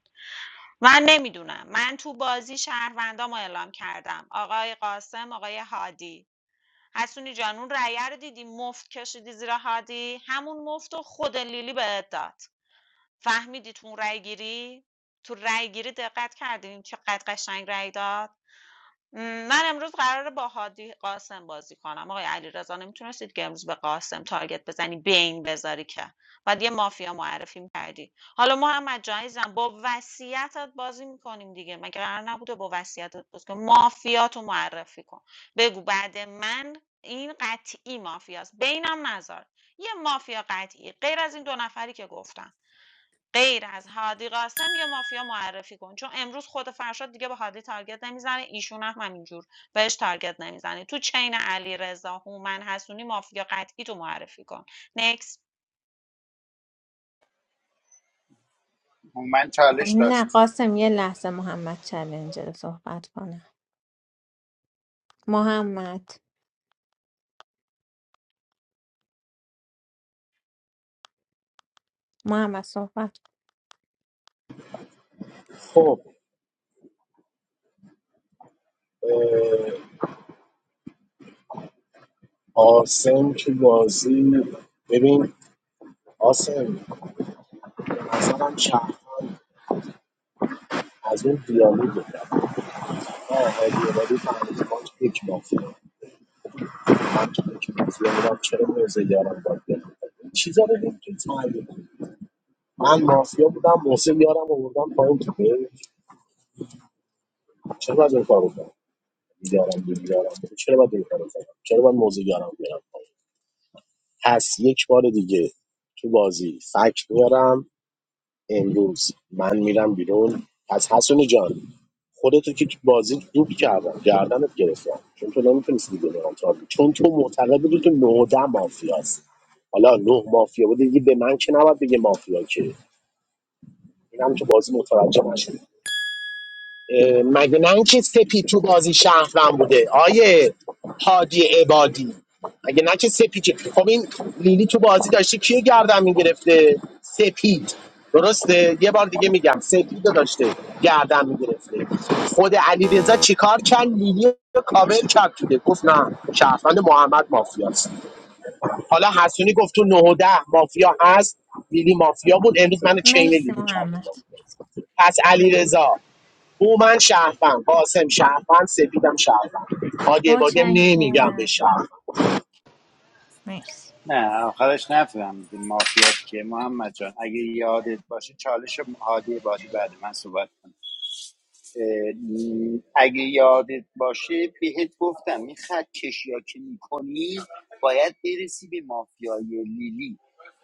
من نمیدونم من تو بازی شهروندامو اعلام کردم آقای قاسم آقای هادی حسونی جان اون رأیه رو دیدی مفت کشیدی زیر هادی همون مفت و خود لیلی بهت داد فهمیدی تو اون رأی گیری تو رأی گیری دقت کردین چقدر قشنگ رأی داد من امروز قراره با هادی قاسم بازی کنم آقای علیرضا نمیتونستید که امروز به قاسم تارگت بزنی بین بذاری که بعد یه مافیا معرفی کردی حالا محمد جایزم با وصیتت بازی میکنیم دیگه مگه قرار نبوده با وصیتت بازی کنیم مافیاتو معرفی کن بگو بعد من این قطعی مافیاست بینم نذار یه مافیا قطعی غیر از این دو نفری که گفتم غیر از هادی قاسم یه مافیا معرفی کن چون امروز خود فرشاد دیگه به هادی تارگت نمیزنه ایشون هم همینجور بهش تارگت نمیزنه تو چین علی رضا هومن حسونی مافیا قطعی تو معرفی کن نکس من خب چالش نه داشت قاسم یه لحظه محمد چلنجر رو صحبت کنه محمد محمد صحبت کن. خب قاسم تو بازی ببین قاسم به نظرم شهروند از اون دیالوگ آه هادی عبادی فهمید ما که یک مافیا من که یک مافیا بودم چرا موزه یارم باید بره این چیزا رو نمیتونی تحلیل کنی من مافیا بودم محسن یارم آوردم پایین تو بیت. چرا باید این کارو کنم یارم دیگه یارم دیگه. چرا باید این کارو کنم چرا باید موزه یارم بیارم پایین پس یک بار دیگه تو بازی فکت میارم امروز من میرم بیرون پس حسونی جان خودتو که تو بازی دود کردم گردنت گرفتم چون تو نمیتونستی دیگه نگام تا چون تو معتقد بودی تو نهده مافیاست حالا نه مافیا بود دیگه به من که نباید بگه مافیا که اینم تو بازی متوجه نشد اه، مگه نه اینکه سپی تو بازی شهروند بوده آیه حاجی عبادی مگه نه که سپید خب این لیلی تو بازی داشته کیو گردن میگرفته سپید درسته یه بار دیگه میگم سپید رو داشته گردن میگرفته خود علی رضا چیکار کرد لیلی رو کاور کرد تو ده. گفت نه شهروند محمد مافیاست حالا حسونی گفت تو 9 و 10 مافیا هست لیلی مافیا بود امروز من چین مرسی لیلی کردیم. محمد پس علی رضا. من شرفم قاسم شرفم سپیدم شرفم هادی بادیم نمیگم به متشکرم شرفم مرسی نه آخرش نفهمیدیم مافیات که محمد جان اگه یادت باشه چالش هادی بادی بعد من صحبت کنم اه، اگه یادت باشه بهت گفتم این خط کشیا که میکنی باید برسی به مافیای لیلی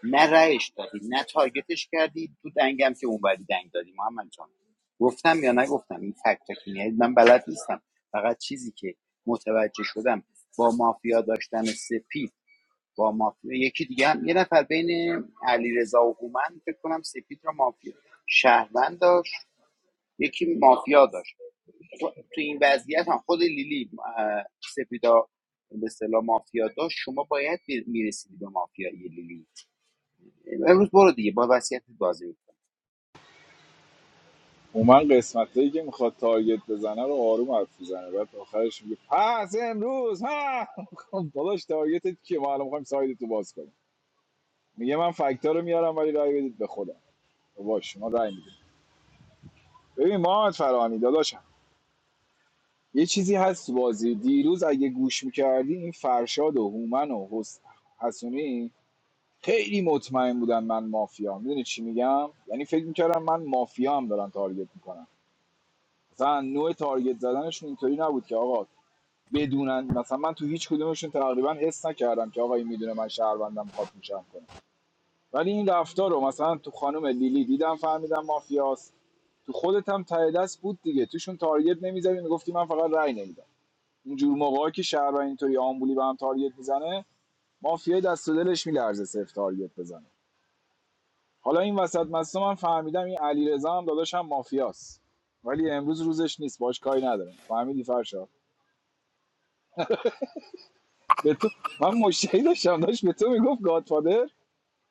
نه رأیش دادی نه تارگتش کردی تو دنگم که اونوری دنگ دادی محمد جان گفتم یا نگفتم این فکت تکنیه من بلد نیستم فقط چیزی که متوجه شدم با مافیا داشتن سپید با مافیا یکی دیگه هم یه نفر بین علیرضا و هومن فکر کنم سپید رو مافیا شهروند داشت یکی مافیا داشت تو تو این وضعیت هم خود لیلی اه، سپیدا به اصطلاح مافیا داشت شما باید میرسیدی به مافیای لیلی امروز برو دیگه با وصیت بازی می‌کنی. من قسمتایی که میخواد تارگت بزنه رو آروم حرف میزنه بعد آخرش میگه پس امروز ها خب داداش تارگتت کیه ما الان میخوایم ساید تو باز کنیم میگه من فکتا رو میارم ولی رای بدید به خودم باش شما رای میدید ببین محمد فرانی داداش یه چیزی هست تو بازی دیروز اگه گوش میکردی این فرشاد و هومن و حس... حسونی خیلی مطمئن بودن من مافیا میدونی چی میگم یعنی فکر میکردم من مافیا هم دارن تارگت میکنن مثلا نوع تارگت زدنشون اینطوری نبود که آقا بدونن مثلا من تو هیچ کدومشون تقریبا حس نکردم که آقا این میدونه من شهروندم خواب میشم کنه ولی این رفتار رو مثلا تو خانم لیلی دیدم فهمیدم مافیاست تو خودت هم ته دست بود دیگه توشون تارگت نمیزدی میگفتی من فقط رأی نمیدم اینجور موقعی که شهر اینطوری آمبولی به هم تارگت میزنه مافیای دست و دلش میلرزه صرف تارگت بزنه حالا این وسط مسته من فهمیدم این علیرضا هم داداشم مافیاست ولی امروز روزش نیست باش کاری ندارم فهمیدی فرشاد به تو من مشتری داشتم داشت به تو میگفت گادفادر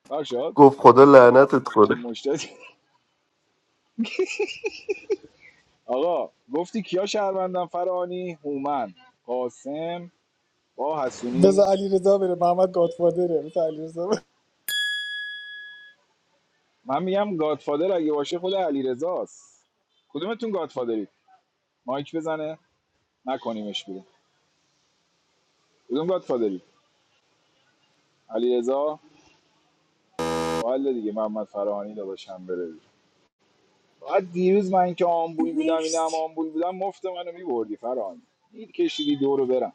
فرشاد گفت خدا لعنتت من کنه مشتری آقا گفتی کیا شهروندم فرانی هومن قاسم با بذار حسونی علی رضا بره محمد گادفادره بذار علی من میگم گادفادر اگه باشه خود علیرضاست کدومتون گادفادرید مایک بزنه نکنیمش بیرون بدون گادفادری علیرضا با حل دیگه محمد فراهانی داداشم بره بیرون. بعد دیروز من که آمبول بودم اینا هم مرسی آمبول بودم مفت منو میبردی فراهانی دید کشیدی دورو برم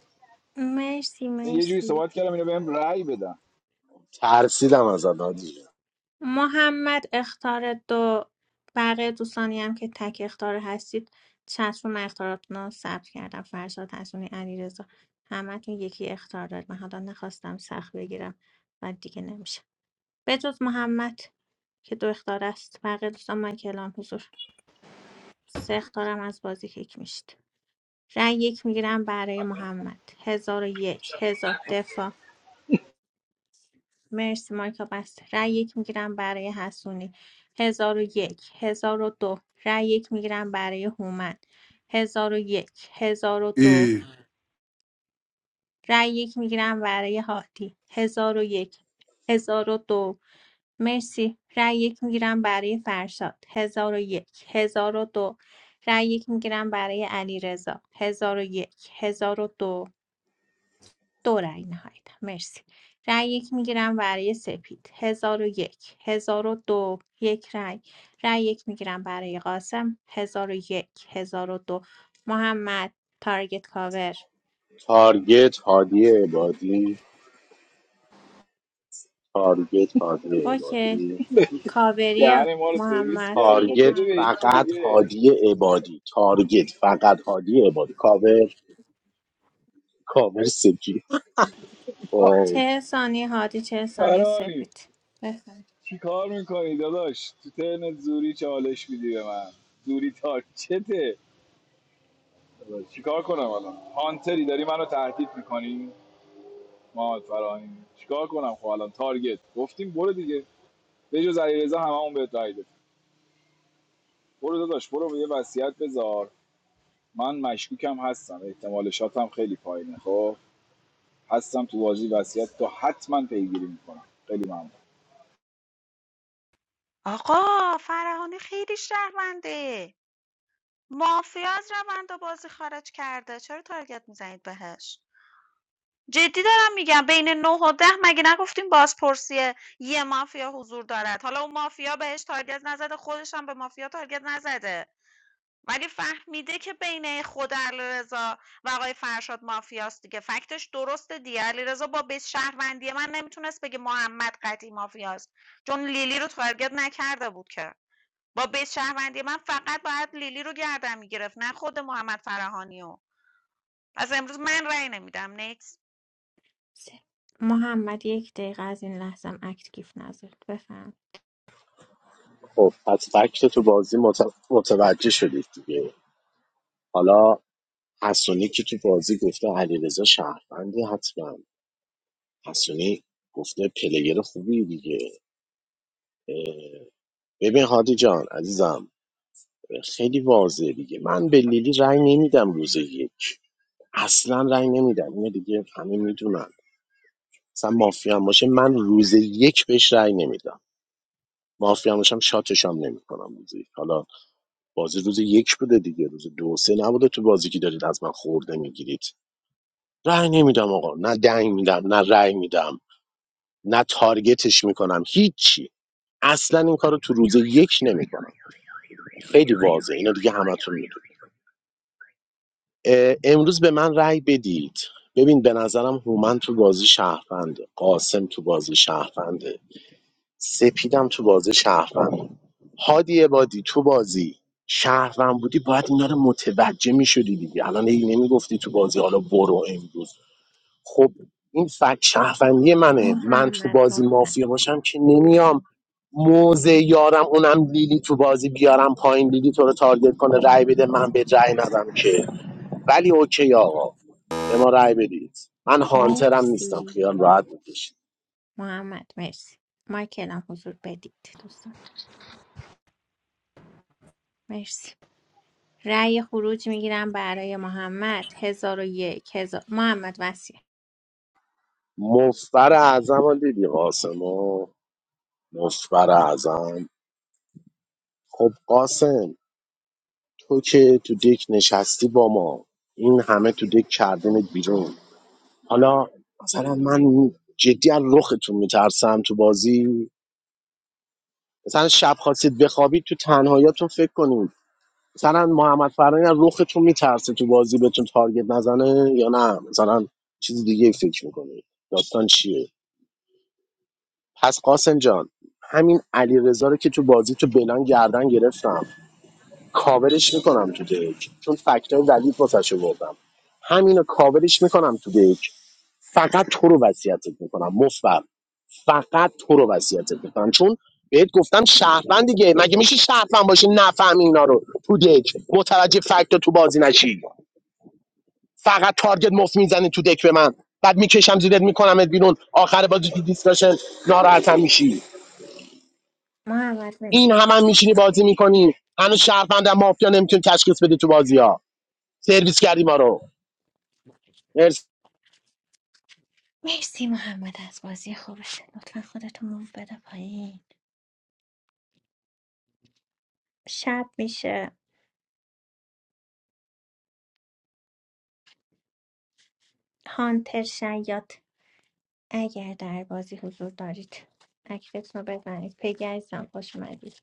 مرسی اصلا یه جوری مرسی صحبت کردم اینو بهم رأی بدم ترسیدم از هادی محمد اختار دو بقیه دوستانی هم که تک اختار هستید چت رو من اختاراتون رو ثبت کردم فرشاد حسونی علیرضا همتون یکی اختار دارید من حالا نخواستم سخت بگیرم و دیگه نمیشه به‌جز محمد که دو اخطار است بقیه دوستان مایک اعلام حضور سه اخطارم از بازی کیک میشید رأی یک میگیرم برای محمد هزار و یک هزار دفاع مرسی مایکا بسته رأی یک میگیرم برای حسونی هزار و یک هزار و دو رأی یک میگیرم برای هومن هزار و یک هزار و دو ای رأی یک میگیرم برای هادی هزار و یک هزار و دو مرسی رأی یک میگیرم برای فرشاد هزار و یک هزار و دو رأی یک میگیرم برای علیرضا هزار و یک هزار و دو دو رأی نهایت مرسی رأی یک میگیرم برای سپید هزار و یک هزار و دو یک رأی رأی یک میگیرم برای قاسم هزار و یک هزار و دو محمد تارگت کاور تارگت هادی عبادی تارگت هادی اوکی عبادی کاوری دهن ما رو سرویس محمد کردی خب تارگت بده به یکی فقط دیگه هادی عبادی تارگت فقط هادی عبادی کاور کاور سکی خب چه ثانی هادی چه ثانی فرانی سپید بفهم چی کار میکنی داداش تو ترن زوری چالش میدی به من زوری تارچته داداش چی کار کنم الان هانتری داری منو تهدید میکنی محمد فرهانی چیکار کنم خب الان تارگت گفتیم برو دیگه به جز علیرضا هممون بهت رای دادیم برو داداش برو یه وصیت بذار من مشکوکم هستم احتمال شاتم خیلی پایینه خب هستم تو بازی وصیت تو حتما پیگیری میکنم خیلی ممنون آقا فرهانی خیلی شهرونده مافیا از روند بازی خارج کرده چرا تارگت میزنید بهش جدی دارم میگم بین نه و 10 مگه نگفتیم بازپرسی یه مافیا حضور دارد حالا اون مافیا بهش تارگت نزده خودش هم به مافیا تارگت نزده ولی فهمیده که بین خود علیرضا و آقای فرشاد مافیاست دیگه فکتش درسته دیگه علیرضا با بیس شهروندی من نمیتونست بگه محمد قطعی مافیاست چون لیلی رو تارگت نکرده بود که با بیس شهروندی من فقط باید لیلی رو گردن میگرفت نه خود محمد فرهانی رو پس امروز من رأی نمیدم س- محمد یک دقیقه از این لحظه هم اکت گیف نذارد بفهم پس فکت تو بازی مت- متوجه شدید دیگه حالا حسونی که تو بازی گفته علیرضا شهروندی حتما حسونی گفته پلیر خوبی دیگه ببین هادی جان عزیزم خیلی واضحه دیگه من به لیلی رأی نمیدم روز یک اصلا رأی نمیدم اینو دیگه همه میدونن مثلا مافیا هم باشه من روز یک بهش رأی نمیدم مافیا هم باشم شاتش هم نمیکنم روز یک حالا بازی روز یک بوده دیگه روز دو و سه نبوده تو بازی که دارید از من خورده میگیرید رأی نمیدم آقا نه دنگ میدم نه رأی میدم نه تارگتش میکنم هیچی اصلا این کارو تو روز یک نمیکنم خیلی واضحه اینو دیگه همتون می‌دونید. اه، امروز به من رأی بدید ببین به نظرم هومن تو بازی شهرفنده قاسم تو بازی شهرفنده سپیدم تو بازی شهرفنده هادی عبادی تو بازی شهروند بودی باید اینا رو متوجه میشدی دیگه الان هی نمیگفتی تو بازی حالا برو امروز خب این فکت شهروندی منه من تو محمد بازی مطمئن مافیا باشم که نمیام موزه یارم اونم لیلی تو بازی بیارم پایین لیلی تو رو تارگت کنه رأی بده من به رأی ندم که ولی اوکی آقا به ما رأی بدید من هانترم نیستم مرسی خیال راحت میکشید محمد مرسی مایکل هم حضور بدید دوستان مرسی رأی خروج میگیرم برای محمد هزار و یک هزار محمد وسیع مفبر اعظم دیدی قاسمو مفبر اعظم خب قاسم تو که تو دک نشستی با ما این همه تو دک کردنت بیرون حالا مثلا من جدی از رختون میترسم تو بازی مثلا شب خواستید بخوابید تو تنهاییاتون فکر کنید مثلا محمد فرانی از رختون میترسه تو بازی بهتون تارگت نزنه یا نه مثلا چیز دیگه فکر میکنید داستان چیه پس قاسم جان همین علیرضا رو که تو بازی تو بلان گردن گرفتم کاورش میکنم تو دیک چون فکتای ولید واسش بردم همینو کاورش میکنم تو دیک فقط تو رو وصیتت میکنم مفبر فقط تو رو وصیتت میکنم چون بهت گفتم شهروند دیگه مگه میشه شهروند باشی نفهمی اینا رو تو دک متوجه فکت تو بازی نشی فقط تارگت مفت میزنی تو دک به من بعد میکشم زیرت میکنمت بیرون آخر بازی تو دیسکشن ناراحتم میشی محمد مرسی این هم هم میشینی بازی میکنی هنوز شهروند هم مافیا نمیتونی تشخیص بدی تو بازی ها سرویس کردی ما رو مرسی مرسی محمد از بازی خوبت لطفا خودتون رو بده پایین شب میشه هانتر شیاد اگر در بازی حضور دارید اکتتون رو بزنید پگی عزیزم خوش اومدید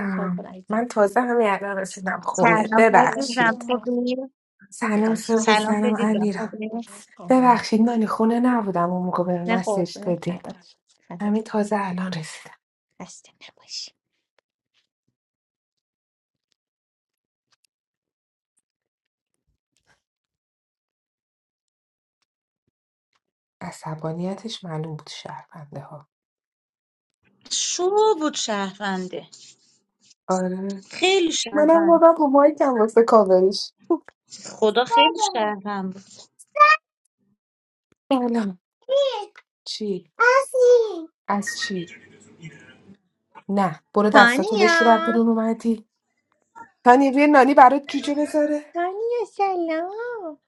ساکر عزیزم من تازه همین الان رسیدم خونه سلام. الان Azurjan ببخشید علیکم. problem. سلام خواهش صبح Salam میکنم سلام Pedigah امیرم problem. ببخشید نانی خونه نبودم اون موقع به نه مسیج قربونه دادی خدات خدات همین تازه الان رسیدم خسته نباشی عصبانیتش معلوم بود شهرونده ها Shubut shaghande. آره منم Khelushaghande. بابا با مایکم واسه کاورش Khoda khelushaghande. سلام چی؟ از چی؟ نه برو دستاتو بشور از تانیا بیرون اومدی تا نیروی نانی برات جوجه بذاره تانیا سلام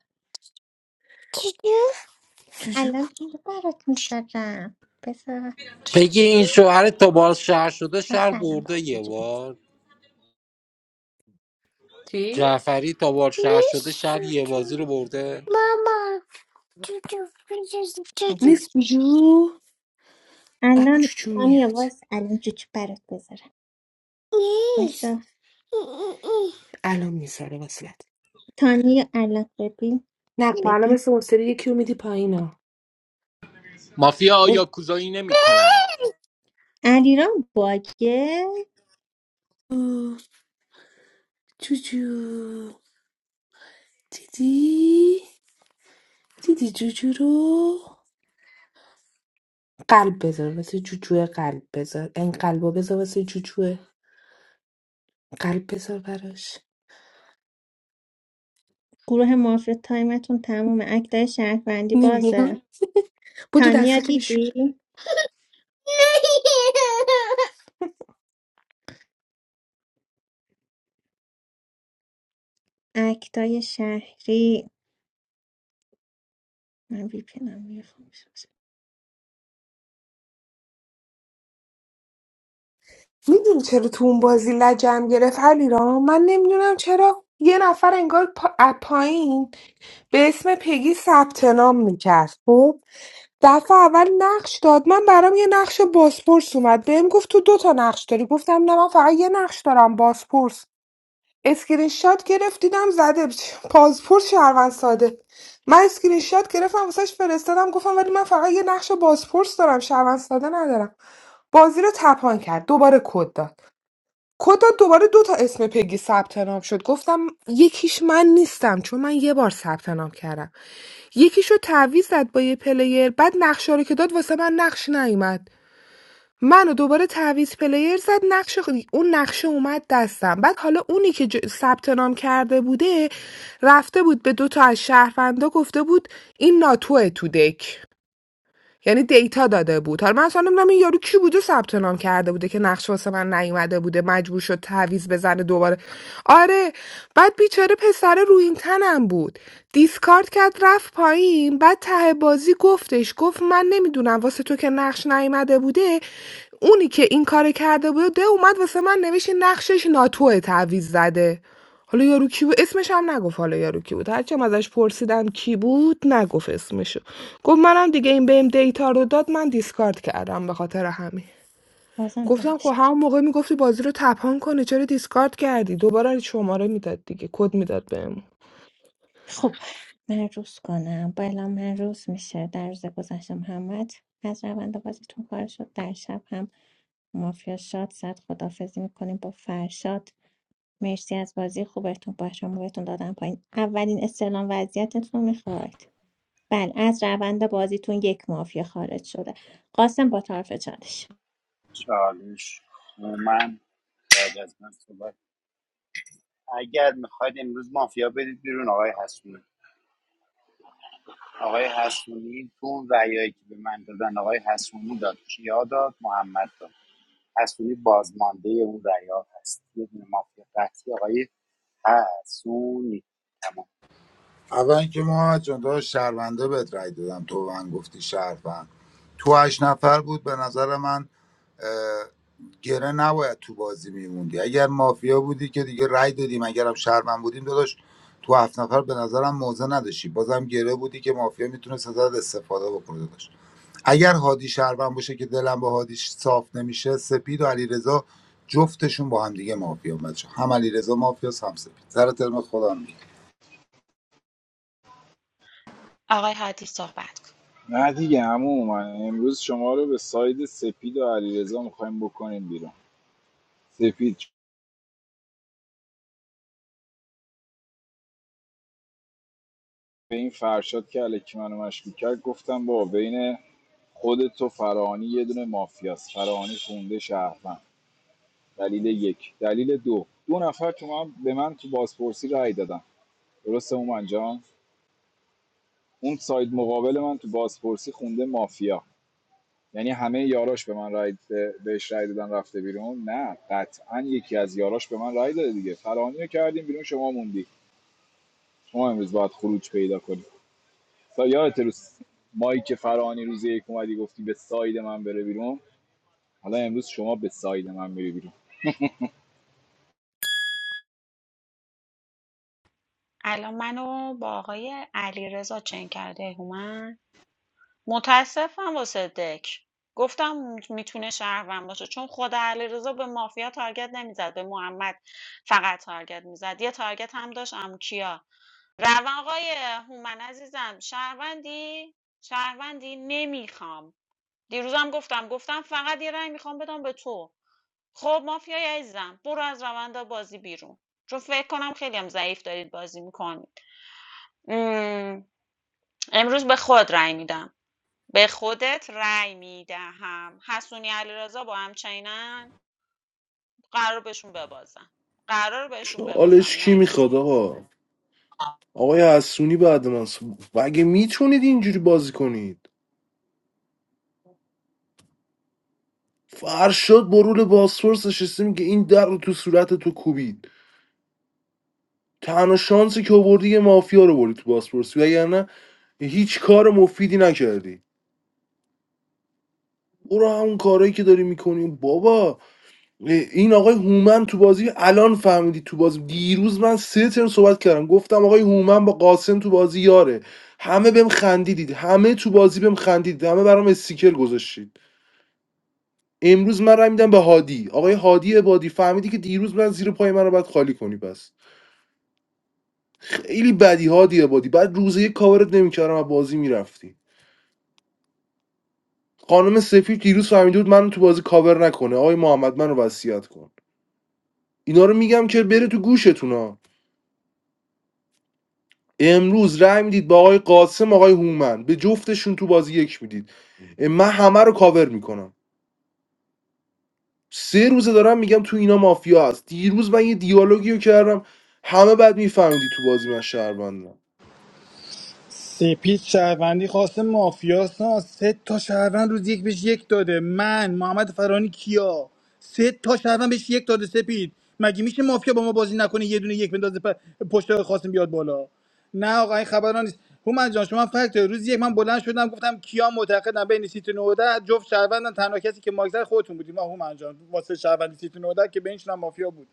چیچو جوجو الان چی برات میسازم بذار چیچو این شوهر تا بار شهر شده وای شهر سلام برده برات یه بذارم. بار جعفری تا بار شهر شده شهر یه نیست بازی رو برده ماما چوچو بجز چوچو اگه جو- نیست جوجو الان الان چوچو تانیا میاد وایس الان چی برات بذارم نیست وایسا الان میذاره وصلت تانیا الان ببین نقشه الان ببین مثل اون سری یکی رو میدی پایینا مافیا اون- آیا کوزایی نمی کنن علیرام باگه اوه، جوجو دیدی دیدی جوجو رو قلب بذار واسه جوجو قلب بذار این قلب رو بذار واسه جوجو قلب بذار براش گروه مافیا تایمتون تمومه اکتای شهروندی بازه نمیاد بودو تانیا دستاتو بشون دیدی؟ اکتای شهری من وی پینم میدونی چرا تو اون بازی لجم گرفت علیرام من نمیدونم چرا یه نفر انگار پا... از پایین به اسم پگی ثبت نام میکرد خب دفعه اول نقش داد من برام یه نقش باسپورس اومد بهم گفت تو دو تا نقش داری گفتم نه من فقط یه نقش دارم باسپورس اسکرین شات گرفت دیدم زده پاسپورت شهروند ساده من اسکرین شات گرفتم واسش فرستادم گفتم ولی من فقط یه نقش باسپورس دارم شهروند ساده ندارم بازی رو تپان کرد دوباره کد داد کتا دوباره دو تا اسم پگی ثبت نام شد گفتم یکیش من نیستم چون من یه بار ثبت نام کردم یکیشو تعویض زد با یه پلیر بعد نقشه رو که داد واسه من نقش نیومد منو دوباره تعویض پلیر زد نقشه خ- اون نقشه اومد دستم بعد حالا اونی که ج- ثبت نام کرده بوده رفته بود به دو تا از شهروندا گفته بود این ناتوه تو دک یعنی دیتا داده بود حالا من اصلا نمیدونم این یارو کی بوده ثبت نام کرده بوده که نقشه واسه من نیومده بوده مجبور شد تعویض بزنه دوباره آره بعد بیچاره پسر رو این تنم بود دیسکارد کرد رفت پایین بعد ته بازی گفتش گفت من نمیدونم واسه تو که نقش نیومده بوده اونی که این کار کرده بوده اومد واسه من نوشت این نقشش ناتوه تعویض زده حالا یارو کی بود اسمش هم نگفت حالا یارو کی بود هرچی هم ازش پرسیدم کی بود نگفت اسمشو گفت منم دیگه این بهم دیتا رو داد من دیسکارد کردم به خاطر همین بازم گفتم خب دمش همون موقع میگفتی بازی رو تپان کنی چرا دیسکارد کردی دوباره شماره میداد دیگه کد میداد بهمون خب من روز کنم بلا من روز میشه در روز گذشتم همت از روند بازیتون کار شد در شب هم مافیا شاد زد خدافزی میکنیم با فرشاد مرسی از بازی خوبتون با شما بهتون دادم پایین اولین استعلام وضعیتتون میخواید بله از روند بازیتون یک مافیا خارج شده قاسم با طرف چالش چالش من بعد از من صحبت اگر میخواید امروز مافیا برید بیرون آقای حسونی آقای حسونی تو اون رأیایی که به من دادن آقای حسونی داد کیا داد محمد داد حسونی بازمانده اون رأیا هست یه دونه مافیا قطعی آقای ترسونی تمام اول اینکه محمد جان داشت شهرونده بهت رای دادم تو به من گفتی شهروند تو هشت نفر بود به نظر من اه، گره نباید تو بازی میموندی اگر مافیا بودی که دیگه رای دادیم اگرم شهروند بودیم داداش تو هفت نفر به نظرم موزه نداشتی بازم گره بودی که مافیا میتونست ازت استفاده بکنه داداش اگر هادی شهروند باشه که دلم با هادی صاف نمیشه سپید و علیرضا جفتشون با هم دیگه مافیا بچه هم علیرضا مافیاس هم سپید سر ترم خودم میگم آقای هادی صحبت کن نه دیگه عمو من امروز شما رو به ساید سپید و علیرضا میخوایم بکنیم بیرون سپید به این فرشاد که الکی منو مشکوک کرد گفتم با بین خودت و فرانی یه دونه مافیاست فرانی خونده شهروند دلیل یک دلیل دو دو نفر تو من به من تو بازپرسی رأی دادن درسته اومن جان اون ساید مقابل من تو بازپرسی خونده مافیا یعنی همه یاراش به من رأی به- بهش رأی دادن رفته بیرون نه قطعا یکی از یاراش به من رأی داده دیگه فرانی کردیم بیرون شما موندی شما امروز باید خروج پیدا کنی تا یادت روز مایی که فرانی روز یک اومدی گفتی به ساید من بره بیرون حالا امروز شما به ساید من میری بیرون الان منو با آقای علیرضا چنگ کرده هومن متاسفم واسه دک گفتم میتونه شهروند باشه چون خود علیرضا به مافیا تارگت نمیزد به محمد فقط تارگت میزد یه تارگت هم داشت عمو کیا روان آقای هومن عزیزم شهروندی شهروندی نمیخوام دیروزم گفتم گفتم فقط یه رأی میخوام بدم به تو خب مافیای عزیزم برو از روند بازی بیرون چون فکر کنم خیلی هم ضعیف دارید بازی میکنید امروز به خود رأی میدم به خودت رأی میدهم حسونی علیرضا با هم چینن قرار بهشون ببازم قرار بهشون چالش ببازم کی نکس میخواد آقا آقای حسونی بعد من سو- مگه میتونید اینجوری بازی کنید فرشاد برول باسفورس نشسته میگه این در رو تو صورت تو کوبید تنها شانسی که آوردی یه مافیا رو بردی تو باسفورس وگرنه هیچ کار مفیدی نکردی برو همون کارایی که داری میکنی بابا این آقای هومن تو بازی الان فهمیدی تو بازی دیروز من سه ترم صحبت کردم گفتم آقای هومن با قاسم تو بازی یاره همه بهم خندیدید همه تو بازی بهم خندیدید همه برام استیکر گذاشتید امروز من رای میدم به هادی آقای هادی عبادی فهمیدی که دیروز من زیر پای من رو باید خالی کنی پس خیلی بدی هادی عبادی بعد روزه یک کاورت نمیکردم و بازی میرفتی خانم سفید دیروز فهمیده بود من رو تو بازی کاور نکنه آقای محمد منو وصیت کن اینا رو میگم که بره تو گوشتون ها امروز رأی میدید به آقای قاسم آقای هومن به جفتشون تو بازی یک میدید من همه رو کاور میکنم سه روزه دارم میگم تو اینا مافیا هست دیروز من یه دیالوگی رو کردم همه بعد میفهمیدی تو بازی من شهروندم سپید شهروندی خواسته مافیاس ها. سه تا شهروند روز یک بهش یک داده من محمد فرانی کیا سه تا شهروند بهش یک داده سپید مگه میشه مافیا با ما بازی نکنه یه دونه یک بندازه پ- پشت خواستیم بیاد بالا نه آقا این خبران نیست هومن جان شما فکت داری. روز یک من بلند شدم گفتم کیا معتقدم بین سیت 19 جفت شهروندن تنها کسی که ماکسر خودتون بودیم آقا هومن جان واسه شهروندی سیت 19 که بینشون هم مافیا بود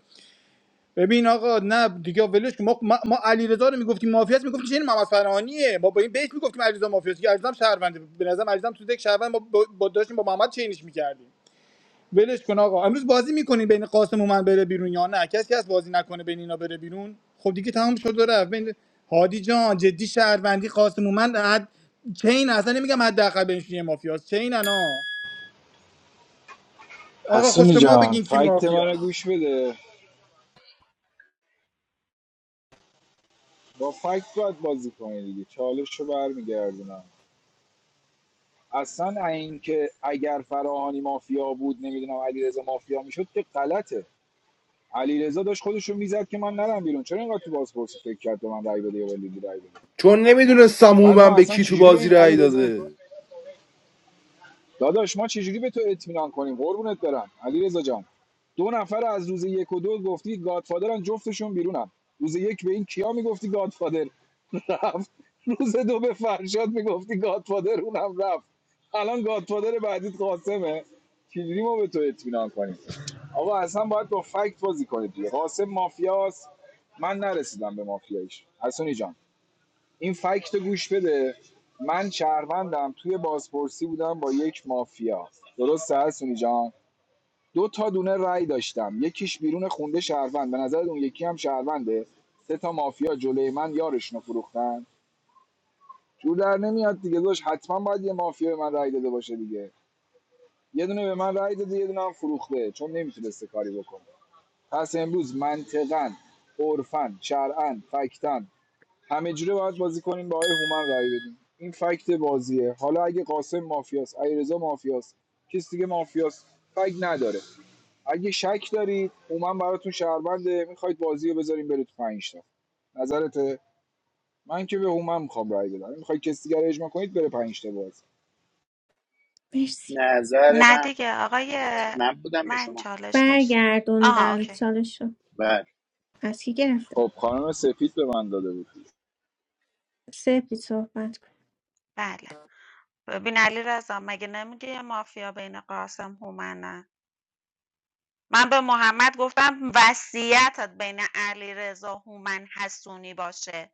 ببین آقا نه دیگه ولش که ما ما, علیرضا رو میگفتیم مافیاست میگفتیم چه این محمد فرهانیه ما با این بیت میگفتیم علیرضا مافیاست که علیرضا هم شهرونده به نظرم علیرضا هم تو دک شهروند ما با با- داشتیم با محمد چینش میکردیم ولش کن آقا امروز بازی میکنین بین قاسم و من بره بیرون یا نه کسی از بازی نکنه بین اینا بره بیرون خب دیگه تمام شد و رفت بین هادی جان جدی شهروندی قاسم و من حد چین اصلا نمیگم حداقل بینشون یه مافیاس چین انا آقا خود حسونی شما جان بگین کی فکت منو مافیاست گوش بده با فکت باید بازی کنی دیگه چالش رو برمیگردونم اصلا اینکه اگر فراهانی مافیا بود نمیدونم علیرضا مافیا میشد که غلطه علیرضا داشت خودشو رو میزد که من نرم بیرون چرا اینقدر تو بازپرسی فکر کرد به من رای بده یا ولی رای بده چون نمیدونستم بعد هومن ما به اصلا کی تو چجوری به بازی این رای علیرضا داده داداش ما چجوری به تو اطمینان کنیم قربونت برم علیرضا جان دو نفر از روز یک و دو گفتی گادفادرن جفتشون بیرونم روز یک به این کیا میگفتی گادفادر رفت روز دو به فرشاد میگفتی گادفادر اونم رفت الان گادفادر بعدیت قاسمه چجوری ما به تو اطمینان کنیم آقا اصلا باید با فکت بازی کنید دیگه قاسم مافیاست من نرسیدم به مافیاییش حسونی جان این فکت رو گوش بده من شهروندم توی بازپرسی بودم با یک مافیا درسته هستونی جان دو تا دونه رای داشتم یکیش بیرون خونده شهروند به نظر اون یکی هم شهرونده سه تا مافیا جلوی من یارشونو فروختن جور در نمیاد دیگه داشت حتما باید یه مافیا به من رأی داده باشه دیگه یه دونه به من رای داده یه دونه هم فروخته چون نمیتونسته کاری بکنه پس امروز منطقاً عرفن شرعن فکتن همه جوره باید بازی کنیم با آقای هومن رأی بدیم این فکت بازیه حالا اگه قاسم مافیاست علیرضا مافیاست کس دیگه مافیاست فکت نداره اگه شک دارید هومن براتون شهربنده میخواید بازی رو بذاریم بره تو پنج تا نظرته من که به هومن میخوام رأی بدم میخواید کسی دیگه رو اجماع کنید بره پنج تا باز مرسی نظر نه من دیگه آقای من بودم یا من شما چالش داشت آها برگردوندن اوکی چالش رو بله از کی گرفته خب خانم سپید به من داده بود سپی صحبت کن بله ببین علی رضا مگه نمیگه یه مافیا بین قاسم هومنه من به محمد گفتم وصیتت بین علیرضا هومن حسونی باشه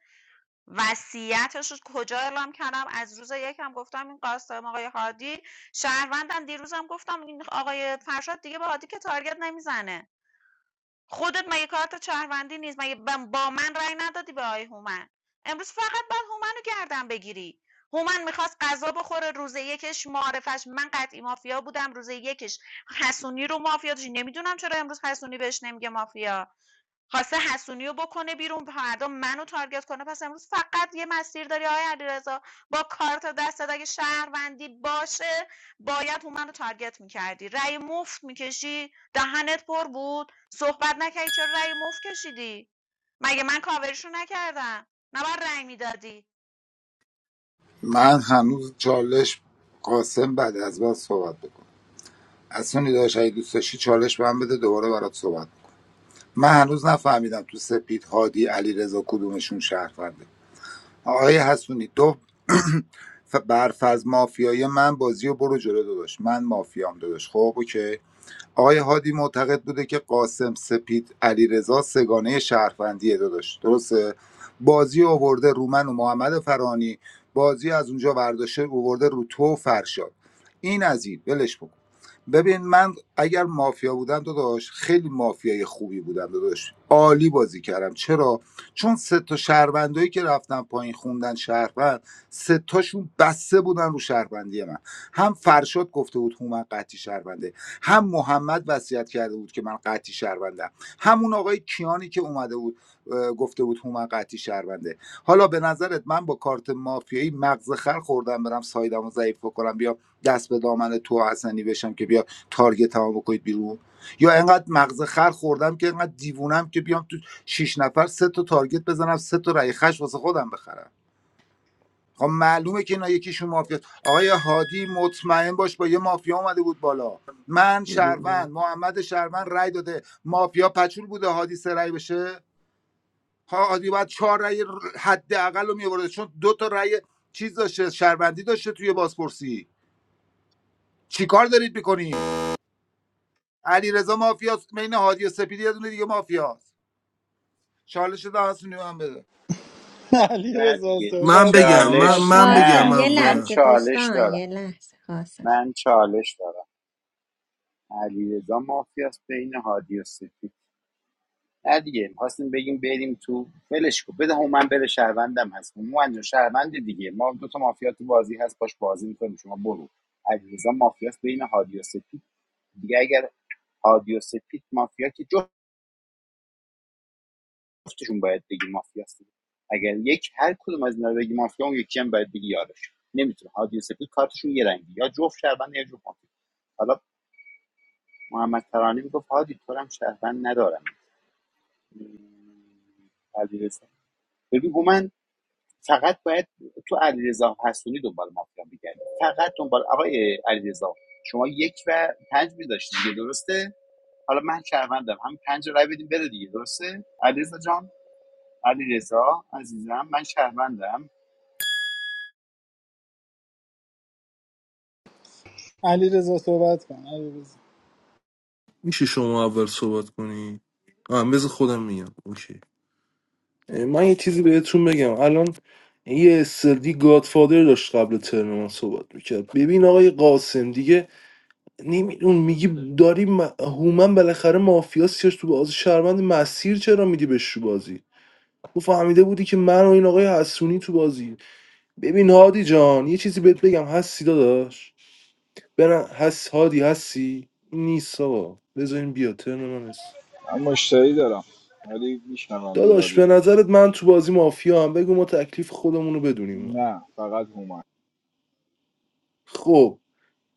وصیتش رو کجا اعلام کردم از روز یکم گفتم این قاسم آقای هادی شهروندن دیروزم گفتم این آقای فرشاد دیگه به هادی که تارگت نمیزنه خودت مگه کارت شهروندی نیست مگه با من رأی ندادی به آقای هومن امروز فقط باید هومن رو گردن بگیری هومن میخواست غذا بخوره روز یکش معرفش من قطعی مافیا بودم روز یکش حسونی رو مافیا داشت نمیدونم چرا امروز حسونی بهش نمیگه مافیا خواسته حسونی رو بکنه بیرون فردا منو تارگت کنه پس امروز فقط یه مسیر داری آقای علیرضا با کارت دستت اگه شهروندی باشه باید اون منو تارگت میکردی رأی مفت میکشی دهنت پر بود صحبت نکردی چرا رأی مفت کشیدی مگه من کاوریشو نکردم نباید رأی میدادی من هنوز چالش قاسم بعد از من صحبت بکن اصلا داشت اگه دوست داشتی چالش به من بده دوباره برات صحبت بکن من هنوز نفهمیدم تو سپید هادی علی رضا کدومشون شهرونده آقای حسونی دو ف- برفض مافیای من بازی رو برو جلو داداش من مافیام داداش خب اوکی آقای هادی معتقد بوده که قاسم سپید علیرضا سگانه شهروندیه داداش درسته بازی رو آورده رومن و محمد فرانی بازی از اونجا برداشته اوورده رو تو و فرشاد این از این ولش بکن ببین من اگر مافیا بودم داداش خیلی مافیای خوبی بودم داداش عالی بازی کردم چرا چون سه تا شهروندایی که رفتن پایین خوندن شهروند سه تاشون بسته بودن رو شهروندی من هم فرشاد گفته بود هومن قطعی شهرونده هم محمد وصیت کرده بود که من قطعی شهروندم همون آقای کیانی که اومده بود اه، گفته بود هومن قطعی شهرونده حالا به نظرت من با کارت مافیایی مغز خر خوردم برم سایدمو ضعیف بکنم بیام دست به دامن تو حسنی بشم که بیا تارگت هم بکنید بیرون یا اینقدر مغز خر خوردم که اینقدر دیوونم که بیام تو شش نفر سه تا تارگت بزنم سه تا رای خش واسه خودم بخرم خب معلومه که اینا یکیشون مافیا آقای هادی مطمئن باش با یه مافیا اومده بود بالا من شهروند محمد شهروند رای داده مافیا پچول بوده هادی سه رای بشه ها هادی باید چهار رای حداقل رو میورده چون دو تا رای چیز داشته شهروندی داشته توی بازپرسی چیکار دارید میکنید علیرضا مافیاست بین هادی و سپیدی یه دونه دیگه مافیاست چالش ده حسونی من بده نه علیرضا دیگه من صحبت بگم من, کن چالش من بگم قاسم نه یه من اول لحظه چالش دوستان دارم یه لحظه قاسم من چالش دارم علیرضا مافیاس بین هادی و سپید نه دیگه می‌خواستیم بگیم بریم تو ولش کو بده من بره شهروندم هست هومن جون شهروند دیگه ما دو تا مافیا تو بازی هست باش بازی میکنیم شما برو علیرضا مافیاس بین هادی و سپید دیگه اگر هادی و سپید مافیا که جفتشون باید بگی مافیاست اگر یک هر کدوم از اینا رو بگی مافیا اون یکی هم باید بگی یارش نمیتونه هادی و سپید کارتشون یه رنگی یا جفت شهروند یا جفت مافیا حالا محمد ترانی میگفت هادی تو رو هم شهروند ندارم م، علیرضا. ببین من فقط باید تو علیرضا حسونی دنبال مافیا میگردی فقط دنبال آقای علیرضا شما یک و پنج میداشتی دیگه درسته حالا من شهروندم هم پنج رای بدیم بره دیگه درسته علیرضا جان علیرضا عزیزم من شهروندم علی رضا صحبت کن علی رضا میشه شما اول صحبت کنی آه بذار خودم میگم اوکی من یه چیزی بهتون بگم الان یه استردی گادفادر داشت قبل ترم من صحبت میکرد ببین آقای قاسم دیگه نمیدون میگی داری م- هومن بالاخره مافیا سیاش تو بازی شهروند مسیر چرا میدی بهش تو بازی تو فهمیده بودی که من و این آقای حسونی تو بازی ببین هادی جان یه چیزی بهت بگم هستی داداش بنا هست هادی هستی نیست آقا بذارین بیا ترم من هست من مشتری دارم ولی میشنوم دورا داداش به دور نظرت من تو بازی مافیا هم بگو ما تکلیف خودمون رو بدونیم نه فقط هومن خب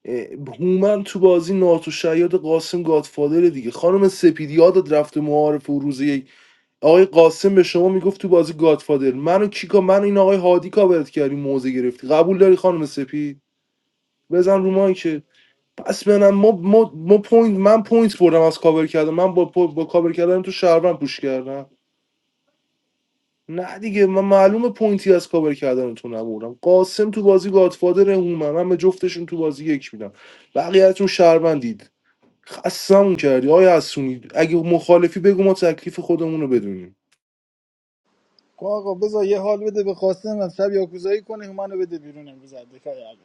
اه، هومن تو بازی ناتو شیاد قاسم گادفادره دیگه خانم سپیدی یادت رفته معارف و روز یک آقای قاسم به شما میگفت تو بازی گادفادر منو کیکا من این آقای هادی کاورت کردی موزه گرفتی قبول داری خانم سپید بزن رو مایی که پس بنم ما, ما, ما پوینت من پوینت بردم از کاور کردم من با, با, با کاور کردن تو شهروند پوش کردم نه دیگه من معلومه پوینتی از کاور کردن تو نبردم قاسم تو بازی گادفادر هومن من به جفتشون تو بازی یک میدم بقیه‌تون شهروندید خستمون کردی آیا حسونی اگه مخالفی بگو ما تکلیف خودمون رو بدونیم آقا بذار یه حال بده به قاسم از شب یاکوزایی کنه منو بده بیرون امروز از دکای علی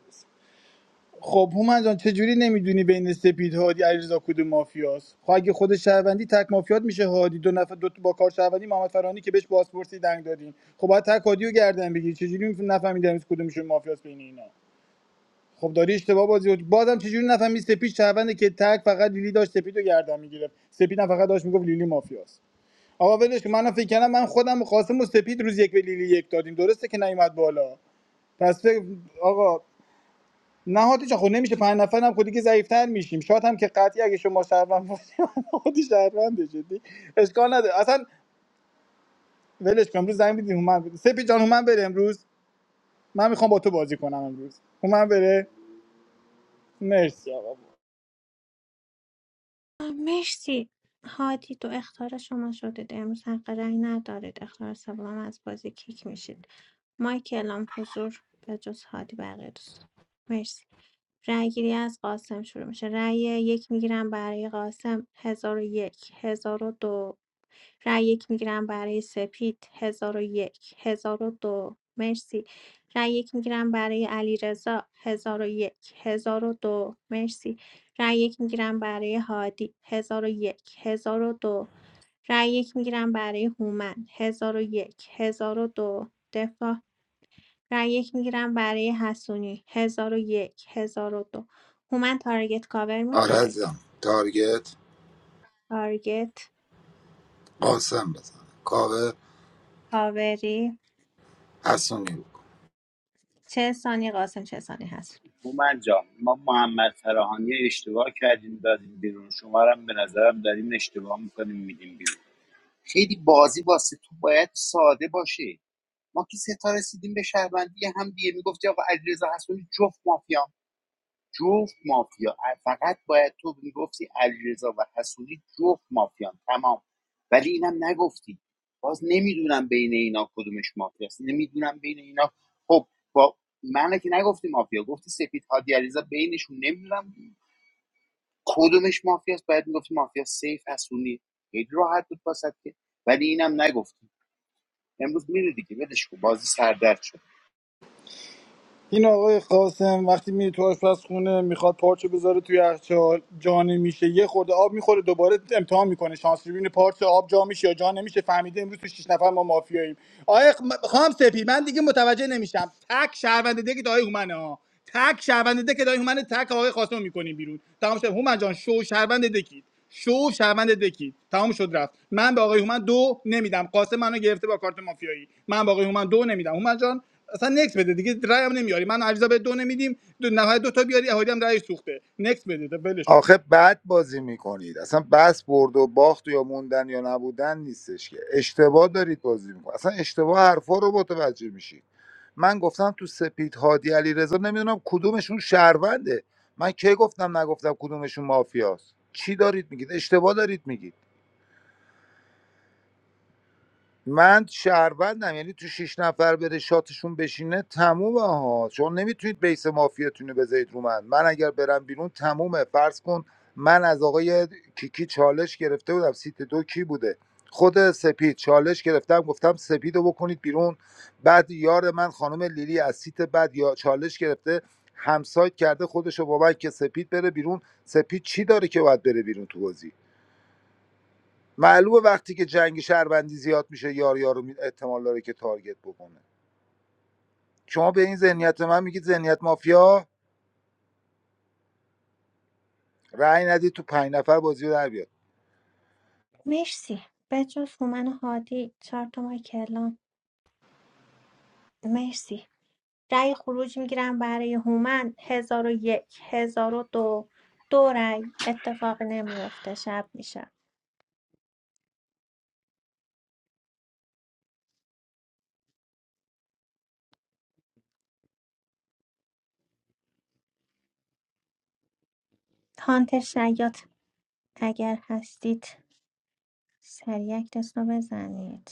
خب هومن جان چجوری نمیدونی بین سپید هادی علیرضا کدوم مافیاست خب اگه خود شهروندی تک مافیات میشه هادی دو نفر دو تا با کار شهروندی محمد فرانی که بهش بازپرسی دنگ دادین خب باید تک هادی گردن بگیری چجوری نفهمیدم از کدومشون مافیاست بین اینا خب داری اشتباه بازی رو- بازم چجوری نفهمی سپید شهرونده که تک فقط لیلی داشت سپید گردن میگیره سپید هم فقط داشت میگفت لیلی مافیاست آقا ولش کن. منم فکر کردم من خودم و قاسم و سپید روز یک به لیلی یک دادیم درسته که نیومد بالا پس فکر آقا نهادی جان خود نمیشه پنج نفر هم خودی که ضعیفتر میشیم شاید هم که قطعی اگه شما شهروند باشی من خودی شهرونده جدی اشکال نداره اصلا ولش کن امروز زنگ بیدیم هومن بره سپید جان هومن بره امروز من میخوام با تو بازی کنم امروز هومن بره مرسی آقا آه، مرسی هادی دو اختار شما شدید امروز حق رأی ندارید اختار سوم از بازی کیک میشید مایک اعلام حضور به جز هادی بقیه دوستان مرسی رأی گیری از قاسم شروع میشه رأی یک میگیرم برای قاسم هزار و یک هزار و دو رأی یک میگیرم برای سپید هزار و یک هزار و دو مرسی رأی یک میگیرم برای علیرضا هزار و یک هزار و دو مرسی رأی یک میگیرم برای هادی هزار و یک هزار و دو رأی یک میگیرم برای هومن هزار و یک هزار و دو دفاع رای یک میگیرم برای حسونی 1001 1002 هومن تارگت کاور آره میخواید عزیزم تارگت تارگت قاسم بزن کاوه کاوری حسونی بود چه ثانی قاسم چه ثانی هست هومن جان ما محمد فراهانی رو اشتباه کردیم دادیم بیرون شما رو هم به نظرم داریم اشتباه میکنیم میدیم بیرون خیلی بازی واسه تو باید ساده باشه ما که سه تا رسیدیم به شهروندی هم دیگه میگفتی آقا علیرضا حسونی جفت مافیا جفت مافیا فقط باید تو میگفتی علیرضا و حسونی جفت مافیان تمام ولی اینم نگفتی باز نمیدونم بین اینا کدومش مافیاست نمیدونم بین اینا خب با من که نگفتی مافیا گفتی سپید هادی علیرضا بینشون نمیدونم کدومش مافیاست باید میگفتی مافیا سیف حسونی خیلی راحت بود واسه که ولی اینم نگفتی امروز میره دیگه ولش کن بازی سردرد شد این آقای قاسم وقتی میره تو آشپزخونه میخواد پارچه بذاره توی یخچال جا نمیشه یه خورده آب میخوره دوباره امتحان میکنه شانس رو پارچه آب جا میشه یا جا نمیشه فهمیده امروز تو شیش نفر ما مافیاییم آقای خ- خام سپی من دیگه متوجه نمیشم تک شهروند دیگه که آقای هومنه ها تک شهروند دیگه که آقای هومنه تک آقای قاسم میکنیم بیرون تمام شد هومن جان شو شهروند دکید شو شهروند دکید تمام شد رفت من به آقای هومن دو نمیدم قاسم منو گرفته با کارت مافیایی من به آقای هومن دو نمیدم هومن جان اصلا نکس بده دیگه رای هم نمیاری من عریضا به دو نمیدیم دو نهایت دو تا بیاری اهالی هم رایش سوخته نکس بده تا ولش کن آخه بد بازی میکنید اصلا بس برد و باخت یا موندن یا نبودن نیستش که اشتباه دارید بازی میکنید اصلا اشتباه حرفا رو متوجه میشید من گفتم تو سپید هادی علیرضا نمیدونم کدومشون شهرونده من کی گفتم نگفتم کدومشون مافیاست چی دارید میگید اشتباه دارید میگید من شهروندم یعنی تو شیش نفر بره شاتشون بشینه تمومه ها چون نمیتونید بیس مافیاتون رو بذارید رو من من اگر برم بیرون تمومه فرض کن من از آقای کیکی چالش گرفته بودم سیت دو کی بوده خود سپید چالش گرفتم گفتم سپید رو بکنید بیرون بعد یار من خانم لیلی از سیت بعد یا چالش گرفته همسایت کرده خودش رو با من که سپید بره بیرون سپید چی داره که باید بره بیرون تو بازی معلومه وقتی که جنگ شهروندی زیاد میشه یار یارو می- احتمال داره که تارگت بکنه شما به این ذهنیت من میگید ذهنیت مافیا رأی ندید تو پنج نفر بازی رو در بیاد مرسی بجز هومن و هادی چهار تا ماه کلام مرسی رای خروج میگیرم برای هومن 1001 1002 دو دو رای اتفاق نمیفته شب میشه هانتر شیاط اگر هستید سریع اکتس رو بزنید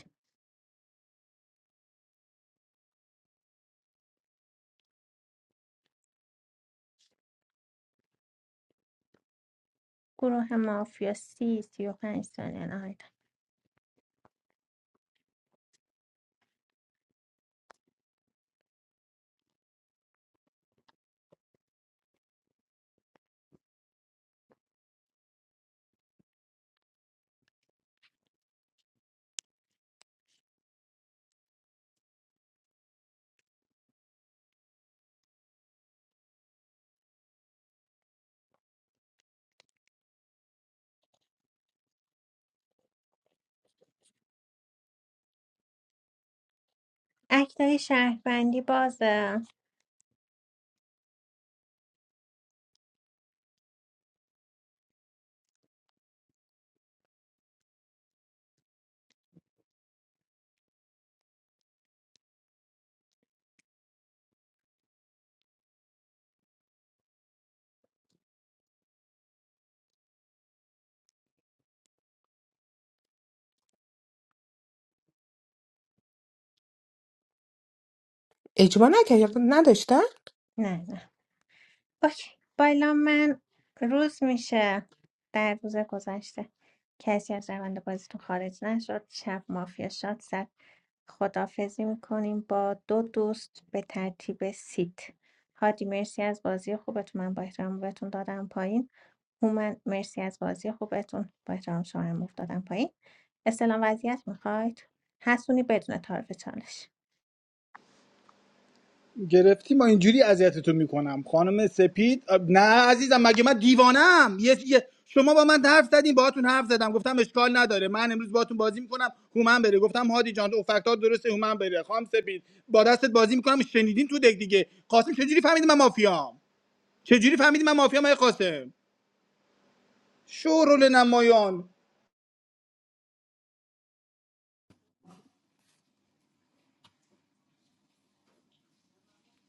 گروه مافیا سی سی و پنج ثانیه نهایتا اکتای شهروندی بازه اجبا نکرد نداشتن نه اوکی بالا من روز میشه در روز گذشته کسی از روند بازیتون خارج نشد شب مافیا شاد زد خدافزی میکنیم با دو دوست به ترتیب سیت هادی مرسی از بازی خوبتون من با احترام بهتون دادم پایین هومن مرسی از بازی خوبتون با احترام شما هم مفت دادم پایین استلام وضعیت میخواید حسونی بدون تعارف چالش گرفتی ما اینجوری اذیتتون میکنم خانم سپید نه عزیزم مگه من دیوانم یه یه- شما با من حرف زدین باهاتون حرف زدم گفتم اشکال نداره من امروز باهاتون بازی میکنم هومن بره گفتم هادی جان ها درسته هومن بره خانم سپید با دستت بازی میکنم شنیدین تو دک دیگه قاسم چجوری فهمیدی من مافیام چجوری فهمیدی من مافیام های قاسم شورول نمایان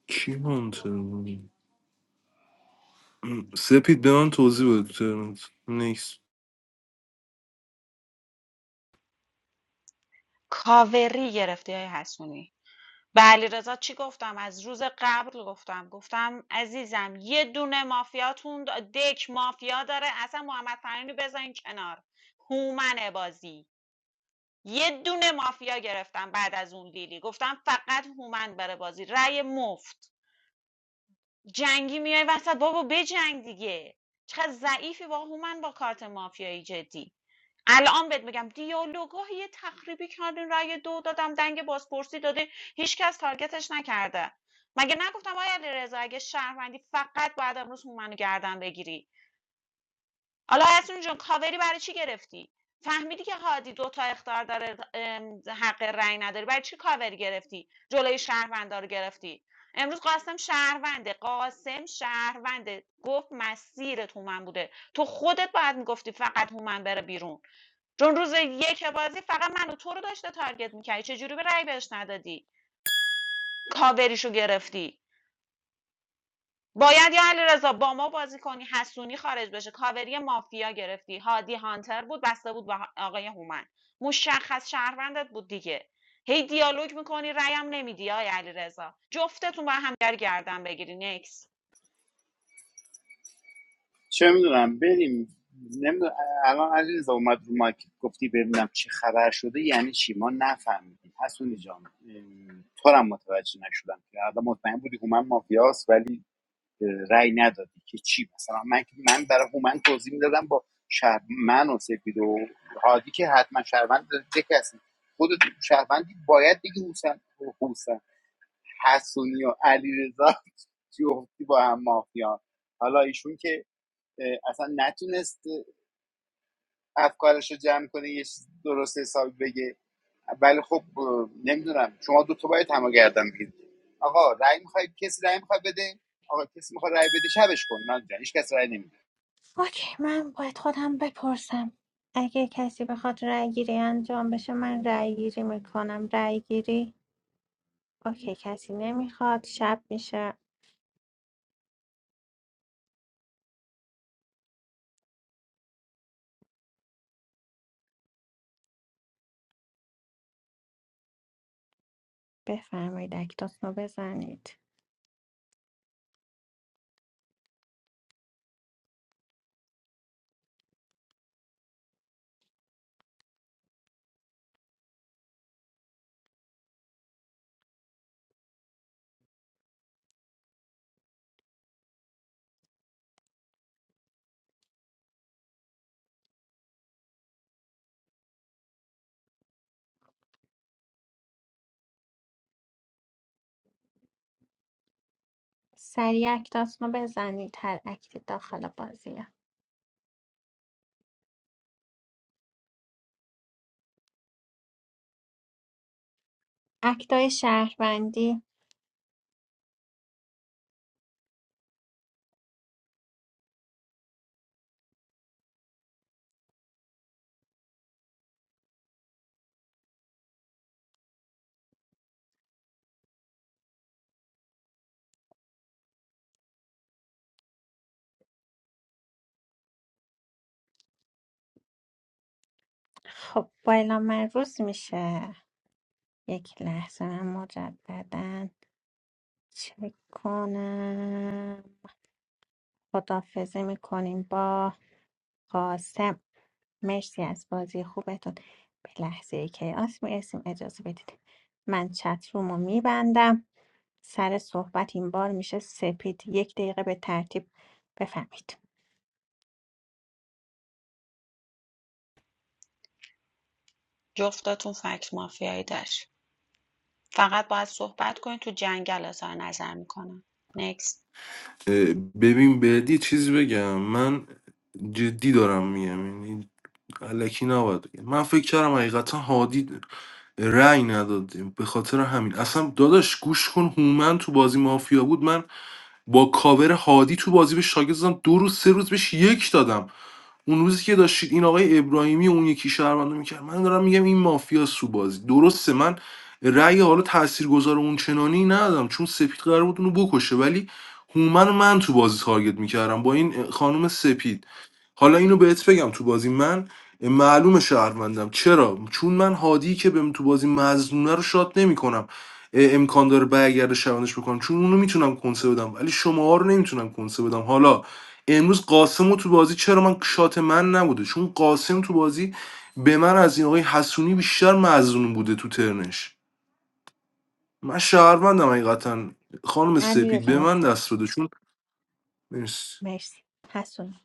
کی منطقی سپید به من توضیح بده تو ترنت. نیکس کاوری گرفتی های حسونی به علیرضا چی گفتم از روز قبل گفتم گفتم عزیزم یه دونه مافیاتون دا- دک مافیا داره اصلا محمد فرانی رو بذارین کنار هومن بازی یه دونه مافیا گرفتم بعد از اون لیلی گفتم فقط هومن بره بازی رأی مفت جنگی میای وسط بابا بجنگ دیگه چقدر ضعیفی با هومن با کارت مافیایی جدی الان بهت میگم دیالوگاه یه تخریبی کردین رأی دو دادم دنگ بازپرسی داده هیچکس تارگتش نکرده مگه نگفتم آیا علیرضا اگه شهروندی فقط باید امروز هومن رو گردن بگیری حالا حسونی جون کاوری برای چی گرفتی فهمیدی که هادی دو تا اختار داره حق رأی نداری برای چی کاوری گرفتی جلوی شهروندا رو گرفتی امروز قاسم شهرونده قاسم شهرونده گفت مسیرت هومن بوده تو خودت باید میگفتی فقط هومن بره بیرون چون روز یک بازی فقط من و تو رو داشته تارگت میکردی چجوری به رأی بهش ندادی کاوریشو گرفتی باید یا علیرضا با ما بازی کنی حسونی خارج بشه کاوری مافیا گرفتی هادی هانتر بود بسته بود با آقای هومن مشخص شهروندت بود دیگه هی دیالوگ میکنی رأیم نمیدی آقای علیرضا جفتتون با هم دیگر گردن بگیری نکس چه میدونم بریم نمیدونم الان علیرضا اومد رو مایک گفتی ببینم چه خبر شده یعنی چی ما نفهمیدیم حسونی جان تو هم متوجه نشدم که الان مطمئن بودی هومن مافیاست ولی اه، رأی ندادی که چی مثلا من من برای هومن توضیح میدادم با شهر من و سپید و هادی که حتما شهروند ده کسی خود شهروندی باید دیگه حسن حسن حسونی و علیرضا جفتی با هم مافیا حالا ایشون که اه، اصلا نتونست افکارش رو جمع کنه یه درست حسابی بگه ولی خب نمیدونم شما دو تا باید همه گردن بگیرید آقا رأی میخوای کسی رأی میخواد بده آقا کسی میخواد رأی بده شبش کن نه جان هیچ کس رأی نمیده اوکی من باید خودم بپرسم اگه کسی بخواد رأی گیری انجام بشه من رأی گیری میکنم رأی گیری اوکی کسی نمیخواد شب میشه بفرمایید اکتاتونو بزنید سریع اکتاتونو بزنید هر اکتی داخل بازیه اکتای شهروندی خب با اعلام من روز میشه یک لحظه من مجددن چک کنم خداحافظی میکنیم با قاسم مرسی از بازی خوبتون به لحظه کیاس میرسیم اجازه بدید من چت رومو میبندم سر صحبت این بار میشه سپید یک دقیقه به ترتیب بفهمید جفتتون فکت مافیایی داشت فقط باید صحبت کنید تو جنگل اظهار نظر میکنم نکس اه، ببین بهدی چیزی بگم من جدی دارم میگم یعنی الکی نباید بگم من فکر کردم حقیقتا هادی رأی نداد به خاطر همین اصلا داداش گوش کن هومن تو بازی مافیا بود من با کاور هادی تو بازی به شاگرد دادم دو روز سه روز بهش یک دادم اون روزی که داشتید این آقای ابراهیمی و اون یکی شهروندو میکرد من دارم میگم این مافیا سو بازی درسته من رأی حالا تاثیرگذار اون چنانی ندادم چون سپید قرار بود اونو بکشه ولی هومن رو من تو بازی تارگت میکردم با این خانم سپید حالا اینو بهت بگم تو بازی من معلومه شهروندم چرا چون من هادی که بهم تو بازی مظلومه رو شات نمیکنم امکان داره برگرده شبانش بکنم چون اونو میتونم کنسه بدم ولی شما رو نمیتونم کنسه بدم حالا امروز قاسم تو بازی چرا من شات من نبوده چون قاسم تو بازی به من از این آقای حسونی بیشتر مظلوم بوده تو ترنش من شهروندم حقیقتا خانم سپید علیرضا به من متشکرم دست بده چون مرسی. مرسی حسونی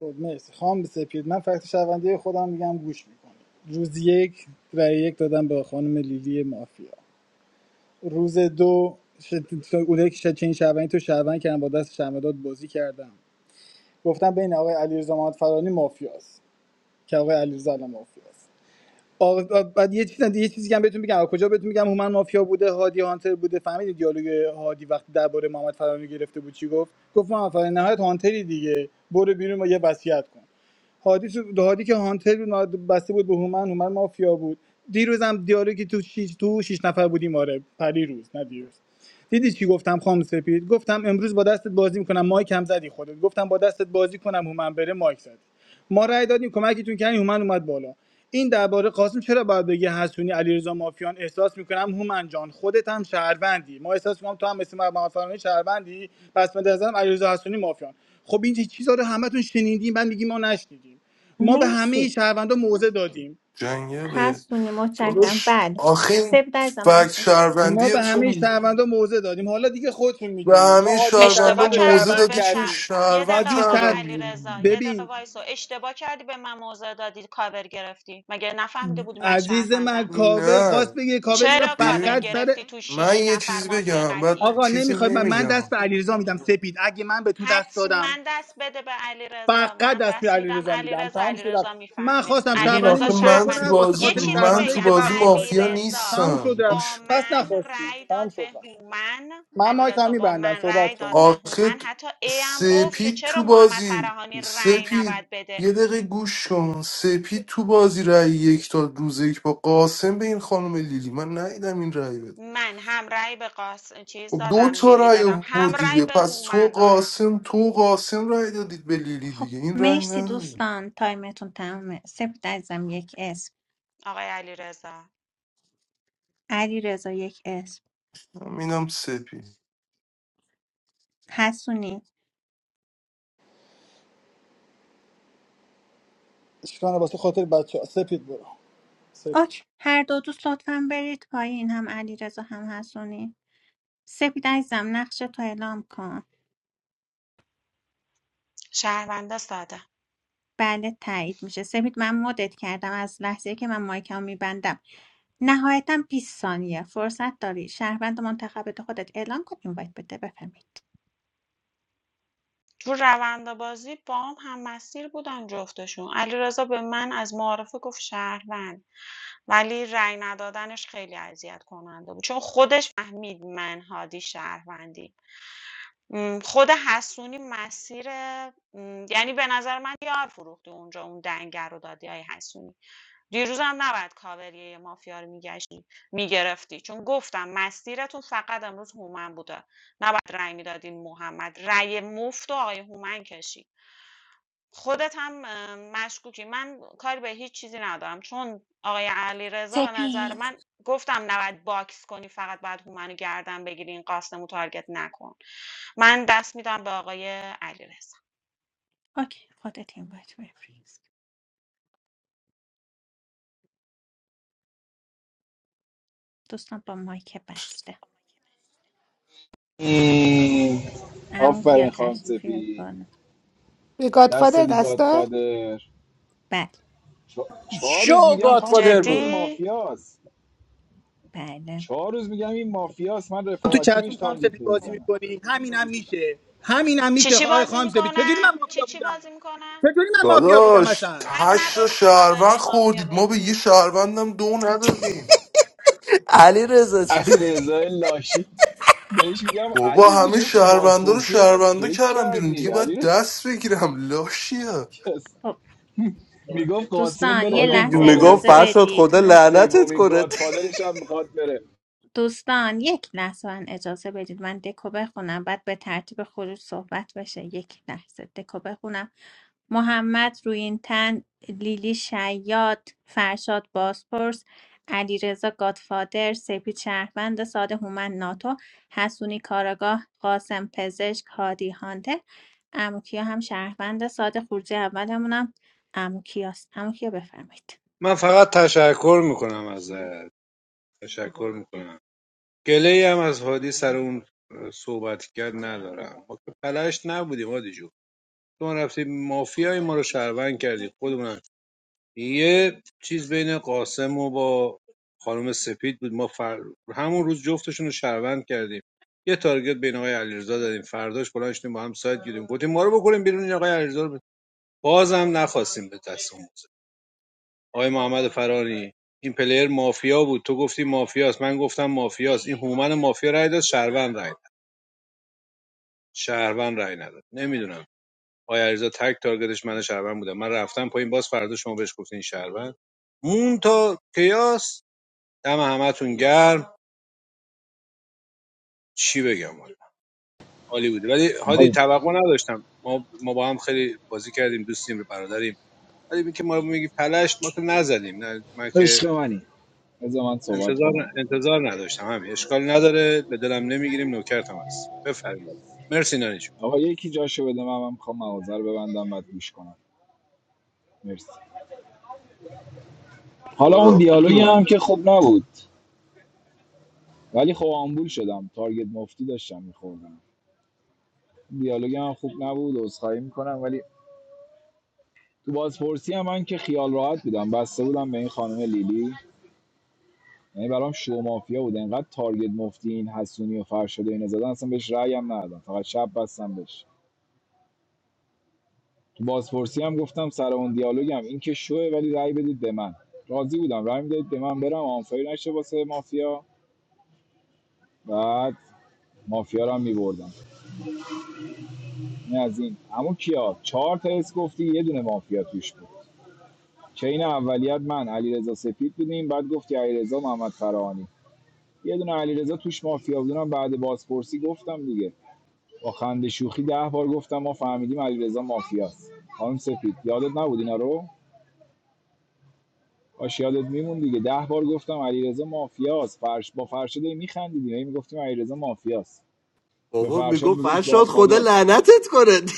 خب مرسی خام سپید من فکت شهروندی خودم میگم گوش میکنم روز یک رای یک دادم به خانم لیلی مافیا روز دو شد... اونایی که شد... چین شهروندی تو شهروند کردم با دست شهروندات بازی کردم گفتم بین آقای علیرضا محمدفرانی مافیاست که آقای علیرضا الان مافیاست آقا بعد یه چیز دیگه یه چیزی که هم بهتون بگم کجا بهتون میگم هومن مافیا بوده هادی هانتر بوده فهمیدید دیالوگ هادی وقتی درباره محمد گرفته بود چی گفت گفت محمد نهایت هانتری دیگه برو بیرون و یه وصیت کن هادی تو هادی که هانتر بود، بسته بود به هومن هومن مافیا بود دیروزم دیالوگی تو شیش تو شیش نفر بودیم آره پری روز نه دیروز دیدی چی گفتم خام سپید گفتم امروز با دستت بازی میکنم مایک هم زدی خودت گفتم با دستت بازی کنم هومن بره مایک زدی ما رأی دادیم کمکتون کردیم هومن اومد بالا این درباره قاسم چرا باید بگی حسونی علیرضا مافیان احساس میکنم هومن جان خودت هم شهروندی ما احساس میکنم تو هم مثل محمد فرانی شهروندی پس به نظرم علیرضا حسونی مافیان خب این چیزا رو همتون شنیدیم بعد میگی ما نشنیدیم ما به همه مرسی شهروندا موضع دادیم جنگله حسونی متشکرم داداش بله آخه این سپید عزیزم مایک فکت بزن. ما شهروندی به همه تو شهروندا موضع دادیم حالا دیگه خودتون به میدونیم ما همه هادی شهروندا اشتباه شهروند رو موزه کردی شهروند به دادی که شم- کردیم یه شهروند دقیقه هادی آقای شهر کردم علی بیرون رضا یه دقیقه ببین وایسو اشتباه کردی به من موضع دادی کاور گرفتی مگه نفهمیده بودی من عزیز من شهروندم کاور خواست نه بگه کاور گرفت چرا کاور فقط ببین، سر گرفتی تو من شیش یه نفر چیزی مافیا بگم بعد قطعی آقا چیزی نمیخوای من من دست نمیگم به علیرضا میدم سپید اگه من به تو دست دادم حتما دست بده به علیرضا فقط من دست به دست میدم علیرضا میدم علیرضا تمام شد رفت علیرضا من میفهمه خواستم ببین علیرضا متفقم شهروندیمو آخه شو من تو کنم واسه بازی یه خاطر چیزی من شهروندایی تو که بگم بازی وقت مافیا گذاشتن علیرضا تمام شد نیستم رفت با گوش بس من نخواستی رأی تمام داد شد به رفت هومن من مایک هم علیرضا با میبندم من صحبت رأی داد به کنیم آخه هومن حتی ای هم گفت که سپید چرا تو محمد بازی فراهانی رأی سپید نباید بده یه دقیقه گوش کن سپید تو بازی رأی یک تا روز یک با قاسم به این خانم لیلی من ندیدم این رأی بده من هم رأی به قاس چیز خب دو دادم تا لیلی رأی دادم آورد هم رأی دیگه به پس تو هومن دادم قاسم تو قاسم رأی دادید به لیلی خب دیگه این رأی مرسی نداد دوستان تایمتون تمامه سپید عزیزم یک اسم آقای علیرضا علیرضا یک اسم اینم سپی حسونی اشکانه واسه خاطر بچه سپید برو سپید اوکی هر دو دوست لطفا برید پایین هم علیرضا هم حسونی سپید عزیزم نقش تو اعلام کن شهروندا ساده بله تایید میشه سپید من مدت کردم از لحظه که من مایکمو میبندم نهایتا 20 ثانیه فرصت داری شهروند منتخبت خودت اعلام کن اینوایت بده بفهمید تو روند بازی با هم هم مسیر بودن جفتشون. علیرضا به من از معارفه گفت شهروند ولی رأی ندادنش خیلی اذیت کننده بود چون خودش فهمید من هادی شهروندی خود حسونی مسیر یعنی به نظر من یار فروختی اونجا اون دنگر رو دادی های حسونی دیروز هم نباید کاوریه مافیا رو میگشتی میگرفتی چون گفتم مسیرتون فقط امروز هومن بوده نباید رأی میدادین محمد رأی مفت و آقای هومن کشید خودت هم اه، مشکوکی من کاری به هیچ چیزی ندارم چون آقای علیرضا به نظر سپید من گفتم نباید باکس کنی فقط باید هومن رو گردن بگیری این قاسمو تارگت نکن من دست میدم به آقای علیرضا اوکی خودت اینوایت بفرست دوستان با مایک بسته ای، عمو کیا آفرین خانم تشریف بیارید سپید بالا یه دست گادفادر دی دستا گادفادر بله چهار روز شو میگم خانم گاتفادر سپید این بود جدی مافیاست بله چهار روز میگم این مافیاست من تو رفاقتی چتون بهش خام تارگت سپید بازی نمیزنم میکنی همین هم میشه همین هم چی میشه چی آقای بازی خام سپید چجوری من میکنم چی مافیا چی بودم بازی میکنم چجوری من مافیا بودم داداش اصلا حق هشت تا نداشتی شهروند کاوری مافیا خوردید ما به یه بگیری شهروندم دو ندادیم علیرضا رضا علی رضا لاشی بهش میگم علی بابا رضا همه چرا تو شهروندا رو بازپرسی انقدر شهروندا فکر کردم بیرون کردی دیگه علی باید رضا دست بگیرم لاشیا خب میگفت قاسم دوستان بره یه هادی لحظه گادفادره جون میگفت اجازه گفتم فرشاد بدید خدا من لعنتت سومین کنه گادفادرش هم میخواد بره دوستان یک لحظه من اجازه بدید من دکو بخونم بعد به ترتیب خروج صحبت بشه یک لحظه دکو بخونم محمد روینتن لیلی شیاد فرشاد باسپورس علیرضا گادفادر سپید شهروند ساده هومن ناتو حسونی کاراگاه قاسم پزشک هادی هانتر اموکیا هم شهروند ساده خروجی اولمونم اموکیاست اموکیا بفرمایید من فقط تشکر میکنم ازت تشکر میکنم گله هم از هادی سر اون صحبت کرد ندارم ما که پلشت نبودیم هادی جون شما رفتی مافیای ما رو شهروند کردی خودمون یه چیز بین قاسم و با خانم سپید بود ما فر... همون روز جفتشون رو شهروند کردیم یه تارگت بین آقای علیرضا دادیم فرداش بلند شدیم با هم سایت گیریم گفتیم ما رو بکنیم بیرون این آقای علیرضا رو ب- بازم نخواستیم به دست اون بزنیم. آقای محمد فرانی این پلیر مافیا بود تو گفتی مافیاست من گفتم مافیاست این هومن مافیا رای داد شهروند رای داد شهروند رای نداد نمیدونم آیا علیرضا تک تارگتش من شهروند بودم من رفتم پایین باز فردا شما بهش گفتین شهروند مون تا کیاس دم همتون گرم چی بگم والا عالی بودی ولی هادی وای توقع نداشتم ما ما با هم خیلی بازی کردیم دوستیم برادریم ولی اینکه ما میگی پلشت ما تو نزدیم نه من که عشق منی بذار من صحبت انتظار کنم انتظار نداشتم همین اشکال نداره به دلم نمیگیریم نوکرتم هست بفرمایید مرسی نانی جون. آقا یکی جاشو بده من من میخوام مغازه رو ببندم بعد گوش کنم مرسی حالا اون برو دیالوگ هم که خوب نبود ولی خب آمبول شدم تارگت مفتی داشتم میخوردم دیالوگ هم خوب نبود عذرخواهی میکنم ولی تو بازپرسی هم من که خیال راحت بودم بسته بودم به این خانم لیلی یعنی برام شو مافیا بود انقدر تارگت مفتی این حسونی و فرشاد و اینا زدن اصلا بهش رأی هم ندادم فقط شب بستم بهش تو بازپرسی هم گفتم سر اون دیالوگم این که شوه ولی رأی بدید به من راضی بودم رأی میدادید به من برم آنفایی نشه واسه مافیا بعد مافیا رو هم میبردم این از این اما کیا چهار تا اس گفتی یه دونه مافیا توش بود چین اولیت من علیرضا سپید بودیم بعد گفتی علیرضا محمد فراهانی یه دونه علیرضا توش مافیا بود اونم بعد بازپرسی گفتم دیگه با خنده شوخی ده بار گفتم ما فهمیدیم علیرضا مافیاست خانم سپید یادت نبود اینا رو باش یادت میمون دیگه ده بار گفتم علیرضا مافیاست فرش با فرشاد هی میخندیدیم هی میگفتیم علیرضا مافیاست به بابا فرشاد میگفت میگفت فرشاد خدا گادفادر لعنتت کنه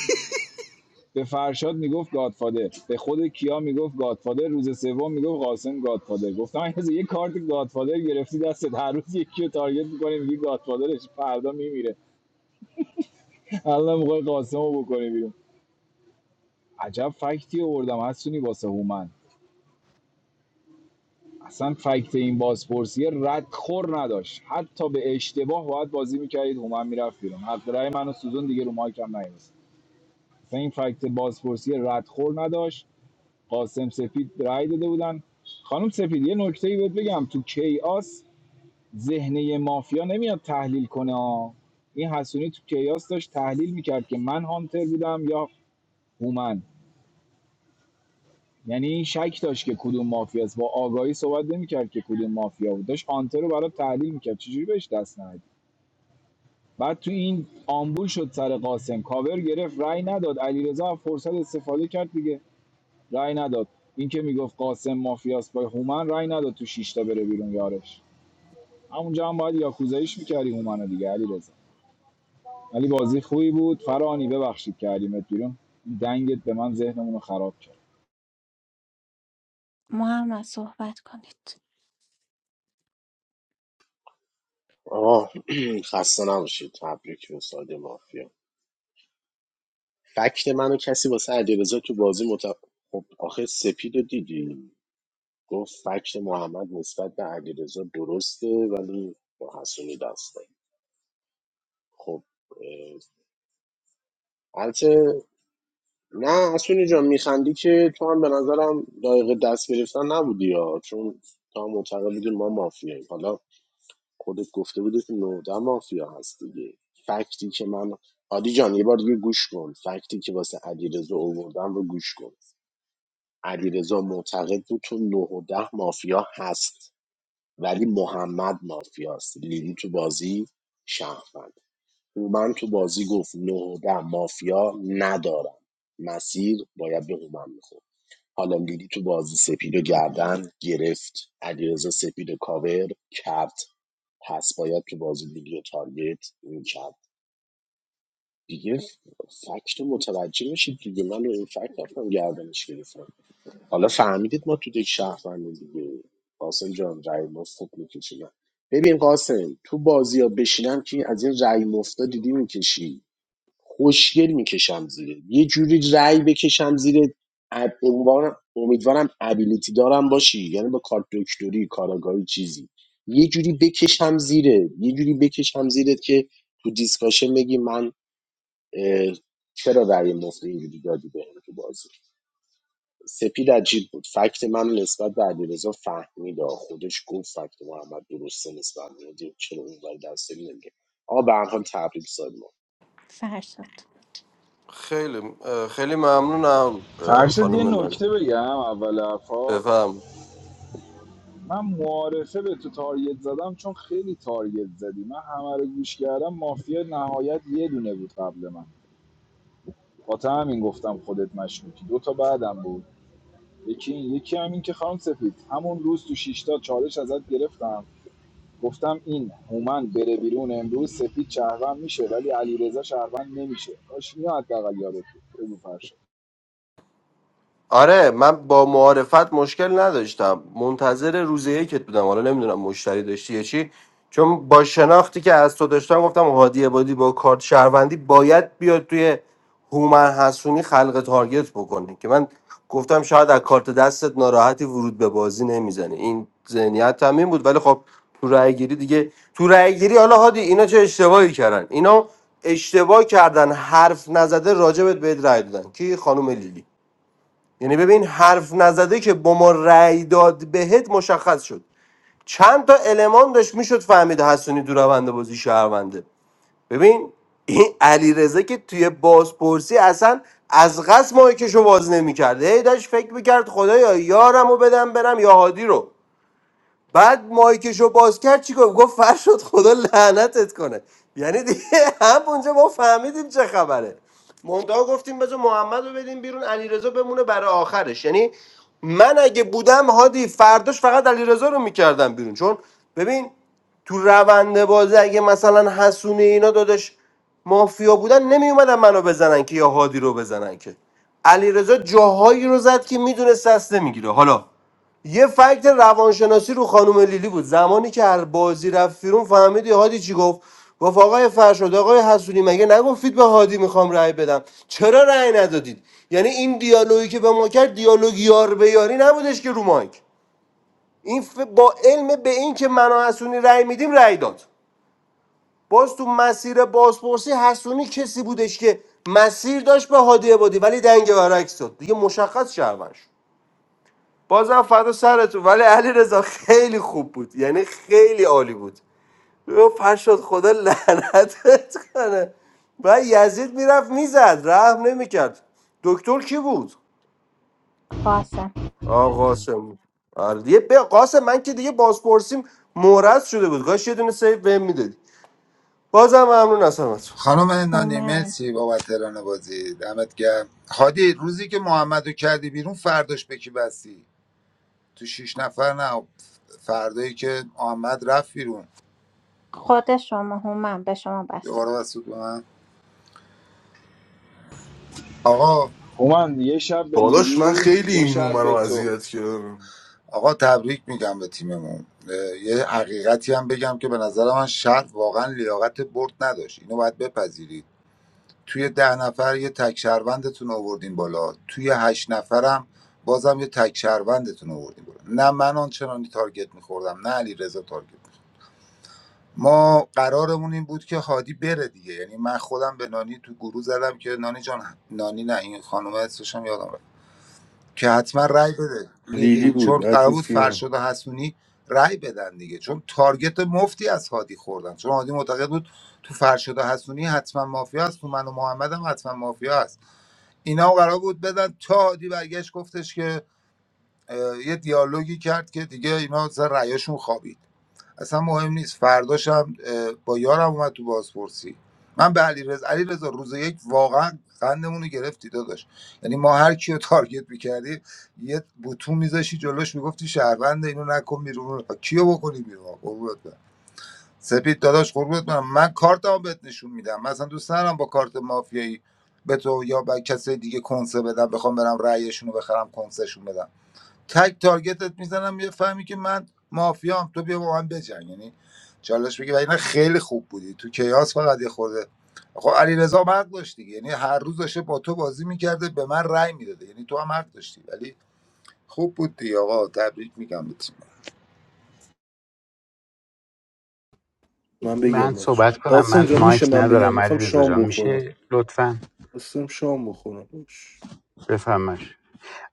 به فرشاد میگفت گادفادر به خود کیا میگفت گادفادر روز سوم میگفت قاسم گادفادر گفتم این یه کارت گادفادر گرفتی دستت هر روز یکی رو تارگت میکنی میگی گادفادرش فردا میمیره الله میخوای قاسمو بکنی بیرون عجب فکتی آوردم هستونی واسه هومن اصلا فکت این بازپرسی ردخور نداشت حتی به اشتباه باید بازی میکردید هومن میرفت بیرون حق رای منو سوزون دیگه رو مایکم نیومد اصلا این فکت بازپرسی ردخور نداشت قاسم سپید رای داده بودن خانم سپید یه نکته ای بهت بگم تو کیاس ذهنه مافیا نمیاد تحلیل کنه ها. این حسونی تو کیاس داشت تحلیل میکرد که من هانتر بودم یا هومن یعنی شک داشت که کدوم مافیاست با آگاهی صحبت نمیکرد که کدوم مافیا بود داشت هانتر رو برای تحلیل میکرد چجوری بهش دست ندید بعد تو این آمبول شد سر قاسم کاور گرفت رای نداد علیرضا هم فرصت استفاده کرد دیگه رای نداد این که میگفت قاسم مافیاست با هومن رأی نداد تو شیشتا بره بیرون یارش همونجا هم باید یاکوزاییش میکردی هومنو دیگه علی رضا ولی بازی خوبی بود فرانی ببخشید کردیمت بیرون این دنگت به من ذهنمون رو خراب کرد محمد صحبت کنید آقا خسته نباشید تبریک به ساده مافیا فکت منو کسی واسه علیرضا تو بازی مت خب آخه سپید رو دیدی گفت فکت محمد نسبت به علیرضا درسته ولی با حسونی دسته خب اه، البته نه اسونی جان میخندی که تو هم به نظرم لایق دست گرفتن نبودی یا چون تا معتقد بودی ما مافیاییم حالا خودت گفته بودی که نودا مافیا هست دیگه فکتی که من عادی جان یه بار دیگه گوش کن فکتی که واسه علیرضا آوردم رو گوش کن علیرضا معتقد بود تو نه و ده مافیا هست ولی محمد مافیاست لیلی تو بازی شهروند من تو بازی گفت نه و ده مافیا ندارم مسیر باید به هومن می‌خورد. حالا لیلی تو بازی سپید و گردن گرفت علیرضا سپید و کاور کرد پس باید تو بازی لیلی و تارگت میکرد دیگه فکت رو متوجه میشید دیگه من رو این فکت رفتم گردنش گرفتم حالا فهمیدید ما تو یک شهروند دیگه قاسم جان رای مفت میکشیم ببین قاسم تو بازی ها بشینم که از این رای مفتا دیدی میکشی خوشگل میکشم زیره یه جوری رأی بکشم زیر امیدوارم امیدوارم ابیلیتی دارم باشی یعنی با کارت دکتری کاراگاهی چیزی یه جوری بکشم زیره یه جوری بکشم زیرت که تو دیسکاشن بگی من اه، چرا رأی مفت اینجوری دادی به تو بازی سپید عجیب بود فکت من نسبت به علیرضا فهمید آ. خودش گفت فکت محمد درسته نسبت به چرا اون ولی دست نمیگه آ به هر حال تبریک سال فرشاد خیلی اه، خیلی ممنونم اه، فرشت یه خانم ناری نکته بگم اول حرفات بفهم من معارفه به تو تارگت زدم چون خیلی تارگت زدی من همه رو گوش کردم مافیا نهایت یه دونه بود قبل من با همین گفتم خودت مشکوکی دو تا بعدم بود یکی این یکی هم که خانم سفید همون روز تو شیشتا چالش ازت گرفتم گفتم این هومن بره بیرون امروز سفید شهروند میشه ولی علیرضا شهروند نمیشه کاش اینو حداقل یادت بود. بگو فرشاد آره من با معارفت مشکل نداشتم منتظر روز یکت بودم حالا نمیدونم مشتری داشتی یا چی چون با شناختی که از تو داشتم گفتم هادی عبادی با کارت شهروندی باید بیاد توی هومن حسونی خلق تارگت بکنه که من گفتم شاید از کارت دستت ناراحتی ورود به بازی نمیزنه این ذهنیت هم این بود ولی خب تو رأی گیری دیگه تو رأی گیری حالا هادی اینا چه اشتباهی کردن اینا اشتباه کردن حرف نزده راجبت بهت رأی دادن کی خانم لیلی یعنی ببین حرف نزده که با ما رأی داد بهت مشخص شد چند تا المان داشت میشد فهمید حسونی تو روند بازی شهرونده ببین این علیرضا که توی بازپرسی اصلا از قصد مایکشو باز نمیکرد هی داشت فکر میکرد خدایا یارم رو بدم برم یا هادی رو بعد مایکشو باز کرد چیکار گفت فرشاد خدا لعنتت کنه یعنی دیگه هم اونجا ما فهمیدیم چه خبره منتها گفتیم بذار محمد رو بدیم بیرون علیرضا بمونه برای آخرش یعنی من اگه بودم هادی فرداش فقط علیرضا رو میکردم بیرون چون ببین تو روند بازی اگه مثلا حسونی اینا دادش مافیا بودن نمیومدن منو بزنن که یا هادی رو بزنن که علیرضا جاهایی رو زد که میدونست دست نمیگیره حالا یه فکت روانشناسی رو خانم لیلی بود زمانی که هر بازی رفت بیرون فهمیدی هادی چی گفت گفت آقای فرشاد آقای حسونی مگه نگفتید به هادی میخوام رأی بدم چرا رأی ندادید یعنی این دیالوگی که به ما کرد دیالوگ یار به یاری نبودش که رو مایک این ف- با علم به این که من و حسونی رأی میدیم رأی داد باز تو مسیر بازپرسی حسونی کسی بودش که مسیر داشت به هادی عبادی ولی دنگ برعکس داد دیگه مشخص شهروند شد بازم فدا سرتون ولی علیرضا خیلی خوب بود یعنی خیلی عالی بود او فرشاد خدا لعنتت کنه و یزید میرفت میزد رحم نمیکرد دکتر کی بود قاسم آقا قاسم بود. آره دیگه به قاسم من که دیگه بازپرسیم مورد شده بود کاش یه دونه سیف بهم میدادی بازم ممنون از همتون خانم نانی هومن مرسی بابت ران بازی دمت گرم هادی روزی که محمد رو کردی بیرون فرداش به کی بستی تو شیش نفر نه فردایی که محمد رفت بیرون خود شما هومن به شما بسته دوباره بود بسود به من آقا هومن یه شب به داداش من لیلی خیلی دو این اون شب رو به تو اذیت کردم آقا تبریک میگم به تیممون اه، یه حقیقتی هم بگم که به نظر من شهر واقعا لیاقت برد نداشت اینو باید بپذیرید توی ده نفر یه تک شهروندتون آوردین بالا توی هشت نفرم بازم یه تک شهروندتون آوردین بالا نه من آنچنانی تارگت میخوردم نه علی رضا تارگت می‌خورد. ما قرارمون این بود که هادی بره دیگه یعنی من خودم به نانی تو گروه زدم که نانی جان نانی نه این خانم اسمش هم یادم رفت. که حتما رای بده لیلی لیلی چون بود قرار بود اتوفیان فرشاد و حسونی رأی بدن دیگه چون تارگت مفتی از هادی خوردن چون هادی معتقد بود تو فرشاد و حسونی حتما مافیا هست تو من و محمد هم حتما مافیا هست اینا هم قرار بود بدن تا هادی برگشت گفتش که اه، یه دیالوگی کرد که دیگه اینا سر رأیاشون خوابید اصلا مهم نیست فرداشم با یارم اومد تو بازپرسی من به علی رضا علی رضا روز یک واقعا قندمون رو گرفتی داداش یعنی ما هر کیو تارگت میکردیم یه بوتون میذاشی جلوش میگفتی شهروند اینو نکن بیرون کیو بکنی بیرون قربونت برم سپید داداش قربونت برم من کارتمو بهت نشون میدم من اصلا دوست ندارم با کارت مافیایی به تو یا به کسی دیگه کنسه بدم بخوام برم رأیشون رو بخرم کنسشون بدم تک تارگتت میزنم یه فهمی که من مافیام تو بیا با من بجنگ یعنی چالش بگی و اینا خیلی خوب بودی تو کیاس فقط یه خورده خب علیرضا هم حق داشت دیگه یعنی هر روز داشته با تو بازی میکرده به من رأی میداده یعنی تو هم حق داشتی ولی خوب بود دیگه آقا تبریک میگم به تیم. من من بگم بچه صحبت کنم قاسم من جان میشه مایک من بگم ندارم میخوام علی شام جان بخورم میشه لطفا قاسم شام بخورم بفهمش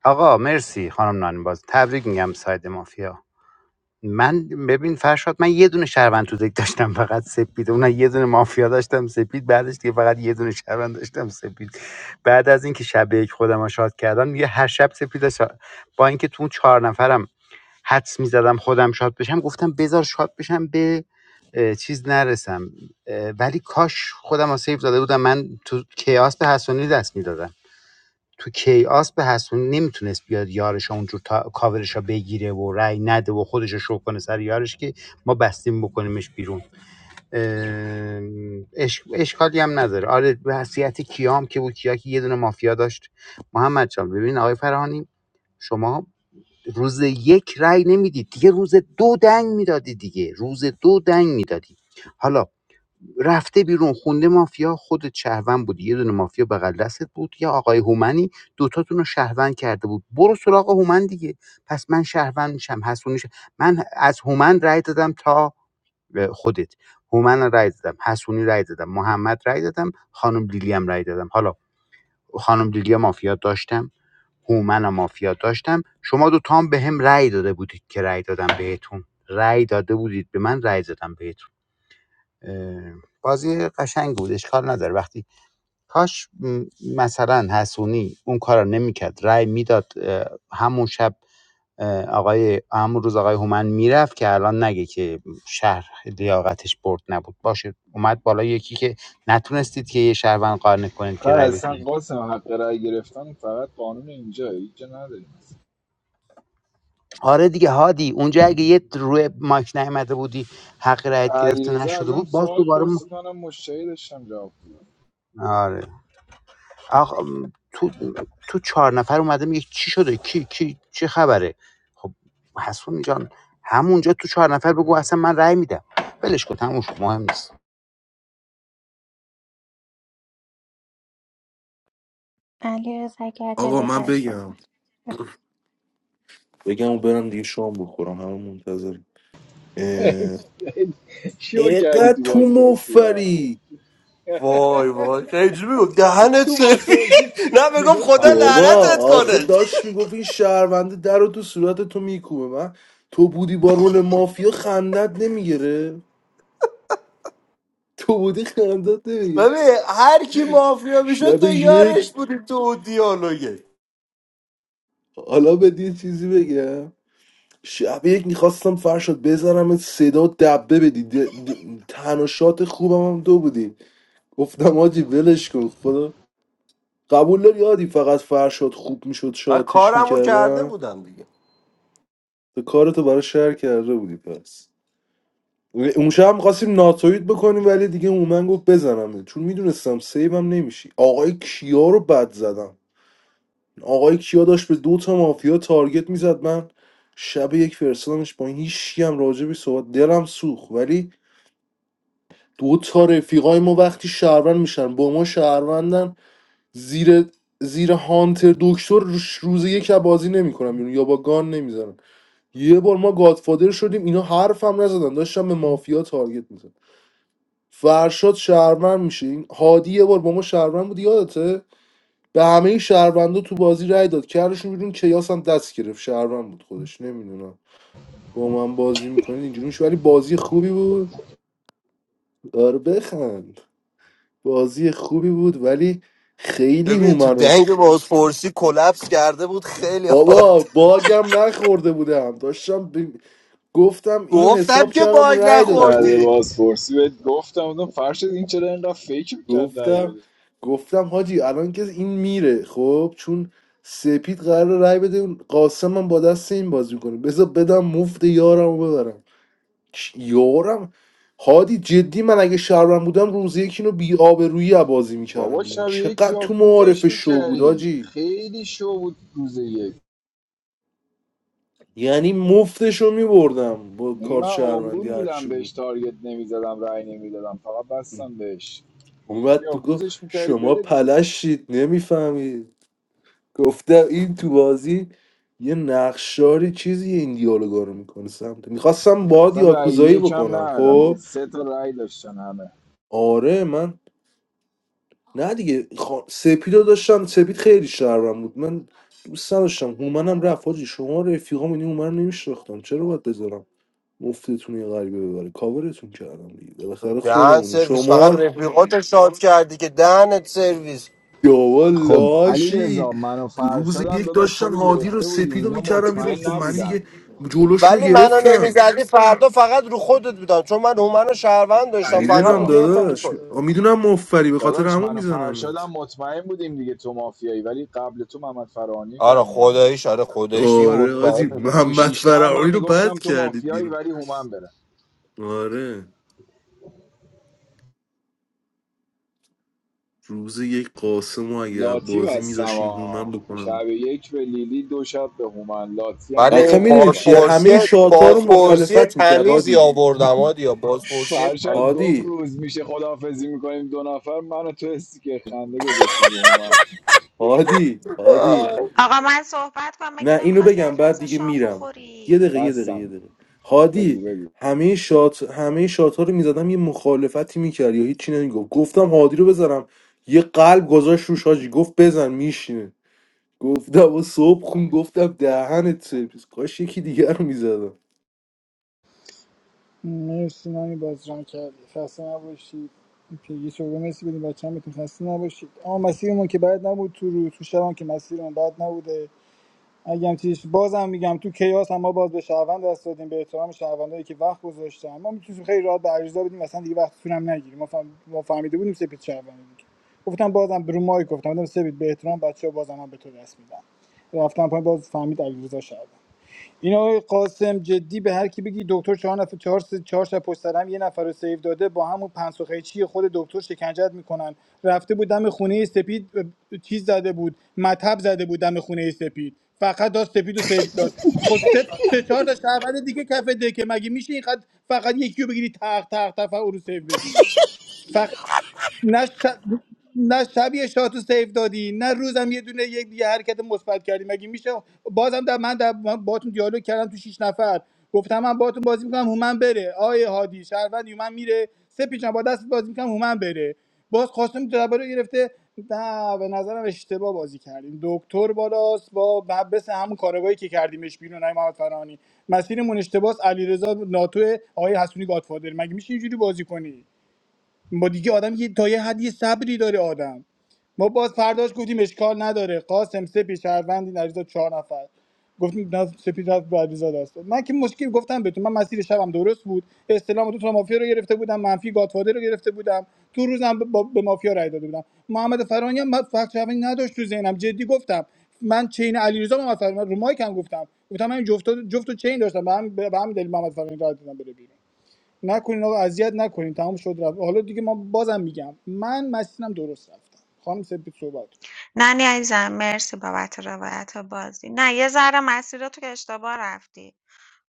آقا مرسی خانم نانی باز تبریک میگم ساید مافیا من ببین فرشاد من یه دونه شهروند تو دک داشتم فقط سپید اون یه دونه مافیا داشتم سپید بعدش دیگه فقط یه دونه شهروند داشتم سپید بعد از اینکه شب یک خودم رو شاد کردم دیگه هر شب سپید رو شا- با اینکه تو اون چهار نفرم حدس میزدم خودم شاد بشم گفتم بذار شاد بشم به اه، چیز نرسم اه، ولی کاش خودم رو سیف داده بودم من تو کیاس به حسونی دست میدادم تو کیاس به حسون نمیتونست بیاد یارش اونجور تا... کاورش بگیره و رأی نده و خودش رو شو کنه سر یارش که ما بستیم بکنیمش بیرون ام، اش... اشکالی هم نداره آره وصیت کیام که بود کیا که یه دونه مافیا داشت محمد جان ببین آقای فرهانی شما روز یک رأی نمیدید دیگه روز دو دنگ میدادی دیگه روز دو دنگ میدادی حالا رفته بیرون خونده مافیا خودت شهروند بودی یه دونه مافیا بغل دستت بود یا آقای هومنی دوتاتون رو شهروند کرده بود برو سراغ هومن دیگه پس من شهروند میشم حسونی شه- من از هومن رای دادم تا اه، خودت هومن رای دادم حسونی رای دادم محمد رای دادم خانم لیلی هم رای دادم حالا خانم لیلی هم مافیا داشتم هومن هم مافیا داشتم شما دو هم به هم رأی داده بودید که رأی دادم بهتون رأی داده بودید به من رأی دادم بهتون بازی قشنگ بود اشکال نداره وقتی کاش م، مثلا حسونی اون کار نمیکرد رای میداد همون شب آقای همون روز آقای هومن میرفت که الان نگه که شهر لیاقتش برد نبود باشه اومد بالا یکی که نتونستید که یه شهروند قانع کنید خب که رای بدید اصلا قاسم حق رأی گرفتن فقط قانون اینجا اینجا نداریم آره دیگه هادی اونجا اگه یه روی ماک نیامده بودی حق رایت گرفته علیرضا نشده ازم بود باز سوال دوباره م... پرسید منم مشتری داشتم جواب میدادم آره آقا تو تو چهار نفر اومده میگه چی شده کی کی چه خبره خب حسون جان همونجا تو چهار نفر بگو اصلا من رأی میدم ولش کن تموم مهم نیست علی اگه آقا عجله من داری بگم صحبت کن. بف- بگم و برم دیگه شام بخورم همه منتظر شو کردی اینقدر تو تو بازپرسی ها مفری وای وای خیلی میگم دهنت تو سرویس بازپرسی نه بگم میگم خدا فرشو بابا دهنت لعنتت آخه سرویس کنه داشت میگفت این شهرونده در رو تو صورت تو میکوبه من تو بودی با رول مافیا خندت نمیگیره تو بودی خندت نمیگیره ببین هر کی مافیا میشد شب تو یک یارش بودی تو اون دیالوگه حالا بدی یه چیزی بگم شب یک میخواستم فرشاد بذارم صدا و دبه بدی د- د- تنها شات خوبم هم تو بودی گفتم آجی ولش کن خدا قبول داری یادی فقط فرشاد خوب میشد من شاتش کارمو کرده میکردن بودم دیگه کارتو برای شهر کرده بودی پس اون شب هم میخواستیم ناتویت بکنیم ولی دیگه من گفت بزنم چون میدونستم سیبم نمیشی آقای کیا رو بد زدم آقای کیا داشت به دو تا مافیا تارگت میزد من شب یک فرستادمش با هیچکی هم راجبی صحبت دلم سوخت ولی دو تا رفیقای ما وقتی شهروند میشن با ما شهروندن زیر زیر هانتر دکتر روش- روز یک از بازی نمیکنم بیرون یا با گان نمیزنم یه بار ما گادفادر شدیم اینا حرف هم نزدن داشتم به مافیا تارگت میزدم فرشاد شهروند میشه این هادی یه بار با ما شهروند بود یادته به همه شهروندا تو بازی رای داد کردشون بیرون کیاس هم دست گرفت شهروند بود خودش نمیدونم با من بازی میکنید اینجوری میشه ولی بازی خوبی بود آره بخند بازی خوبی بود ولی خیلی ببین تو هومن دنگ بازپرسی کلپس کرده بود خیلی حال بابا باگم نخورده بودم داشتم ب- گفتم اینو گفتم حساب که کردم باگ رأی دادم بعد گفت نخوردی بازپرسی بهت گفتم بودم فرشت این چرا اینقدر فکر میکرد رای گفتم بده گفتم حاجی الان که این میره خب چون سپید قرار رأی بده اون قاسم هم با دست این بازی کنه بذار بدم مفت یارم ببرم چ- یارم هادی جدی من اگه شهرم بودم روز یکی اینو بی آبرویی از بازی میکردم بابا بیرون شب یک چقدر تو معارف یاکوزش شو بود میکردی حاجی خیلی شو بود روز یک یعنی مفتشو میبردم با یعنی کارت من شهروندی آمبول بودم هرچی بهش بود تارگت نمیزدم رای نمیدادم فقط بستم بهش اومد تو گفت یاکوزش میکردی شما بره دیگه پلشید نمیفهمید گفته این تو بازی یه نقشاری چیزی این دیالوگا رو میکنه سمت میخواستم باد اصلا رای یاکوزایی یکم بکنم ندادم یعنی خب سه تا رای داشتن همه آره من نه دیگه خا... سپید رو داشتم سپید خیلی شهرم بود من دوست نداشتم هومنم رفت حاجی شما رفیقام این هومن رو نمیشناختم چرا باید بذارم مفتتون یه غریبه ببره کاورتون کردم دیگه بالاخره دهن خودمونیم سرویس فقط شما رفیقات شاد کردی که دهنت سرویس بابا خب علی لاشی رضا من و روز فرشادم یک داداش تو داشتن رو هادی رو گرفته بودیم سپید رو اینا میکردم بیرون مطمئن خب من نبودن دیگه جلوشون رو ولی منو گرفتم نمیزدی فردا فقط رو خودت بودم چون من هومن شهروند داشتم فقط میدونم علی میگرفتم رو داداش خودت آ، میدونم مفری به خاطر داداش همون من و میزنم فرشادم بهت مطمئن بودیم دیگه تو مافیایی ولی قبل تو محمد فرانی آره کردیم برن دیگه خداییش آره خداییش دیگه آره مطمئن آجی تو بود محمد شیشتا هم من فرعانی رو میگفتم بد تو کردید مافیایی بیرون ولی هومن بره آره روز یک قاسم و اگه لاتی بازی بستم میذاشین هومم آه. بکنم شب یک به لیلی دو شب به هومن لاتی هم ولی آخه میدونیم بردمش پایین چیه بازپرسی همه شاتا رو بازپرسی مخالفت میکرد تمیزی هادی آوردم آدیا بازپرسی شش، فرشاد تمیزی. گفت هادی روز میشه خداحافظی میکنیم دو نفر من و تو استیکر خنده گذاشتیم به هومن هادی هادی آقا من صحبت کنم مگه نه اینو نمیخواستی بگم بعد علیرضا دیگه شام میرم یه بخوری دقیقه یه دقیقه یه بستم دقیقه بگو هادی بگو همه شات همه شات ها رو میزدم یه مخالفتی میکرد یا هیچی نمیگفت گفتم هادی رو بزنم یه قلب گذاشت روش حاجی گفت بزن میشینه گفتم و صبح خون گفتم دهنت سرویس کاش یکی دیگر رو میزدم مرسی نانی بازران کردی خسته نباشید پیگی شما مرسی بدیم بچه هم بهتون خسته نباشید اما مسیرمون که بد نبود تو رو تو شبم که مسیرمون بد نبوده اگم چیش بازم میگم تو کیاس هم ما باز به شهروند دست دادیم به احترام شهروندایی که وقت گذاشتن ما میتونیم خیلی راحت به عریضا بدیم اصلا دیگه وقت هم نگیریم ما, فهم... ما فهمیده بودیم سپید شهروند دیگه گفتم بازم رو مایک گفتم گفتم سپید به احترام بچه‌ها بازم من به تو دست میدم رفتم پایین باز فهمید علیرضا شهروند این آقای قاسم جدی به هر کی بگی دکتر چهار نفر چهار س- چهار شب پشت سر هم یه نفر رو سیو داده با همون پنسوخه چی خود دکتر شکنجت میکنن رفته بود دم خونه سپید اه، چیز زده بود مطب زده بود دم خونه سپید فقط داشت سپید رو سیو داد خب سه سه چهار تا شهروند دیگه کف دکه مگه میشه اینقدر فقط یکی رو بگیری تق تق تق فقط او رو سیو بدی نه شب نه شب یه شاتو سیف دادی نه روزم یه دونه یک دیگه حرکت مثبت کردی مگه میشه بازم در من در من باهاتون دیالوگ کردم تو شیش نفر گفتم من باهاتون بازی میکنم هومن بره آیه هادی شهروند هومن میره سه پیچم با دست بازی میکنم هومن بره باز خواستم درباره گرفته نه به نظرم اشتباه بازی کردیم دکتر بالاست با بس همون کارگاهی که کردیمش بیرون آقای محمد فرانی مسیرمون اشتباس علیرضا ناتو آقای حسونی گادفادر مگه میشه اینجوری بازی کنی با دیگه آدم یه تا یه حد صبری داره آدم ما باز فرداش گفتیم اشکال نداره قاسم سپی شهروندی نریزا چهار نفر گفتیم نه سپید رفت به علیرضا دست داد. من که مشکل گفتم بهتون من مسیر شبم درست بود استلام دو تا مافیا رو گرفته بودم منفی گاتفادر رو گرفته بودم تو روزم ب- با- به مافیا رای داده بودم محمد فرانی هم من فقط شهروندی نداشت تو ذهنم جدی گفتم من چین علیرضا محمد فرانی من رو مایک گفتم گفتم من این جفت جفت و چین داشتم به هم به همین دلیل محمد فرانی رای دادم بره بیرون نکنین آقا اذیت نکنین تمام شد رفت حالا دیگه ما بازم میگم من مسیرم درست رفتم خانم سپید صحبت کن. نه نه عزیزم مرسی بابت روایت بازی نه یه ذره مسیر تو که اشتباه رفتی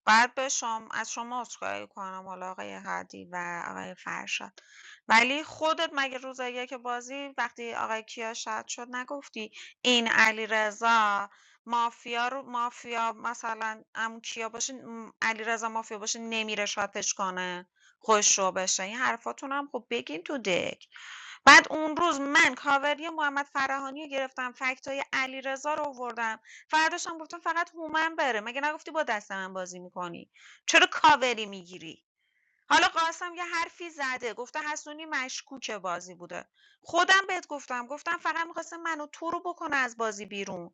باید به شما از شما عذرخواهی کنم حالا آقای هادی و آقای فرشاد ولی خودت مگه روز یک بازی وقتی آقای کیا شاد شد نگفتی این علیرضا مافیا رو مافیا مثلا عمو کیا باشه م، علیرضا مافیا باشه نمیره شاتش کنه خوش رو بشه این حرفاتون هم خب بگین تو دک بعد اون روز من کاوری محمد فراهانی رو گرفتم فکت های علی رو آوردم فرداش هم گفتم فقط هومن بره مگه نگفتی با دست من بازی میکنی چرا کاوری میگیری حالا قاسم یه حرفی زده گفته حسونی مشکوک بازی بوده خودم بهت گفتم گفتم فقط میخواستم منو تو رو بکنه از بازی بیرون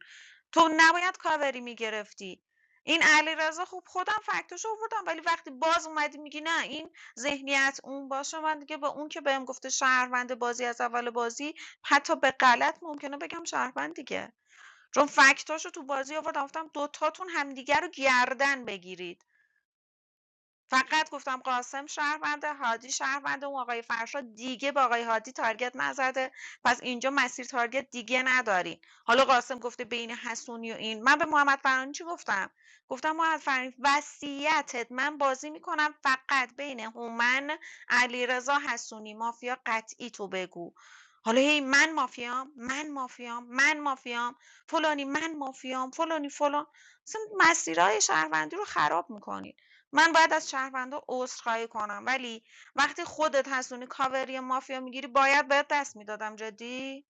تو نباید کاوری میگرفتی این علیرضا خوب خودم فکتش آوردم ولی وقتی باز اومدی میگی نه این ذهنیت اون باشه من دیگه به اون که بهم گفته شهروند بازی از اول بازی حتی به غلط ممکنه بگم شهروند دیگه چون فکتاشو تو بازی آورد گفتم دو تاتون همدیگه رو گردن بگیرید فقط گفتم قاسم شهرونده، هادی شهرونده، اون آقای فرشاد دیگه به آقای هادی تارگت نزده پس اینجا مسیر تارگت دیگه ندارین حالا قاسم گفته بین حسونی و این من به محمد فرانی چی گفتم گفتم محمد فرانی وصیتت من بازی میکنم فقط بین هومن علیرضا حسونی مافیا قطعی تو بگو حالا هی من مافیام من مافیام من مافیام فلانی من مافیام فلانی فلان اصلا مسیرهای شهروندی رو خراب میکنی من باید از شهروندا عذرخواهی کنم ولی وقتی خودت حسونی کاوری مافیا میگیری باید بهت دست میدادم جدی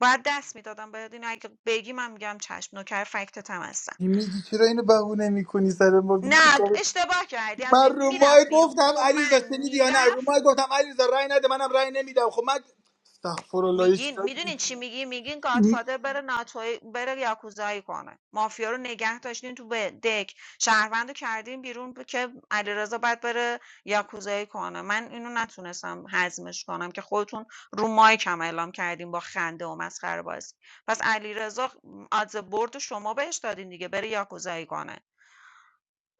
باید دست میدادم باید اینو اگه بگی من میگم چشم نوکر فکتت هم هستم میگی چرا اینو بهونه میکنی سر ما نه اشتباه کردی حسونی من رو مای میرفت بیرون گفتم هومن علیرضا شنیدی یا نه رو میرفت مای گفتم علیرضا رای نده منم رای نمیدم خب من استغفر الله هیچ میگین کاری میدونین چی میگی میگین گادفادر بره ناتوی بره یاکوزایی کنه مافیا رو نگه داشتین تو ب- دک شهروند رو کردین بیرون ب- که علیرضا باید بره یاکوزایی کنه من اینو نتونستم هضمش کنم که خودتون رو مایکم اعلام کردین با خنده و مسخره بازی پس علیرضا خ- آدز برد رو شما بهش دادین دیگه بره یاکوزایی کنه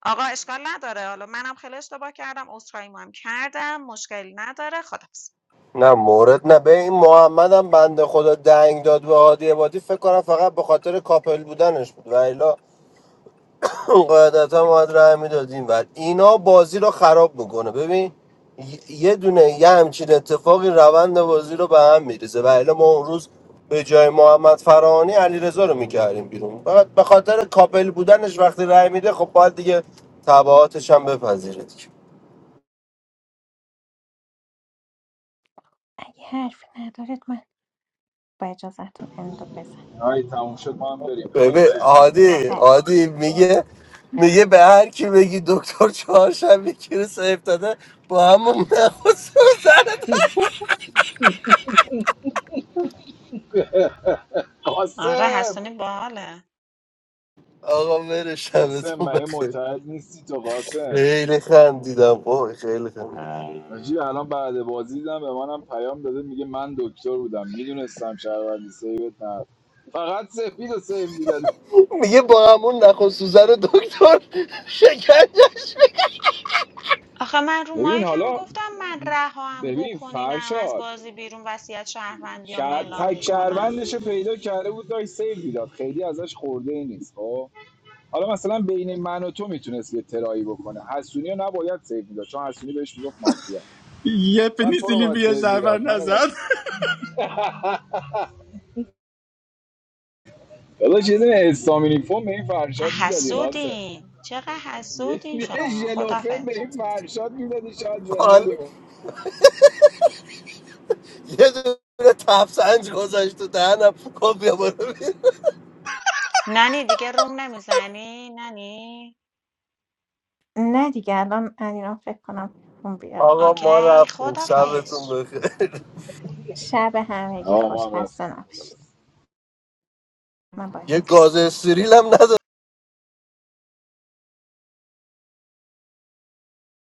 آقا اشکال نداره حالا منم خیلی اشتباه کردم عذرخواهیمو هم کردم مشکلی نداره خدافظ نه مورد نه به این محمد هم بنده خدا دنگ داد به هادی عبادی فکر کنم فقط به خاطر کاپل بودنش بود و قاعدتا باید رای میداد این ور اینا بازی رو خراب میکنه ببین یه دونه یه همچین اتفاقی روند بازی رو به هم میریزه و الا ما اون روز به جای محمد فرانی علیرضا رو میکردیم بیرون فقط به خاطر کاپل بودنش وقتی رای میده خب باید دیگه تبعاتش هم بپذیره دیگه. اگه حرفی ندارید من با اجازهتون اندو بزن آی تموم شد ما هم بریم ببین مرسی خانم عادی بله عادی رانی میگه میگه به هر کی بگی دکتر چهارشنبه کی رو سیف داده با همون نخواست آره قاسم حسونی باحاله آقا بره قاسم شبتون من یه بخیر نیستی تو قاسم خیلی خندیدم وای خیلی خندیدم نجیب الان بعد بازی دیدم به منم پیام داده میگه من دکتر بودم میدونستم شهروندی سیوت نه فقط سپید و سیو میداده میگه با همون نخست سوزن دکتر شکنجش آخه من رو ببین مایکم حالا گفتم من رها هم ببین بکنینم از فرشاد بازی بیرون وصیت شهروندیامو شاید اعلام تک میکنم شهروندش رو پیدا کرده بود داشت سیو میداد خیلی ازش خورده ای نیست خب حالا مثلا بین من و تو میتونست یه ترایی بکنه حسونی رو نباید سیو میداد چون حسونی بهش میگفت مافیا میگی یه مثلا تو رو پنیسیلی باید بیا سیو شهرور میداد منو باید نزد داداش چیزی استامینی فون به این فرشاد میدادی قاسم حسودین چقدر یه حسودین یه شما ژلوفه به خدافز این فرشاد میدادی شاید زنده حال میمون یه دونه تفسنج گذاشت تو دهنم گفت بیا برو بیرون. ننی دیگه روم نمیزنی ننی نه دیگه الان الان فکر کنم اون بیاد آقا ما اوکی رفتیم آره. خدافز شبتون بخیر شب همگی آقا خوش ما هم خسته رفتیم نباشید من با یه گاز اجازهتون استریل هم نداد